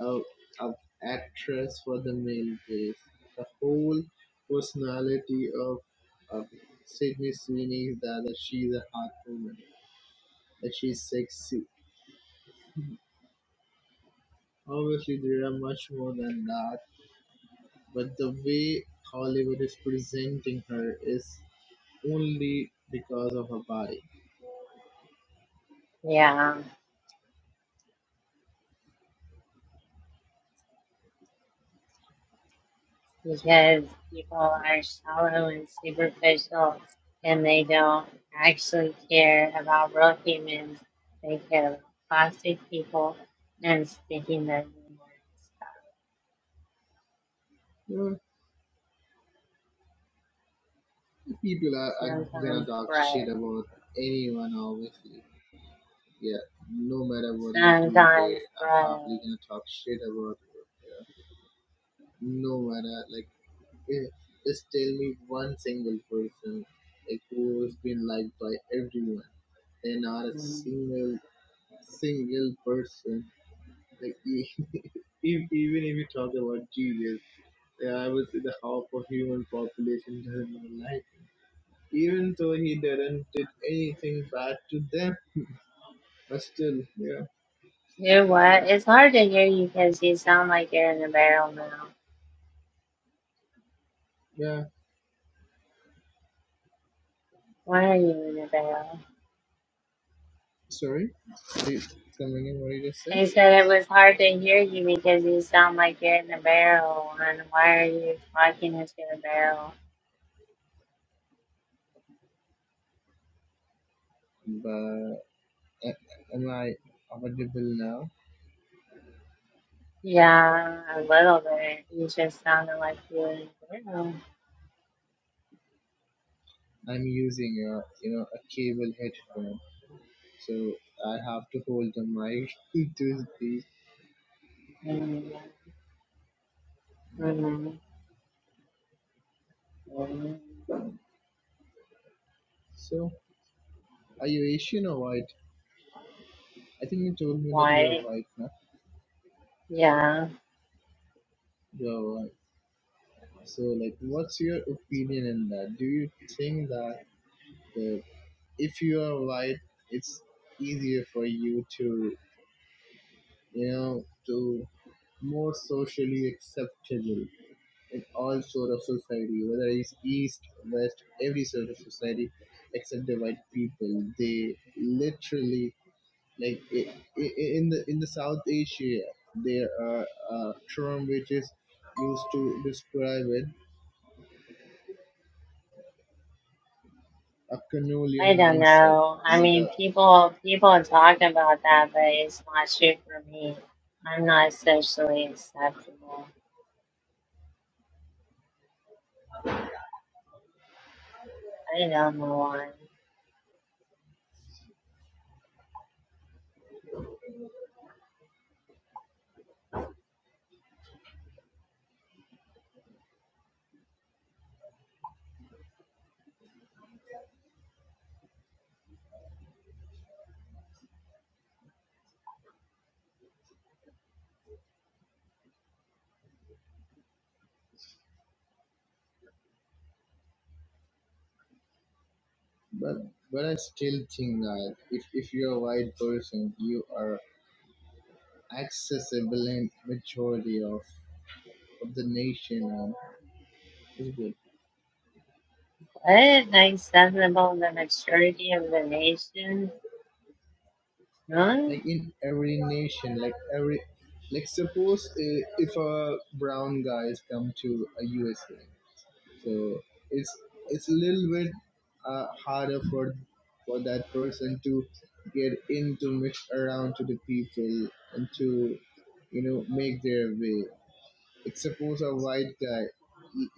Speaker 2: of, of actress for the male gaze. The whole personality of, of Sydney Sweeney is that, that she is a hot woman, that she's sexy. Obviously, there are much more than that, but the way Hollywood is presenting her is only because of her body.
Speaker 1: Yeah, because people are shallow and superficial and they don't actually care about real humans. They care about plastic people and sticking their name on
Speaker 2: You know, people are, are
Speaker 1: stuff.
Speaker 2: gonna
Speaker 1: Sometimes
Speaker 2: talk
Speaker 1: bread.
Speaker 2: shit about anyone, obviously. Yeah, no matter what you do, they
Speaker 1: Sometimes
Speaker 2: are
Speaker 1: bread.
Speaker 2: probably gonna talk shit about you Yeah. No, Vara, like, eh, just tell me one single person, like, who has been liked by everyone, and not a
Speaker 1: Mm.
Speaker 2: single, single person. Like, e- e- even if you talk about Jesus, eh, I would say the half of human population doesn't even like him. Even though he didn't did anything bad to them, but still, yeah,
Speaker 1: You know what? It's hard to hear you because you sound like you're in a barrel now. Why are you in a barrel? I said it was hard to hear you because you sound like you're in a barrel. And why are you talking into a barrel? Yeah, a little bit. You just sounded like you were there. Mm, mm, mm. Why? Yeah,
Speaker 2: you're right. So, like, what's your opinion in that? Do you think that the if you are white, it's easier for you to, you know, to more socially acceptable in all sort of society, whether it's east, west, every sort of society, except the white people. They literally like i- i- in the in the South Asia, there are a term which is used to describe it a
Speaker 1: I
Speaker 2: Canolian
Speaker 1: don't
Speaker 2: mindset.
Speaker 1: know.
Speaker 2: You
Speaker 1: I
Speaker 2: know
Speaker 1: mean,
Speaker 2: the
Speaker 1: people people talk about that, but it's not true for me. I'm not socially acceptable. I don't know why.
Speaker 2: But but I still think that if, if you're a white person, you are accessible in majority of, of the nation and
Speaker 1: What? Acceptable the maturity of the nation? Huh?
Speaker 2: like in every nation, like every like suppose uh, if a brown guys come to a USA, so it's it's a little bit uh, harder for for that person to get in to mix around to the people and to you know make their way suppose a white guy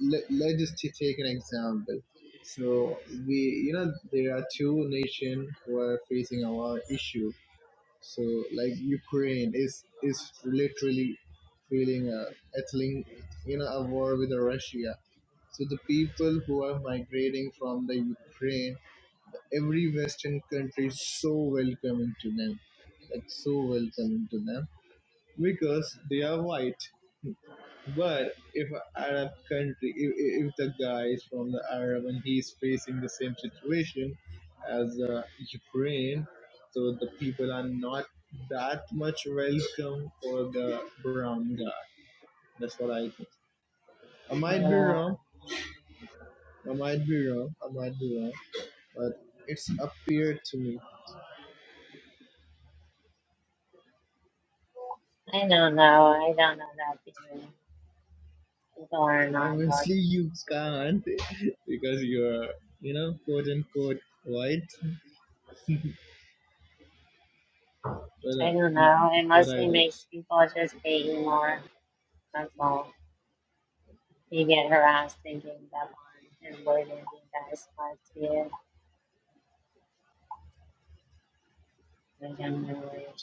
Speaker 2: let, let's just t- take an example so we you know there are two nations who are facing a war issue so like ukraine is is literally feeling a ethling you know a war with russia so the people who are migrating from the ukraine every western country is so welcoming to them like so welcoming to them because they are white but if a Arab country, if, if the guy is from the Arab and he's facing the same situation as uh, Ukraine, so the people are not that much welcome for the brown guy. That's what I think. I might be
Speaker 1: No.
Speaker 2: wrong. I might be wrong. I might be wrong. But it's appeared to me.
Speaker 1: I don't know. I don't know that feeling. People are not
Speaker 2: Obviously,
Speaker 1: talking
Speaker 2: you can't because you're, you know, quote unquote white. But
Speaker 1: I don't
Speaker 2: uh,
Speaker 1: know. It
Speaker 2: what I
Speaker 1: mostly
Speaker 2: do.
Speaker 1: makes people just hate you more. That's all. You get harassed and ganged up on and bullied and beat that is fun to you. I don't know what you're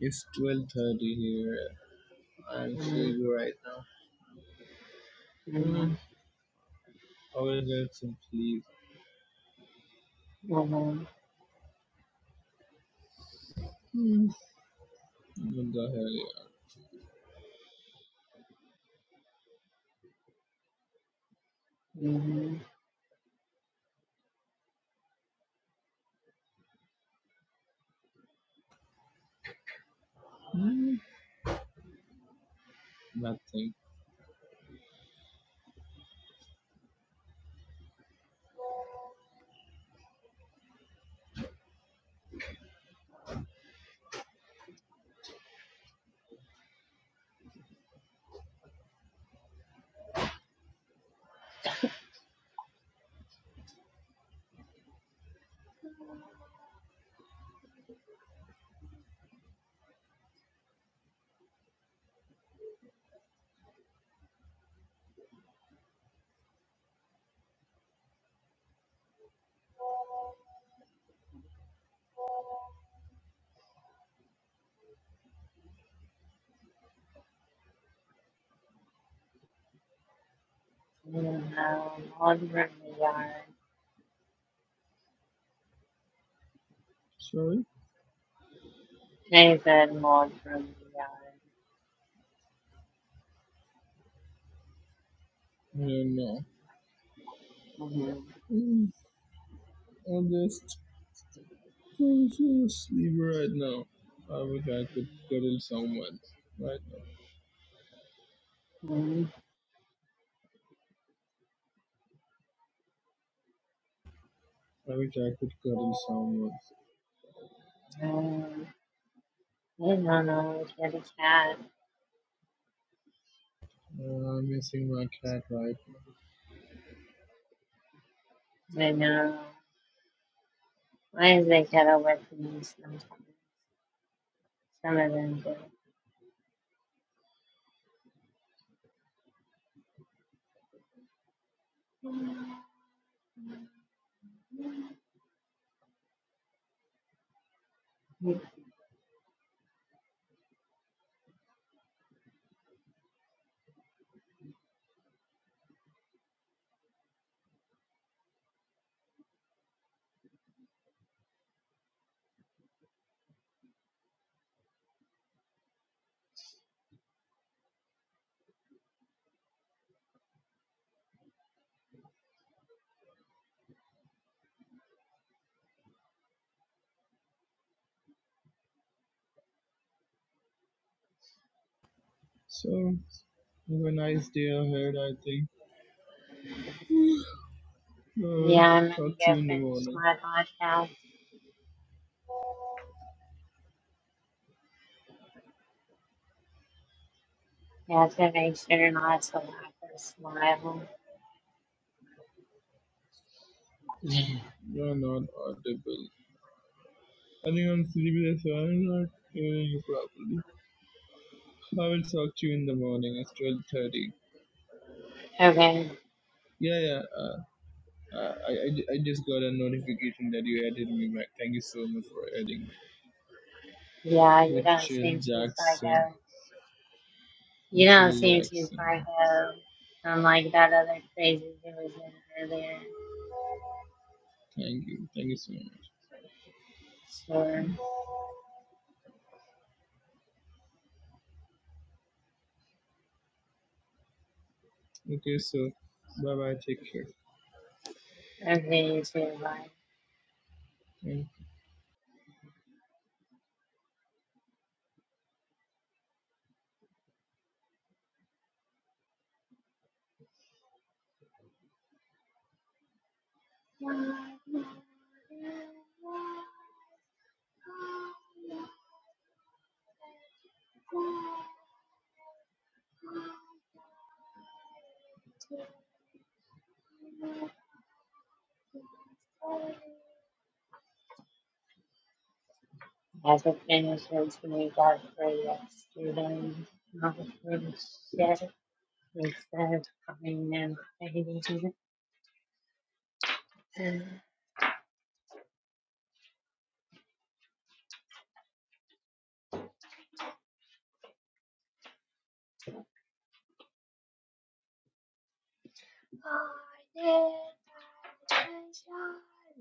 Speaker 2: It's twelve thirty here, I'm
Speaker 1: talking about.
Speaker 2: sleepy right now.
Speaker 1: Mm-hmm.
Speaker 2: Hmm. I will get some sleep.
Speaker 1: Mm-hmm.
Speaker 2: What the hell, yeah.
Speaker 1: Mm-hmm. I don't know. Mold from the yard.
Speaker 2: Sorry?
Speaker 1: They said mold from the yard.
Speaker 2: No, no.
Speaker 1: Mm-hmm.
Speaker 2: Hmm. I'm just I'm so sleepy right now. I wish I could cuddle someone right
Speaker 1: Mm-hmm.
Speaker 2: now. I wish I could cuddle someone.
Speaker 1: Um, I don't know. Get a cat.
Speaker 2: Uh, I'm missing my cat right now.
Speaker 1: I know. Why is they get away from me sometimes? Some of them do.
Speaker 2: So, have a nice day ahead, I think. I'll
Speaker 1: Yeah, I'm
Speaker 2: talk
Speaker 1: gonna
Speaker 2: to
Speaker 1: go
Speaker 2: you in the
Speaker 1: finish
Speaker 2: morning.
Speaker 1: my podcast. Yeah, I have to make sure not to laugh or smile.
Speaker 2: You're not audible. I think I'm sleepy, that's why I'm not hearing you properly. I will talk to you in the morning. It's twelve thirty.
Speaker 1: okay.
Speaker 2: Yeah, yeah. Uh, uh, I, I, I just got a notification that you added me back. Thank you so much for adding me,
Speaker 1: Yeah, you don't
Speaker 2: Mitchell
Speaker 1: seem too
Speaker 2: Jackson.
Speaker 1: psycho. You don't
Speaker 2: Mitchell
Speaker 1: seem too
Speaker 2: Jackson.
Speaker 1: psycho. Unlike that other crazy who was in earlier.
Speaker 2: Thank you. Thank you so much.
Speaker 1: Sure.
Speaker 2: Okay, so bye bye. Take care.
Speaker 1: Okay, you too. Bye.
Speaker 2: Thank
Speaker 1: I have to finish this week up for yesterday. Oh, holy shit. Instead of coming in, I did.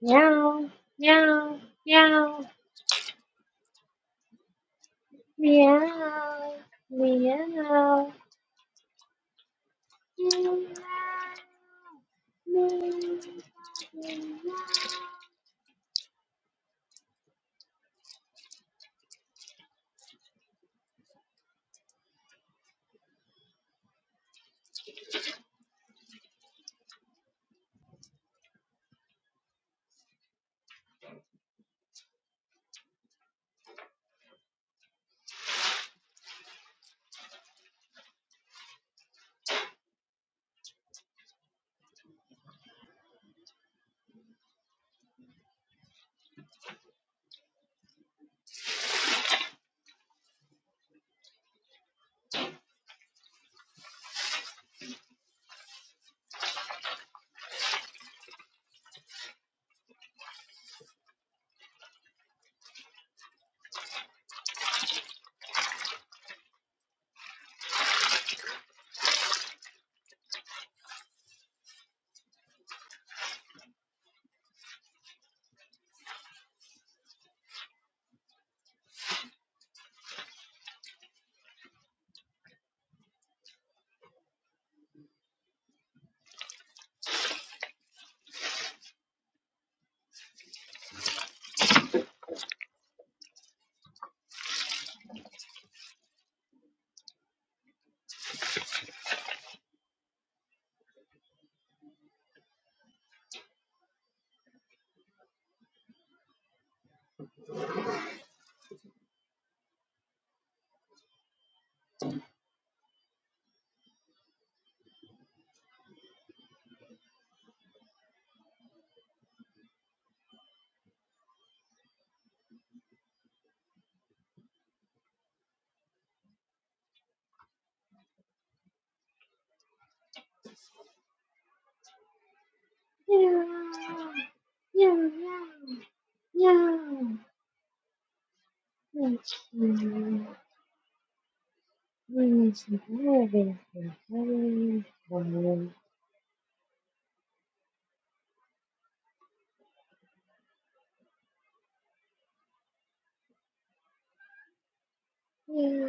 Speaker 1: Meow, meow, meow, meow, meow, meow, meow, meow. Let's see. Let me see. Everything. Everything. Meow.